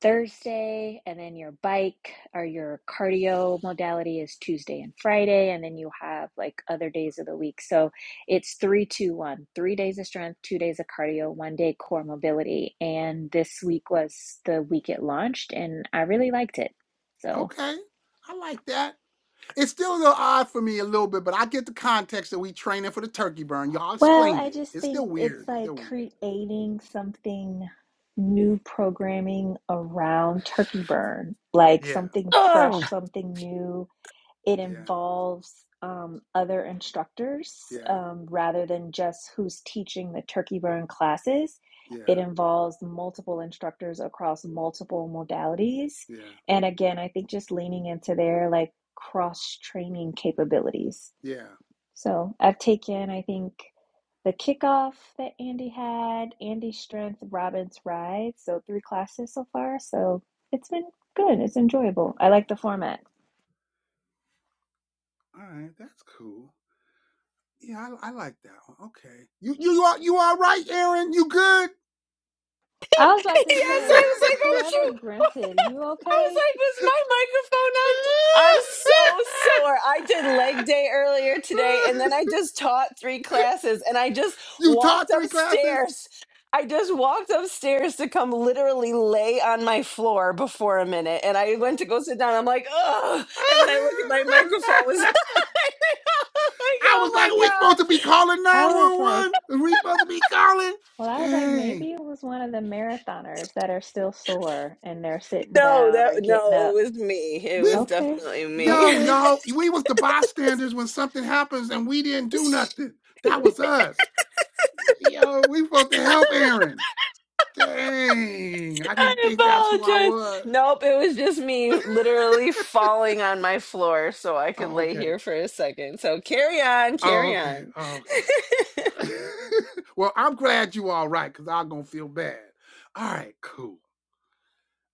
Thursday, and then your bike or your cardio modality is Tuesday and Friday, and then you have like other days of the week. So it's three, two, one: three days of strength, two days of cardio, one day core mobility. And this week was the week it launched, and I really liked it. So Okay. I like that. It's still a little odd for me a little bit, but I get the context that we training for the turkey burn. Y'all Well, explained I it. just It's think still it's weird. It's still like weird. creating something new programming around Turkey Burn, like Yeah. something fresh, something new. It Yeah. involves um, other instructors Yeah. um, rather than just who's teaching the Turkey Burn classes. It Yeah. involves multiple instructors across multiple modalities. Yeah. And again, I think just leaning into their like cross training capabilities Yeah. so I've taken, I think, the kickoff that Andy had, Andy's strength, Robin's ride. So three classes so far. So it's been good. It's enjoyable. I like the format. All right. That's cool. Yeah, I, I like that one. Okay. You you are you all right, Aaron? You good? I was [laughs] about yes, to [laughs] I say, was like, oh whoever shoot. [laughs] grunted, you I okay? was like, was my microphone on? I'm so sore. I did leg day earlier today, and then I just taught three classes, and I just you walked taught three classes? upstairs. I just walked upstairs to come literally lay on my floor before a minute, and I went to go sit down. I'm like, oh, and then I look at my microphone was [laughs] [laughs] like, I oh was like, my are we supposed to god, be calling I was 911? like, Are we supposed to be calling? well, I was like, Dang. maybe it was one of the marathoners that are still sore and they're sitting no, down that or getting no, it up. was me. It We was Okay, definitely me. yo, okay. y'all, we was the bystanders when something happens and we didn't do nothing. That was us. Yo, we supposed to help Aaron. Dang. I didn't I think that's who I apologize. was. Nope, it was just me literally falling on my floor so I could Oh, lay okay. here for a second. So carry on, Oh, carry okay. on. Oh, okay. [laughs] well, I'm glad you all right, because I'm gonna feel bad. All right, cool.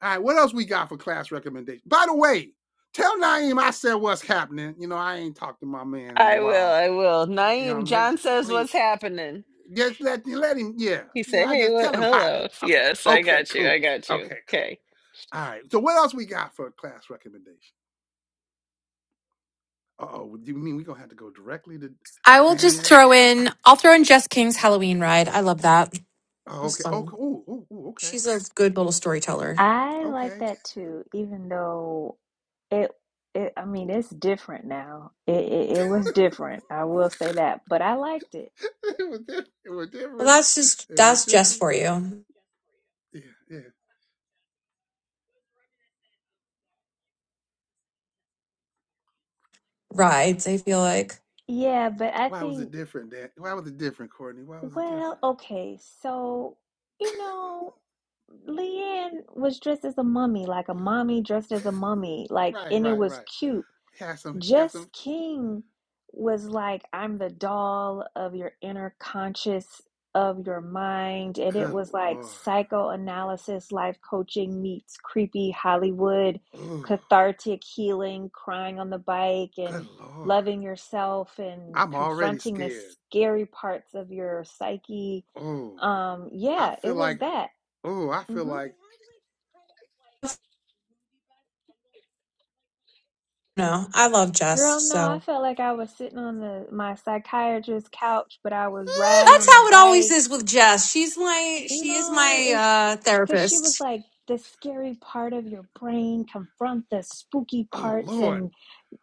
All right, what else we got for class recommendation? By the way, tell Naeem I said what's happening. You know, I ain't talked to my man in a I will, while. I will. You know, Naeem, make John says please what's happening. just let let him. Yeah, He yeah. said, I hey, just what? tell him hi. Yeah, Hello. Yes, uh, I Okay, got you. cool. I got you. Okay, cool. Okay. All right. So what else we got for class recommendation? Uh oh, do you mean we gonna have to go directly to I to will just Danielle? throw in. I'll throw in Jess King's Halloween ride. I love that. It Oh, was okay. Oh, fun. cool. Ooh, ooh, ooh, okay. She's a good little storyteller. I like Okay. that too, even though it, it I mean, it's different now. It, it it [laughs] was different. I will say that, but I liked it. it was different. It was Well, different. that's just It was that's Jess different. for you. Yeah, yeah. Rides. I feel like Yeah, but I Why was it think, different, Dan? Why was it different, Courtney? Why was it well, different? okay, so you know, Leanne was dressed as a mummy, like a mommy dressed as a mummy, like, Right, and it right, was right. cute. He has some, he got Jess some. King was like, I'm the doll of your inner conscious of your mind. And it Good was like lord. psychoanalysis, life coaching meets creepy Hollywood, Ooh, cathartic healing, crying on the bike, and good lord. loving yourself and I'm already confronting the scared. scary parts of your psyche. Oh, Um, I yeah, it feel was like. that. Oh, I feel hmm like. [laughs] no, I love Jess. Girl, no, I So felt like I was sitting on the my psychiatrist's couch, but I was riding that's on the how it always bike is with Jess. She's my You she is know, it's my uh because she was therapist. like the scary part of your brain, confront the spooky oh parts lord. and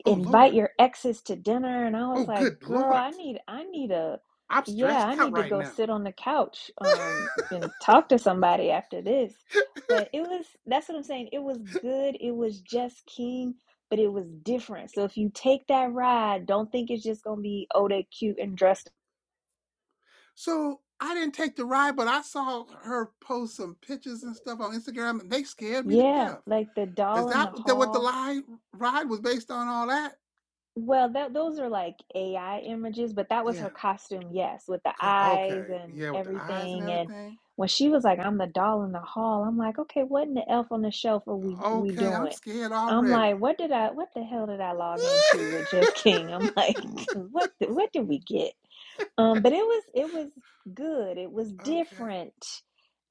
Oh invite lord. your exes to dinner. And I Oh was like, good girl, lord. I need, I need a, I'm yeah, stressed I out need to right go now. sit on the couch [laughs] um, and talk to somebody after this. But it was, that's what I'm saying. It was good. It was just King, but it was different. So if you take that ride, don't think it's just going to be, oh, they cute and dressed. So I didn't take the ride, but I saw her post some pictures and stuff on Instagram, and they scared me to Yeah, death. like the Is doll in the that what the, what the hall lie ride was based on? All that? Well, that those are like AI images, but that was Yeah. her costume, yes, with the eyes Okay. and Yeah, with the eyes and everything. And everything. when she was like, "I'm the doll in the hall," I'm like, "Okay, what in the elf on the shelf are we we Okay, I'm doing?" scared I'm already. like, "What did I? What the hell did I log into with Just King?" I'm [laughs] like, [laughs] "What? the- What did we get?" Um, but it was it was good. It was okay. different.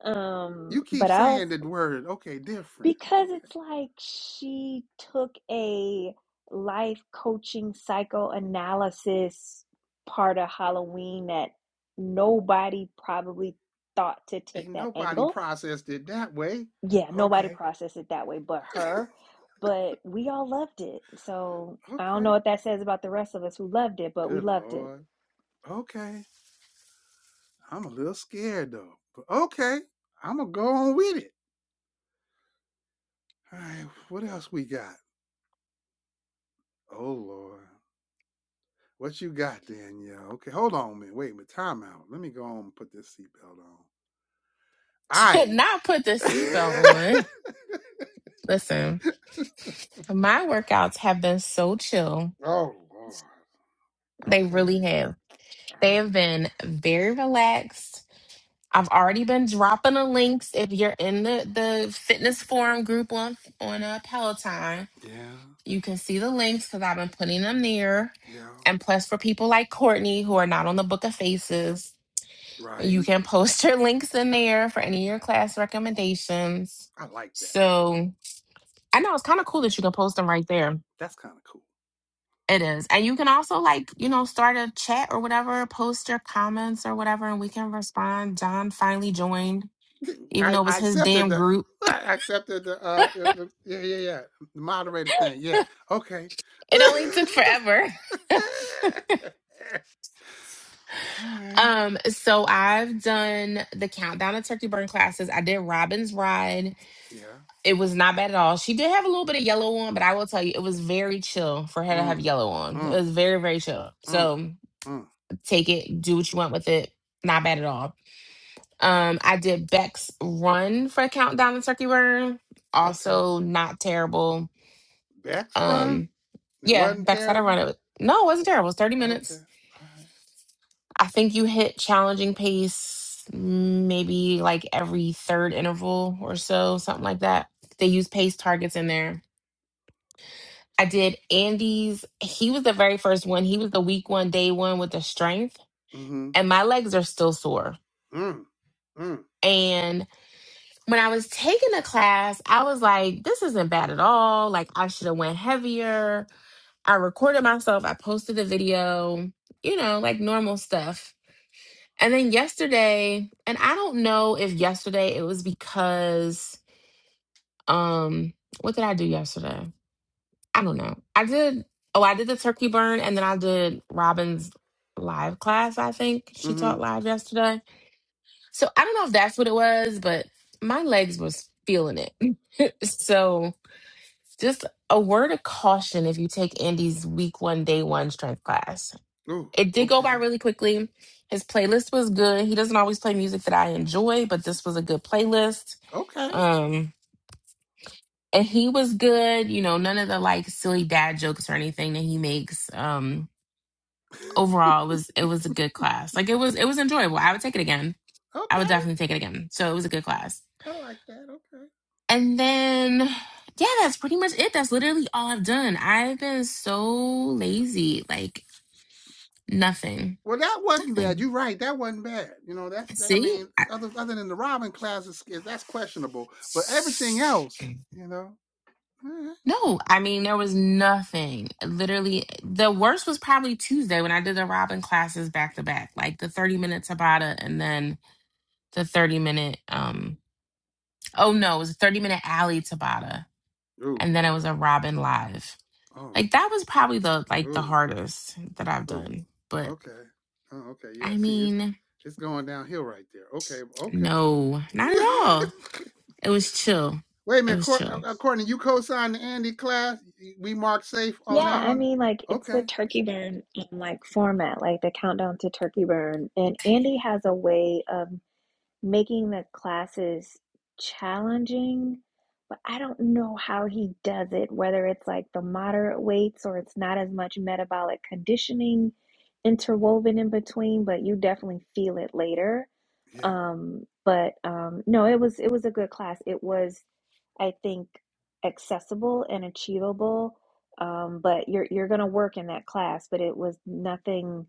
Um, You keep but I was. saying the word. Okay, different. Because Okay. it's like she took a life coaching psychoanalysis part of Halloween that nobody probably thought to take Ain't that nobody angle. processed it that way. Yeah, nobody Okay. processed it that way but her. But we all loved it. So I don't Okay. know what that says about the rest of us who loved it, but we Good loved it. lord. Okay. I'm a little scared though. But okay, I'm gonna go on with it. All right. What else we got? Oh lord. What you got, Danielle? Okay, hold on a minute. Wait a minute. Time out. Let me go on and put this seatbelt on. [laughs] To I. not put the seatbelt on. [laughs] Listen, my workouts have been so chill. oh, Lord. They Okay. really have. All They right. have been very relaxed I've already been dropping the links. If you're in the, the fitness forum group on on uh, Peloton, Yeah. you can see the links because I've been putting them there. Yeah. And plus, for people like Courtney who are not on the Book of Faces, you Right. can post [laughs] your links in there for any of your class recommendations. I like that. So I know it's kind of cool that you can post them right there. That's kind of cool. It is, and you can also like you know start a chat or whatever, post your comments or whatever, and we can respond. John finally joined [laughs] even I, though it was I his accepted damn the. group I accepted the. Uh, uh, the- yeah, yeah, yeah. The moderated thing. Yeah. Okay. It [laughs] only took forever. All right. Um, so I've done the countdown of turkey burn classes. I did Robin's ride. Yeah. It was not bad at all. She did have a little bit of yellow on, but I will tell you, it was very chill for her to have Mm, yellow on. It mm, was very, very chill. mm, So mm. take it, do what you want with it. Not bad at all. Um, I did Beck's run for countdown of turkey burn. Okay. Also not terrible. Beck's run? Um, It yeah, wasn't Beck's had a run. terrible. It was, no, it wasn't terrible. It was 30 Okay. minutes All right. I think you hit challenging pace mm, maybe like every third interval or so, something like that. They use pace targets in there. I did Andy's. He was the very first one. He was the week one, day one with the strength. Mm-hmm. And my legs are still sore. Mm. Mm. And when I was taking the class, I was like, this isn't bad at all. Like I should have went heavier. I recorded myself. I posted the video, you know, like normal stuff. And then yesterday, and I don't know if yesterday it was because um what did I do yesterday? I don't know. I did oh, I did the turkey burn and then I did Robin's live class, I think. She taught Mm-hmm. live yesterday. So I don't know if that's what it was, but my legs was feeling it. [laughs] so just a word of caution if you take Andy's week one, day one strength class Ooh. It did go by Okay. really quickly. His playlist was good. He doesn't always play music that I enjoy, but this was a good playlist. Okay. Um, and he was good. You know, none of the like silly dad jokes or anything that he makes. Um, overall, it [laughs] was it was a good class. Like it was it was enjoyable. I would take it again. I would okay. definitely take it again. So it was a good class. I like that. Okay. And then yeah, that's pretty much it. That's literally all I've done. I've been so lazy. Like nothing, Well, that wasn't bad. nothing. You're right. That wasn't bad. You know, that's. I See? mean, other other than the Robin class is that's questionable, but everything else, you know. eh. No, I mean there was nothing. Literally, the worst was probably Tuesday when I did the Robin classes back to back, like the thirty minute Tabata and then the thirty minute. um Oh no, it was a thirty minute Alley Tabata, Oh and then Lord. it was a Robin live. Oh. Like that was probably the like the Ooh. hardest that I've Ooh. done. But Okay. Oh, okay. Yeah. I See, it mean, it's going downhill right there. Okay. Okay. no, not at all. [laughs] It was chill. Wait a It minute, was Cor- chill. uh, uh, Courtney, you co-signed the Andy class. We marked safe Yeah, on that I one. mean, like it's the Okay. turkey burn um, like format, like the countdown to turkey burn. And Andy has a way of making the classes challenging, but I don't know how he does it, whether it's like the moderate weights or it's not as much metabolic conditioning interwoven in between, but you definitely feel it later. Yeah. Um, but um, no, it was it was a good class. It was, I think, accessible and achievable. Um, but you're you're gonna work in that class, but it was nothing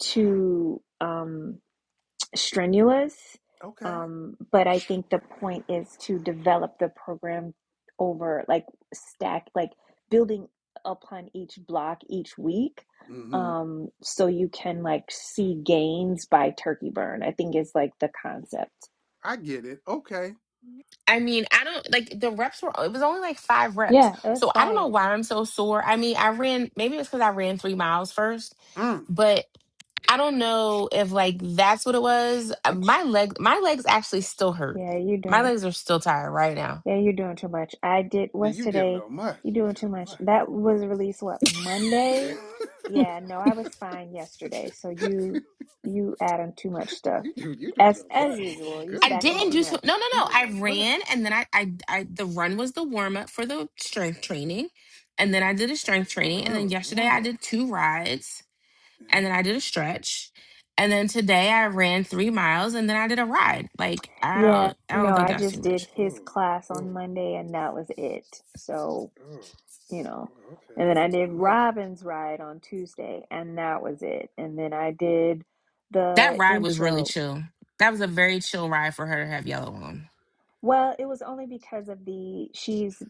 too um strenuous. Okay. Um, but I think the point is to develop the program over like stack, like building upon each block each week. Mm-hmm. Um, so you can like see gains by turkey burn, I think is like the concept. I get it. Okay. I mean, I don't like the reps were, it was only like five reps. Yeah, it was So I don't know five. why I'm so sore. I mean, I ran, maybe it's because I ran three miles first, Mm. but I don't know if like that's what it was. Uh, Much. My leg, my legs actually still hurt. Yeah, you My doing? legs are still tired right now. Yeah, you're doing too much. I did, Yeah, what's you did a today? little much. You're You doing did a too much. little That was released, what, much. Monday? Yeah, no, I was fine yesterday. So you you adding too much [laughs] stuff. you do. You do a As little as much. I mean, usual, you Good I stacking didn't Lord, too do so, no, no, much. you no. did a little I much. ran and then I, I, I the run was the warm up for the strength training, and then I did a strength The training, and run then was a yesterday warm I up. did two rides. Yeah. and then I did a stretch. And then today I ran three miles and then I did a ride. Like I yeah. Oh. Yeah, don't I don't no, think I that's too just did much. his Oh. class on Oh. Monday and that was it. So, Oh. you know. oh, Okay. And You then I did a little did much. Robin's ride on Tuesday and that was it. And then I did That the ride was really intro. chill. That was a very chill ride for her to have yellow on. Well, it was only because of the she's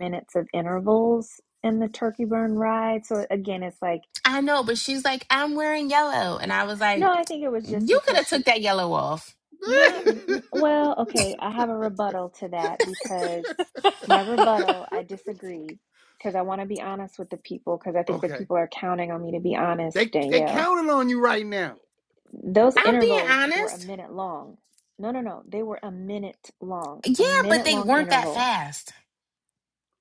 minutes of intervals in the turkey burn ride. So again, it's like, I know, but she's like, I'm wearing yellow. And I was like, no, I think it was just You could because have took she that yellow off. not n- well, okay, I have a rebuttal to that because [laughs] my rebuttal, I disagree because I want to be honest with the people because I [laughs] think the okay. people are counting on me to be honest, They they Danielle. counted on you right now. Those I'm being intervals were a honest. minute long. No, no, no. They were a minute long, a Yeah, but minute they long weren't that interval. fast.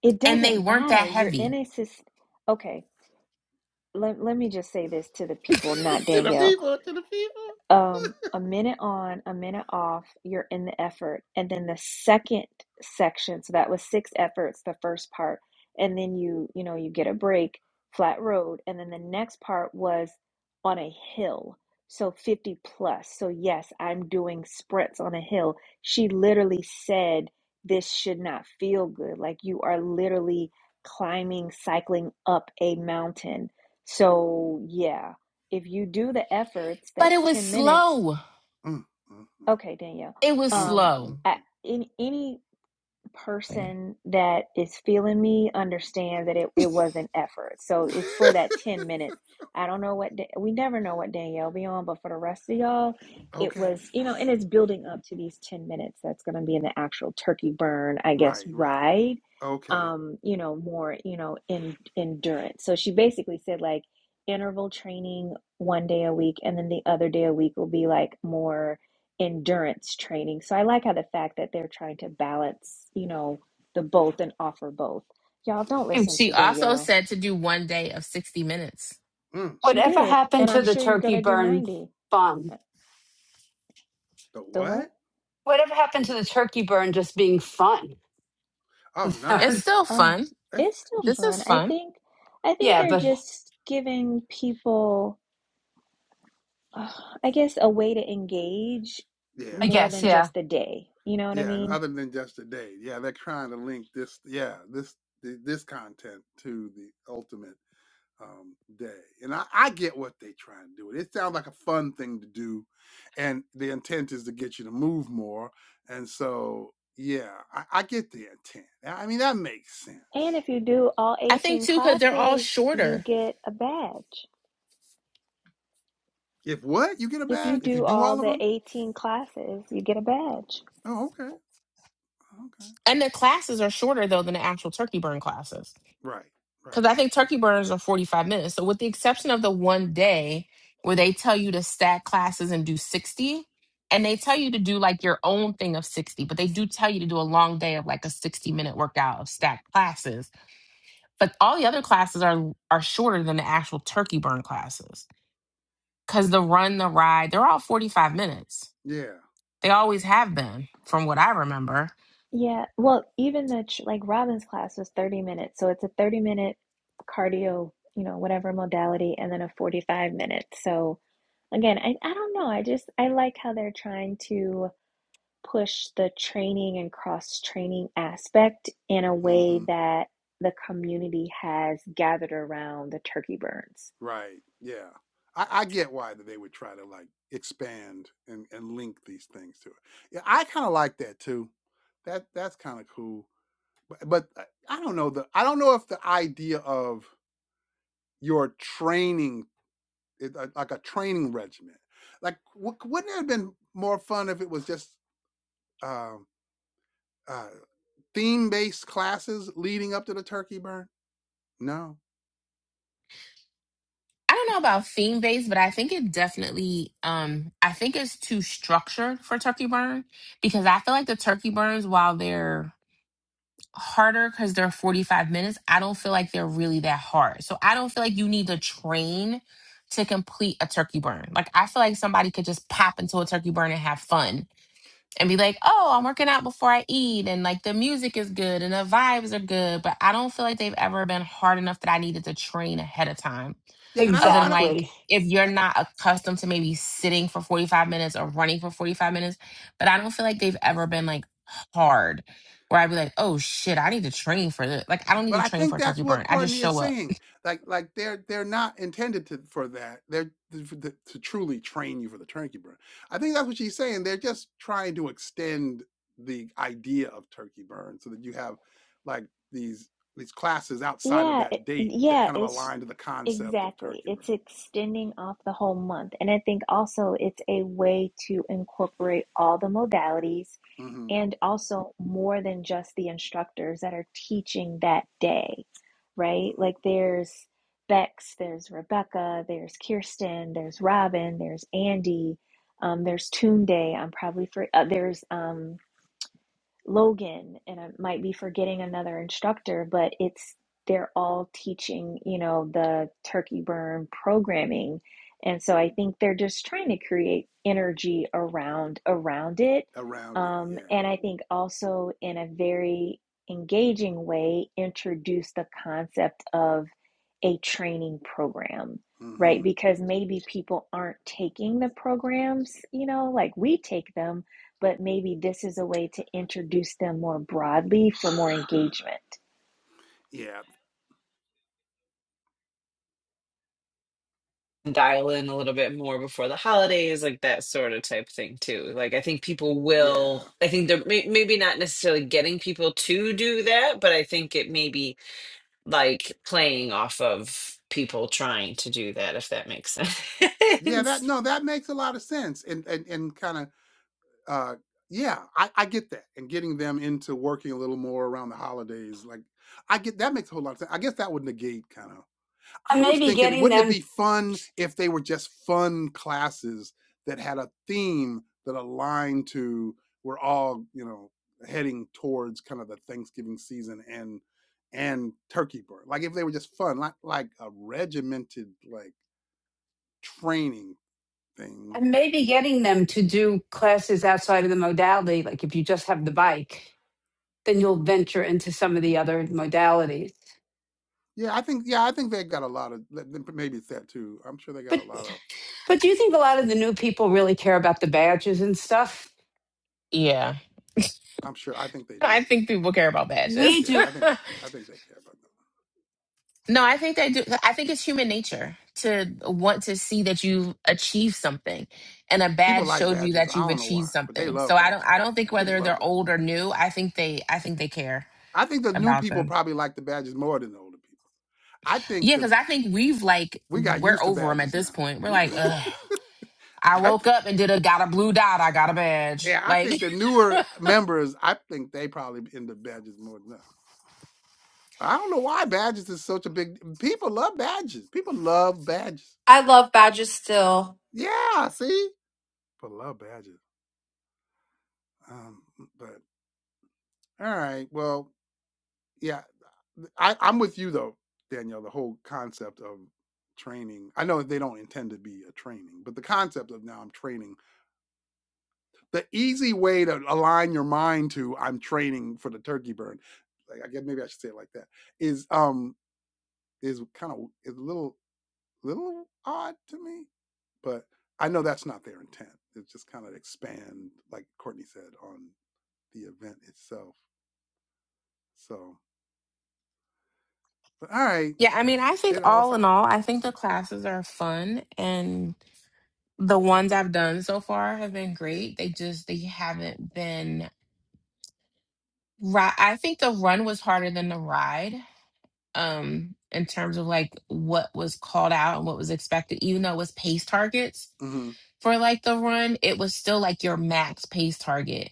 It And they doesn't weren't that matter. You're Oh. in heavy. a system. okay. Let, let me just say this to the people, not [laughs] to the Danielle people, to the people. um, a minute on, a minute off, you're in the effort. And then the second section, so that was six efforts, the first part. And then you, you know, you get a break, flat road. And then the next part was on a hill. So 50 plus. So yes, I'm doing sprints on a hill. She literally said, This should not feel good. Like you are literally climbing, cycling up a mountain. So yeah if you do the efforts, But that's it was 10 minutes. slow. Mm, mm, Okay, Danielle. It was mm, Um, mm, slow. I, mm, in any person that is feeling me understand that it, it was an effort. So [laughs] it's for that 10 minutes. I don't know what, da- we never know what Danielle be on, but for the rest of y'all, it Okay. was, you know, and it's building up to these 10 minutes. That's going to be in the actual turkey burn, I guess, Right, right. ride, Okay. um, you know, more, you know, in endurance. So she basically said like interval training one day a week, and then the other day a week will be like more endurance training. So I like how the fact that they're trying to balance, you know, the both and offer both. Y'all don't And listen She to also Danielle. said to do one day of 60 minutes. Mm, She whatever did, happened and to I'm the sure you're turkey gonna do burn 90. fun? Uh, the The what? what? Whatever happened to the turkey burn just being fun? Oh [laughs] no. It's still Oh, fun That's it's still This is fun. I fun. think I think yeah, they're but just giving people uh, I guess a way to engage I yeah. more guess, than yeah, just a day. You know what I Yeah, and mean? other than just today, yeah, they're trying to link this, yeah, this th- this content to the ultimate. um, day. And I, I get what they try and do. It sounds like a fun thing to do, and the intent is to get you to move more. And so, yeah, I, I get the intent. I mean, that makes sense. And if you do all I think 18 too, because they're all classes, you shorter. get a badge. If what you get a If you badge, if you do do all all of the them, 18 classes, you get a badge. oh, okay, okay, And the classes are shorter though than the actual turkey burn classes. right, right, Because I think turkey burns are 45 minutes. So, with the exception of the one day where they tell you to stack classes and do 60, and they tell you to do like your own thing of 60, but they do tell you to do a long day of like a 60 minute workout of stacked classes. But all the other classes are are shorter than the actual turkey burn classes. Because the run, the ride, they're all 45 minutes. yeah, They always have been, from what I remember Yeah. Well, even the tr- like Robin's class was 30 minutes. So it's a 30 minute cardio, you know, whatever modality, and then a 45 minute. So again, I, I don't know. I just, I like how they're trying to push the training and cross training aspect in a way mm-hmm, that the community has gathered around the turkey burns. right, yeah. I, I get why that they would try to like expand and, and link these things to it. Yeah, I kind of like that too. That that's kind of cool but I I don't know the I don't know if the idea of your training it- uh, like a training regimen like w- wouldn't it have been more fun if it was just um uh, theme based classes leading up to the turkey burn? No, I don't know about theme based, but I think it definitely um I think it's too structured for turkey burn because I feel like the turkey burns while they're harder because they're 45 minutes, I don't feel like they're really that hard. So I don't feel like you need to train to complete a turkey burn. Like I feel like somebody could just pop into a turkey burn and have fun and be like, oh, I'm working out before I eat, and like the music is good and the vibes are good, but I don't feel like they've ever been hard enough that I needed to train ahead of time. yeah, and I Other don't I than don't. like, exactly. if you're not accustomed to maybe sitting for 45 minutes or running for 45 minutes, but I don't feel like they've ever been like hard where I'd be like, oh shit, I need to train for this. Like, I don't need but to I train think for a that's turkey what burn. I just Courtney is show up. saying. Like, like they're they're not intended to for that. They're th- for the- to truly train you for the turkey burn. I think that's what she's saying. They're just trying to extend the idea of turkey burn so that you have like these these classes outside of Yeah, it, that date that yeah, kind of it's align to the concept of exactly. turkey burn. It's extending off the whole month. And I think also it's a way to incorporate all the modalities hmm and also more than just the instructors that are teaching that day, right? hmm Like there's Bex, there's Rebecca, there's Kirsten, there's Robin, there's Andy, um, there's Toon I'm probably for uh, there's um, Logan, and I might be forgetting another instructor, but it's they're all teaching, you know, the turkey burn programming. And so I think they're just trying to create energy around around it. Around it, Um, yeah. and I think also in a very engaging way, introduce the concept of a training program, right? hmm Because maybe people aren't taking the programs, you know, like we take them, but maybe this is a way to introduce them more broadly for more engagement. Yeah, Dial in a little bit more before the holidays, like that sort of type thing, too. Like, I think people yeah, will, I think they're may- maybe not necessarily getting people to do that, but I think it maybe like playing off of people trying to do that, if that makes sense. yeah. That [laughs] no, that makes a lot of sense, and and and kind of uh yeah I, I get that and getting them into working a little more around the holidays like i get that makes a whole lot of sense i guess that would negate kind of And i was maybe thinking getting wouldn't it them be fun if they were just fun classes that had a theme that aligned to we're all you know heading towards kind of the thanksgiving season and and turkey burn like if they were just fun like like a regimented like training thing and maybe getting them to do classes outside of the modality, like if you just have the bike. then you'll venture into some of the other modalities. Yeah, I think yeah, I think they got a lot of li- then maybe it's that too. I'm sure they got But a lot of but do you think a lot of the new people really care about the badges and stuff? Yeah. I'm sure I think they I do. think people care about We badges. Yeah, do I [laughs] think that, I think they care about them. No, I think they do. I think it's human nature to want to see that you've achieved something, and a People badge like showed you badges. that I you've don't know achieved why, but they something. So love I don't. badges. I don't think People whether love they're old badges. or new. I think they. I think they care I think the new about people them. probably like the badges more than the older people. I think Yeah, that because I think we've like we got we're used to over them at badges this now. point. We're We, like, Ugh, [laughs] I I, woke th- up and did a got a blue dot. I got a badge. yeah, I Like, think the newer members, I think they probably be into badges more than us. I don't know why badges is such a big. People love badges. People love badges. I love badges still. Yeah, see. Put love badges. Um, but all right, well, yeah, I, I'm with you though, Danielle. The whole concept of training. I know they don't intend to be a training, but the concept of now I'm training. The easy way to align your mind to I'm training for the turkey burn. Like I guess maybe I should say it like that. Is um is kind of is a little little odd to me, but I know that's not their intent. It's just kind of expand, like Courtney said, on the event itself. So. But all right, [laughs] yeah. I mean, I think it all all sounds. in all, I think the classes are fun and the ones I've done so far have been great. They just they haven't been Right. I think the run was harder than the ride, um, in terms of like what was called out and what was expected, even though it was pace targets Mm-hmm, for like the run, it was still like your max pace target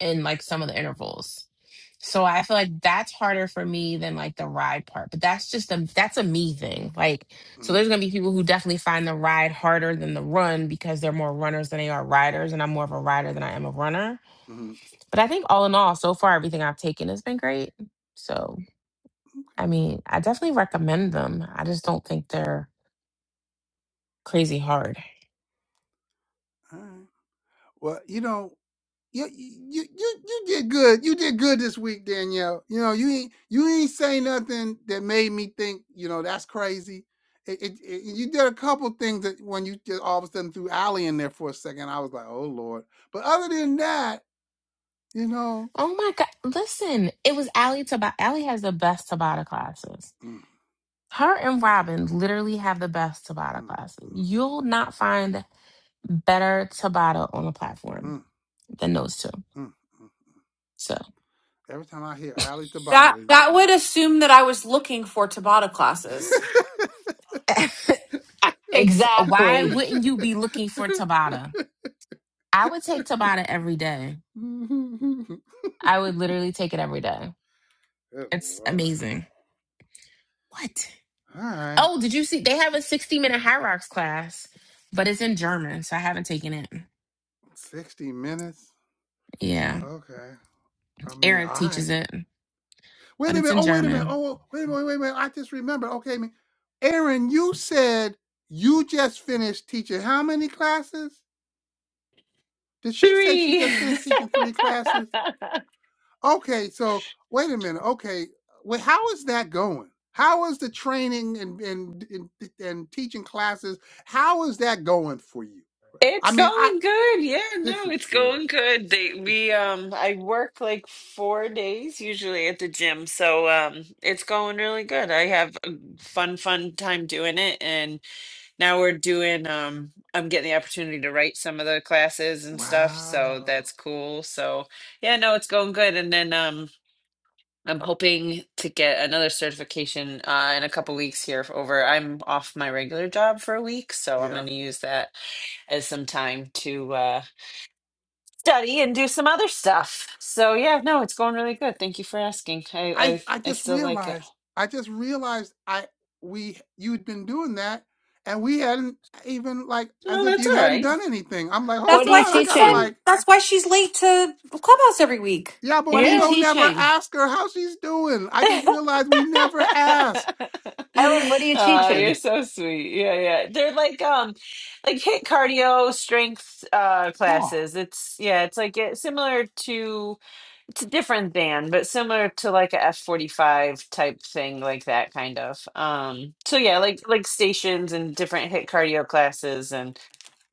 in like some of the intervals. So I feel like that's harder for me than like the ride part, but that's just a that's a me thing. Like, so there's mm-hmm, gonna be people who definitely find the ride harder than the run because they're more runners than they are riders, and I'm more of a rider than I am a runner. mm-hmm. But I think all in all, so far everything I've taken has been great. So I Okay, mean, I definitely recommend them. I just don't think they're crazy hard. all right. Well, you know, you you you you did good. You did good this week, Danielle. You know, you ain't you ain't say nothing that made me think. You know, that's crazy. It, it, it, you did a couple things that when you just all of a sudden threw Allie in there for a second, I was like, oh lord. But other than that, you know, Oh my god! Listen, it was Allie Tabata. Allie has the best Tabata classes. mm, Her and Robin literally have the best mm, Tabata mm, classes. mm, You'll not find better Tabata on the platform mm, than those two. mm, mm. So every time I hear Allie That Tabata. that would assume that I was looking for Tabata classes. [laughs] [laughs] I, ex- why exactly. wouldn't you be looking [laughs] Good for Tabata? I would take Tabata every day. I would literally take it every day. It's lord. amazing. What? All right. Oh, did you see? They have a 60 minute high rocks class, but it's in German, so I haven't taken it. 60 minutes. Yeah. Okay. I mean, Eric teaches I. it, Wait a but it's minute. in Oh, wait a minute. German. Oh, wait a minute. Wait a minute. I just remember. Okay, I mean, Aaron, you said you just finished teaching how many classes? Did she say she Three. just [laughs] finished teaching three classes? Okay, so wait a minute. Okay. Wait, how is that going? How is the training and and, and, and teaching classes? How is that going for you? It's I mean, I going good. Yeah, this no, is it's good. going good. They This we is um I work like four days usually at the gym, so um it's going really good. I have a fun, fun time doing it and now we're doing um I'm getting the opportunity to write some of the classes good. and stuff, so Wow. that's cool. So yeah, no, it's going good. And then um I'm hoping to get another certification uh, in a couple weeks here for over. I'm off my regular job for a week, so I'm going Yeah. to use that as some time to uh, study and do some other stuff. So yeah, no, it's going really good. Thank you for asking. I I I, I I just still like it. realized. I just realized I we you'd been doing that and we hadn't even like No, as if that's you all hadn't right. done anything. I'm like, "Hold That's What are why you on. I she's got to teaching? been, like that's why she's late to clubhouse every week. yeah, but What are we you Yeah. don't never teaching, ask her how she's doing. I [laughs] just realized we never asked. We ne- Erin? What are you I Oh, just you're teaching? so sweet. Yeah, yeah. They're like um like hit cardio strength uh Cool. classes. It's yeah, it's like it, similar to it's different than, but similar to like a F forty five type thing, like that kind of. Um, so yeah, like like stations and different hit cardio classes and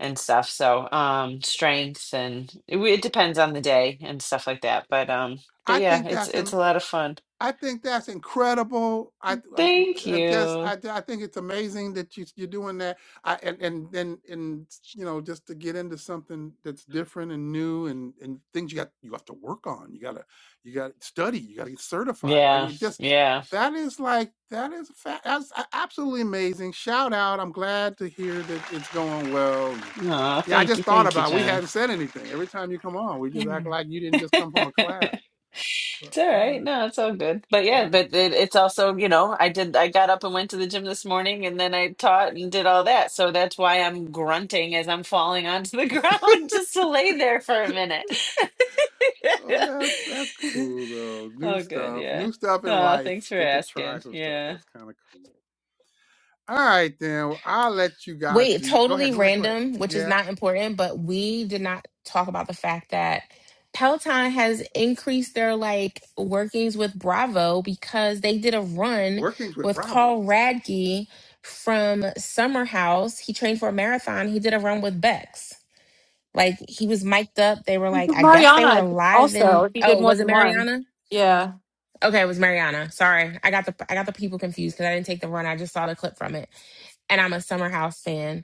and stuff. So um, strength and it, w- it depends on the day and stuff like that. But um, but I yeah, think it's that's it's im- a lot of fun. I think that's incredible. I, th- I'm, w- Thank uh, I just, you. I, d- I think it's amazing that you, you're doing that. I, and, and then, and, you know, just to get into something that's different and new and, and things you got, you have to work on. You gotta, you gotta study, you gotta get certified. I Yeah, mean, just, yeah. that is like, that is, fa- that's a- absolutely amazing. Shout out. I'm glad to hear that it's going well. and- Oh, yeah, I thank just you, thought thank you, about it. we John. hadn't said anything. Every time you come on, we just act like you didn't just come from a [laughs] class. But It's all all right. right, No, it's all good. But all yeah, right. but it, it's also, you know, I did, I got up and went to the gym this morning and then I taught and did all that. So that's why I'm grunting as I'm falling onto the [laughs] ground just to lay there for a minute. Oh, that's that's [laughs] cool though. New Oh, good. stuff, Yeah. new stuff in Oh, thanks life. for Get to try asking. some stuff. Yeah. That's kind of cool. All right, then well, I'll let you guys Wait, do. Go totally ahead, go ahead, go ahead. random, which is Yeah, not important, but we did not talk about the fact that Peloton has increased their like workings with Bravo because they did a run workings with with Bravo. Carl Radke from Summer House. He trained for a marathon. He did a run with Bex. Like he was mic'd up. They were like, I guess they were Mariana live also, in if he did oh, more was it than one. Mariana? Yeah. Okay, it was Mariana. Sorry. I got the I got the people confused because I didn't take the run. I just saw the clip from it and I'm a Summer House fan.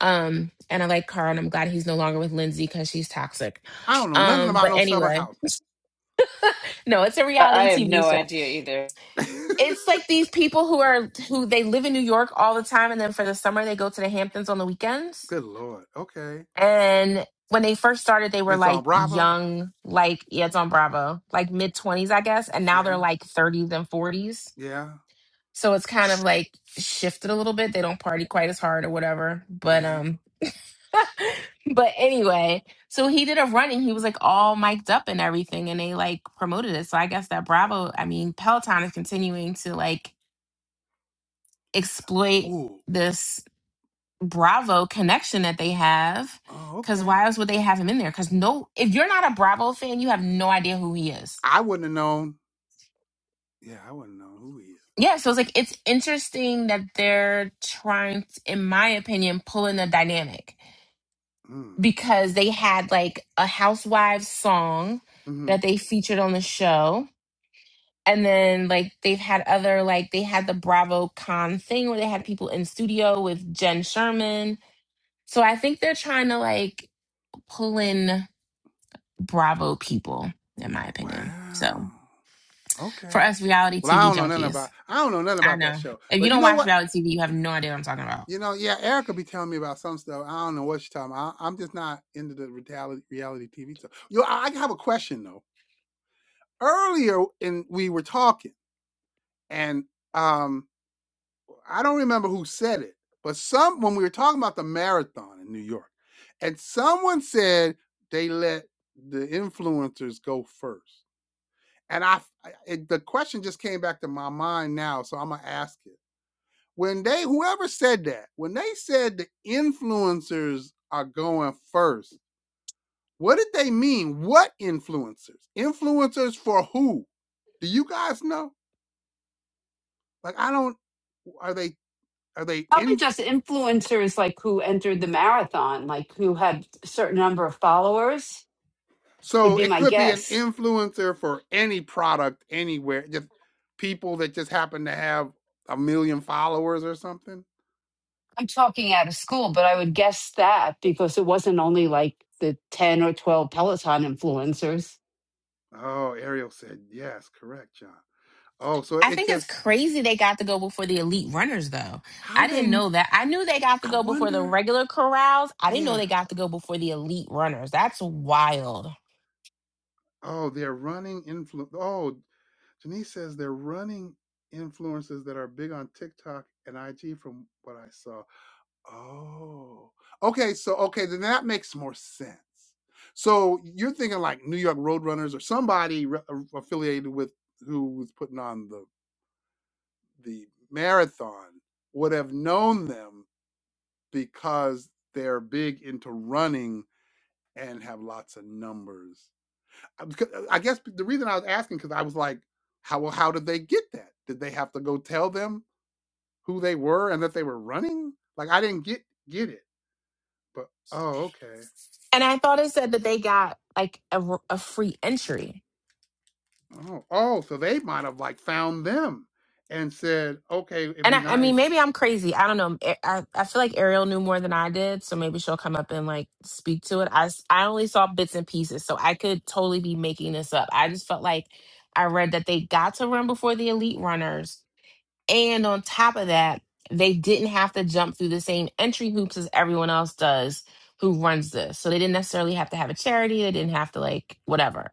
Um, and I like Carl, and I'm glad he's no longer with Lindsay because she's toxic. I don't know nothing Um, about but no summer anyway, house. no, it's a I, I reality have no TV show. idea either. [laughs] It's Good like these people who are who they live in New York all the time, and then for the summer they go to the Hamptons on the weekends. lord. Okay, And when they first started, they were it's on like Bravo. young, like yeah, it's on Bravo, like mid twenties, I guess, and now they're Yeah, like thirties and forties. yeah, So it's kind of like shifted a little bit. They don't party quite as hard or whatever, but yeah. um, But anyway, so he did a run and he was like all mic'd up and everything, and they like promoted it. So I guess that Bravo, I mean, Peloton is continuing to like exploit Ooh. this Bravo connection that they have. Oh, Cause okay. why else would they have him in there? Cause no, if you're not a Bravo fan, you have no idea who he is. I wouldn't have known. Yeah, I wouldn't know who he is. Yeah, so it's like it's interesting that they're trying, to, in my opinion, pulling the dynamic Mm. because they had like a Housewives song Hmm. that they featured on the show and then like they've had other like they had the bravo con thing where they had people in studio with jen sherman so i think they're trying to like pull in bravo people in my opinion so Wow. for Okay. us reality Well, I tv don't know nothing about junkies I don't know nothing i about that know show. if you But you don't know watch what? reality tv you have no idea what i'm talking about You know, yeah, Erica be telling me about some stuff. I don't know what she's talking about. I, I'm just not into the reality, reality TV stuff. Yo, I, I have a question though. Earlier, in we were talking, and um, I don't remember who said it, but some when we were talking about the marathon in New York, and someone said they let the influencers go first, and I, I it, the question just came back to my mind now, so I'm gonna ask it when they whoever said that when they said the influencers are going first what did they mean what influencers influencers for who do you guys know like i don't are they are they Probably in just influencers like who entered the marathon, like who had a certain number of followers, would so be it my could be an guess. influencer for any product anywhere just people that just happen to have a million followers or something I'm talking out of school, but I would guess that because it wasn't only like the 10 or 12 Peloton influencers. oh ariel said yes correct john oh so I it think it's just crazy they got to go before the elite runners, though. how I they didn't know that. I knew they got to i go before the wonder regular corrals. I didn't know yeah they got to go before the elite runners. That's wild. Oh, they're running influ Oh, Janice says they're running influencers that are big on TikTok and IG from what I saw. Oh. Okay, so okay, then that makes more sense. So you're thinking like New York Roadrunners or somebody re- a- affiliated with who was putting on the the marathon would have known them because they're big into running and have lots of numbers I uh, guess the reason I was asking because I was like, how well, how did they get that? Did they have to go tell them who they were and that they were running? Like I didn't get get it. But oh, okay. And I thought it said that they got like a, r- a free entry. Oh, oh, so they might have like found them and said, okay, it'd And be I, I mean, nice. maybe I'm crazy. I don't know. I, I I feel like Ariel knew more than I did. So maybe she'll come up and like speak to it. I, s- I only saw bits and pieces. So I could totally be making this up. I just felt like I read that they got to run before the elite runners And on top of that, they didn't have to jump through the same entry hoops as everyone else does who runs this. So they didn't necessarily have to have a charity. They didn't have to like whatever.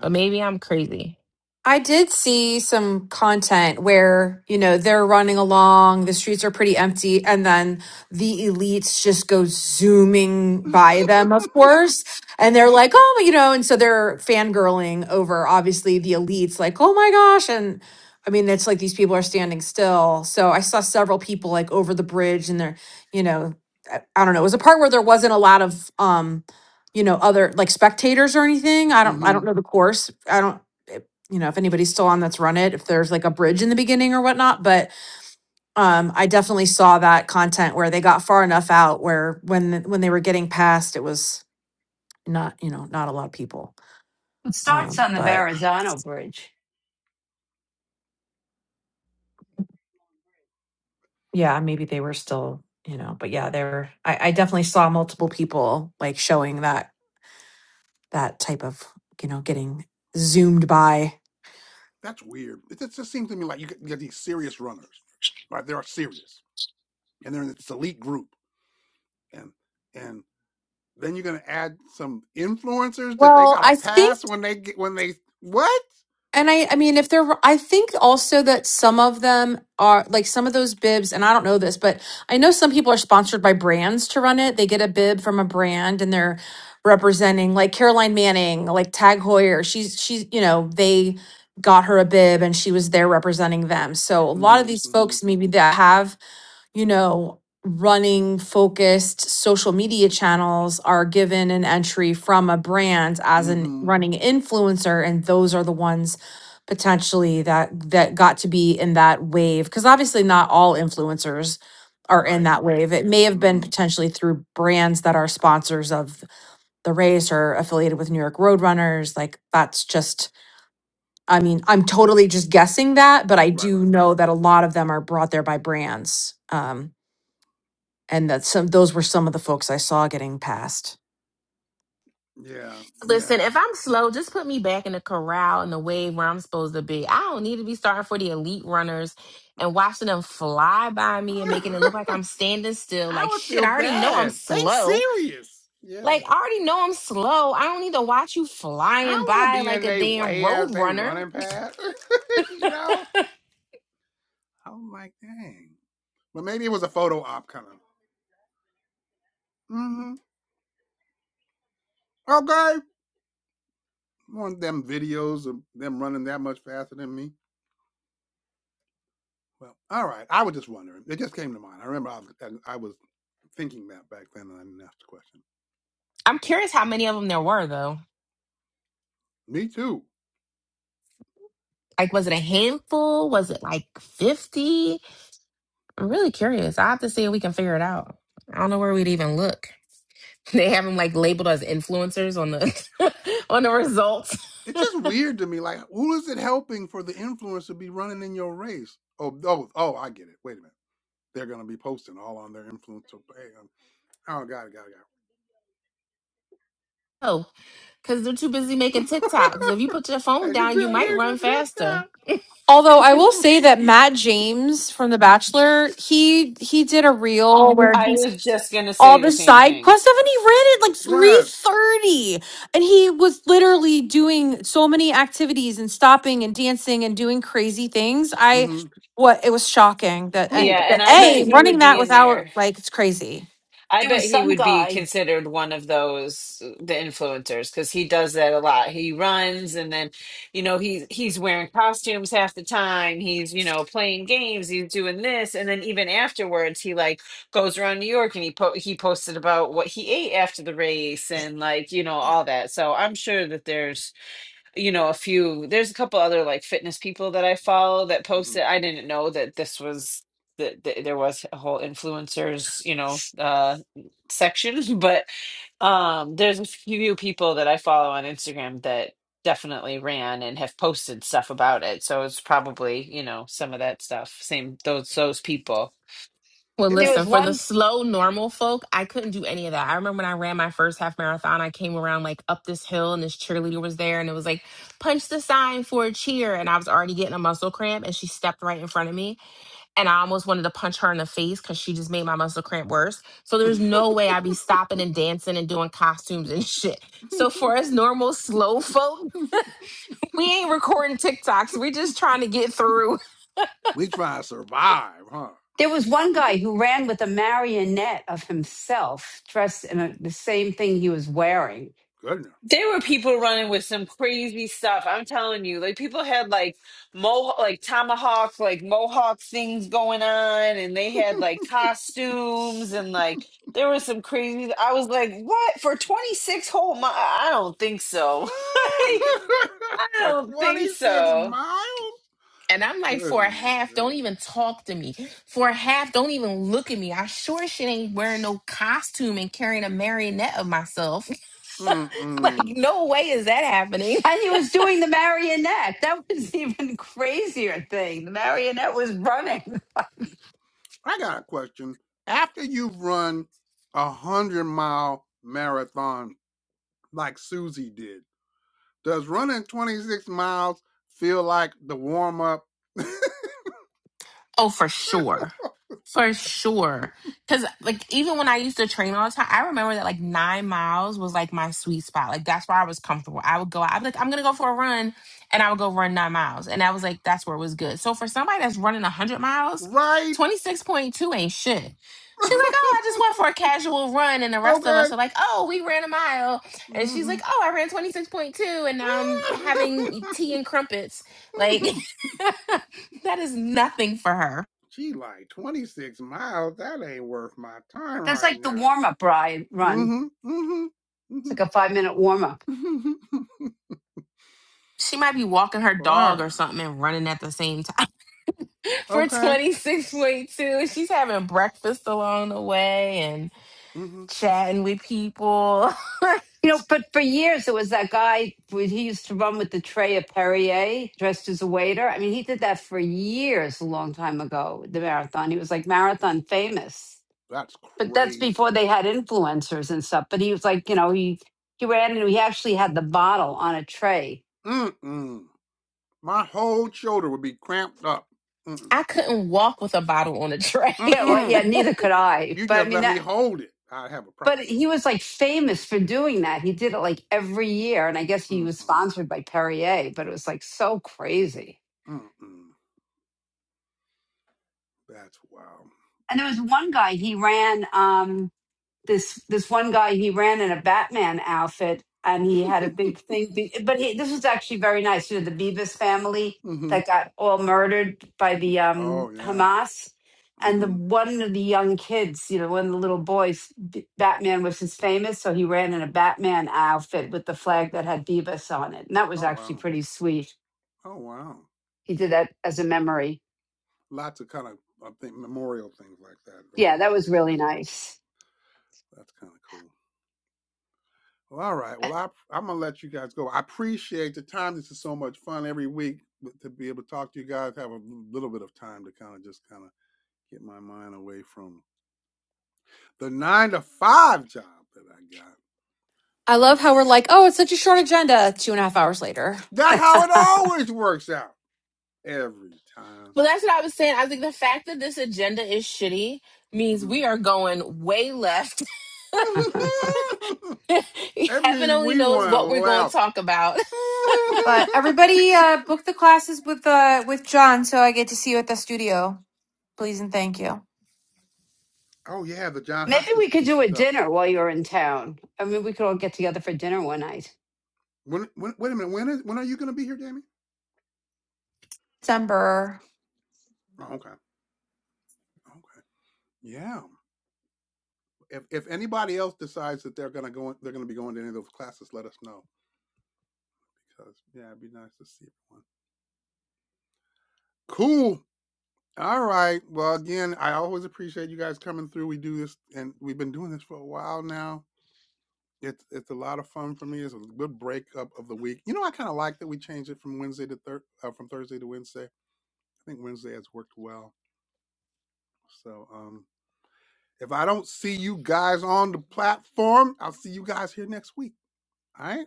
But maybe I'm crazy. I did see some content where, you know, they're running along, the streets are pretty empty, and then the elites just go zooming Wow. by them, of course. And they're like, oh, you know, and so they're fangirling over obviously the elites, like, oh my gosh. And I mean, it's like these people are standing still. So I saw several people like over the bridge and they're, you know, I, I don't know. It was a part where there wasn't a lot of, um, you know, other like spectators or anything. I [laughs] don't, I hmm don't know the course. I don't you know, if anybody's still on that's run it, if there's like a bridge in the beginning or whatnot. But um, I definitely saw that content where they got far enough out where when when they were getting past, it was not you know not a lot of people. It starts Um, on the but Wow. Verrazano Bridge. yeah, maybe they were still you know. But yeah, there I, I definitely saw multiple people like showing that that type of you know getting zoomed by. That's weird. It just, it just seems to me like you get, you get these serious runners, right? They are serious and they're in this elite group and and Then you're gonna add some influencers that they Well, gotta I think pass when they get when they what? And I, I mean, if they're, I think also that some of them are like some of those bibs, and I don't know this, but I know some people are sponsored by brands to run it. They get a bib from a brand and they're representing like Caroline Manning, like Tag Hoyer. She's, she's, you know, they got her a bib and she was there representing them. So a lot of Mm-hmm. these Mm-hmm. folks maybe that have you know, running focused social media channels are given an entry from a brand as an Mm-hmm. running influencer and those are the ones potentially that that got to be in that wave because obviously not all influencers are in Right. that Right. wave it may have been Mm-hmm. potentially through brands that are sponsors of the race or affiliated with new york roadrunners like that's just i mean i'm totally just guessing that but i Right. do Right. know that a lot of them are brought there by brands um, and that some those were some of the folks I saw getting passed. Yeah. Yeah. Listen, if I'm slow, just put me back in the corral in the way where I'm supposed to be. I don't need to be starting for the elite runners and watching them fly by me and making [laughs] it look like I'm standing still. I Like would shit, feel I already know I'm bad. They slow. serious. Yeah. Like, I already know I'm slow. I don't need to watch you I flying don't want to by be like in a their damn way road as they runner. running past. [laughs] you know. I'm like, dang. But maybe it was a photo op kind of. Mm-hmm. Okay. One of them videos of them running that much faster than me. Well, all right. I was just wondering. It just came to mind. I remember I was and I was thinking that back then, and I didn't ask the question. I'm curious how many of them there were, though. Me too. Like, was it a handful? Was it like 50? I'm really curious. I have to see if we can figure it out. I don't know where we'd even look. [laughs] They have them like labeled as influencers on the [laughs] on the results. It's [laughs] just weird to me. Like, who is it helping for the influence to be running in your race? Oh, oh, oh! I get it. Wait a minute. They're gonna be posting all on their influencer page. um, Oh, got it, got it, oh, because they're too busy making got TikToks. If you it. put your [laughs] phone they just down, be you on might here run and faster. take Although I will that. say that Matt James from The Bachelor, he he did a reel where I he was just going to all say the the same side thing. quests. Evan, he ran at like [laughs] three right. thirty, and he was literally doing so many activities and stopping and dancing and doing crazy things. I, Mm-hmm. what it was shocking that uh, Yeah. Who? And the I bet a Who? he running would that be in there. without like it's crazy. I There bet was he some would be guy, considered one of those uh, the influencers because he does that a lot. He runs and then, you know, he's he's wearing costumes half the time. He's, you know, playing games, he's doing this and then even afterwards he like goes around New York and he po- he posted about what he ate after the race and like, you know, all that. So I'm sure that there's you know a few there's a couple other like fitness people that i follow that Mm-hmm. posted i didn't know that this was that that there was a whole influencers you know uh section [laughs] but um there's a few people that i follow on instagram that definitely ran and have posted stuff about it so it's probably you know some of that stuff same those those people Well, It there makes. was listen, for the one. slow, normal folk, I couldn't do any of that. I remember when I ran my first half marathon, I came around like up this hill and this cheerleader was there and it was like, punch the sign for a cheer. And I was already getting a muscle cramp and she stepped right in front of me. And I almost wanted to punch her in the face because she just made my muscle cramp worse. So there's no way I'd be stopping and dancing and doing costumes and [laughs] shit. So for us normal, slow folk, [laughs] we ain't recording TikToks. We're [laughs] just trying to get through We try to survive, huh? There was one [laughs] guy who ran with a marionette of himself dressed in a, the same thing he was wearing. Goodness. There were people running with some crazy stuff. I'm telling you, like people had like mo like tomahawk like mohawk things going on, and they had like costumes and like there was some crazy. I was like, what for 26 whole months? I don't think so. [laughs] [laughs] I For don't think 26 so. miles? And I'm like, for a Goodness half, don't gracious. even talk to me. For a half, don't even look at me. I sure shit ain't wearing no costume and carrying a marionette of myself. [laughs] like, Mm-mm. no way is that happening. And he was doing the marionette. That was [laughs] the even crazier thing. The marionette was running. I got a question. After you've run a 100 mile marathon like Susie did, does running 26 miles feel like the warm up? Oh, for sure. For sure. Cause like even when I used to train all the time, I remember that like nine miles was like my sweet spot. Like that's where I was comfortable. I would go out, I'd be like, I'm gonna go for a run and I would go run nine miles. And I was like, that's where it was good. So for somebody that's running a hundred [laughs] miles, right? 26.2 ain't shit. She's like, oh, I just went for a casual run, and the [laughs] rest of okay. us are like, oh, we ran a mile, and she's hmm like, oh, I ran twenty six point two, and now I'm having tea and crumpets, like, [laughs] [laughs] That is nothing for her. She like 26 miles. That ain't worth my time That's right like the now. warm up ride Mm run. hmm. Mm It's hmm. like a five minute warm up. Mm hmm. She might be walking her [laughs] dog Laura. or something and running at the same time [laughs] for Okay. 26.2. She's having breakfast along the way and Mm hmm. chatting with people. [laughs] You know, but for years there was that guy. He used to run with the tray of Perrier, dressed as a waiter. I mean, he did that for years, a long time ago. The marathon. He was like marathon famous. That's But that's before crazy. they had influencers and stuff. But he was like, you know, he he ran and he actually had the bottle on a tray. Mm mm. My whole shoulder would be cramped up. Mm mm. I couldn't walk with a bottle on a tray. Mm [laughs] Yeah, well, mm. yeah, neither could I. You But I just mean let me that hold it. I'd have a But problem. he was like famous for doing that. He did it like every year. And I guess he Mm was mm. sponsored by Perrier, but it was like so crazy. Mm mm. That's wow. And there was one guy, he ran. um, this this one guy he ran in a Batman outfit and he [laughs] had a big thing be- but he, this was actually very nice you know the Beavis family mm hmm. that got all murdered by the um Oh, yeah. Hamas Mm and the hmm. one of the young kids you know one of the little boys B- Batman was his famous so he ran in a Batman outfit with the flag that had Beavis on it and that was Oh, actually wow. pretty sweet Oh, wow. he did that as a memory Lots of kind of I think memorial things like that during yeah those that was really races. nice That's kind of cool. Well, all right. Well, I, I'm gonna let you guys go. I appreciate the time. This is so much fun every week to be able to talk to you guys. Have a little bit of time to kind of just kind of get my mind away from the nine to five job that I I got. love Um, how we're like, oh, it's such a short agenda. Two and a half hours later, that's how it [laughs] always works out every time. but that's what I was saying. I think the fact that this agenda is shitty means Mhm. we are going way left. [laughs] [laughs] that Heaven means only we knows want to what we're going to laugh. talk about. [laughs] but everybody uh, book the classes with uh with John, so I get to see you at the studio, please and thank you. oh yeah, the John Maybe Hoskins we could do a stuff. dinner while you're in town. I mean, we could all get together for dinner one night. When, when, wait a minute. When is when are you going to be here, Jamie? December. Oh, okay. Okay. Yeah. If if anybody else decides that they're going to go, they're going to be going to any of those classes. Let us know because yeah, it'd be nice to see everyone. Cool. All right. Well, again, I always appreciate you guys coming through. We do this, and we've been doing this for a while now. It's it's a lot of fun for me. It's a good breakup of the week. You know, I kind of like that we changed it from Wednesday to thir- uh, from Thursday to Wednesday. I think Wednesday has worked well. So, um, If I don't see you guys on the platform, I'll see you guys here next week. All right.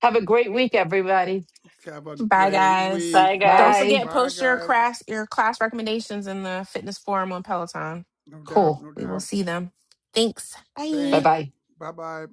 Have a great week, everybody. Have a [laughs] Bye, great guys. week. Bye, Don't guys. Bye. forget, Bye, post your guys. class, your class recommendations in the fitness forum on Peloton. No doubt. Cool. No We will doubt. see them. Thanks. Bye Bang, Bye. bye. Bye bye.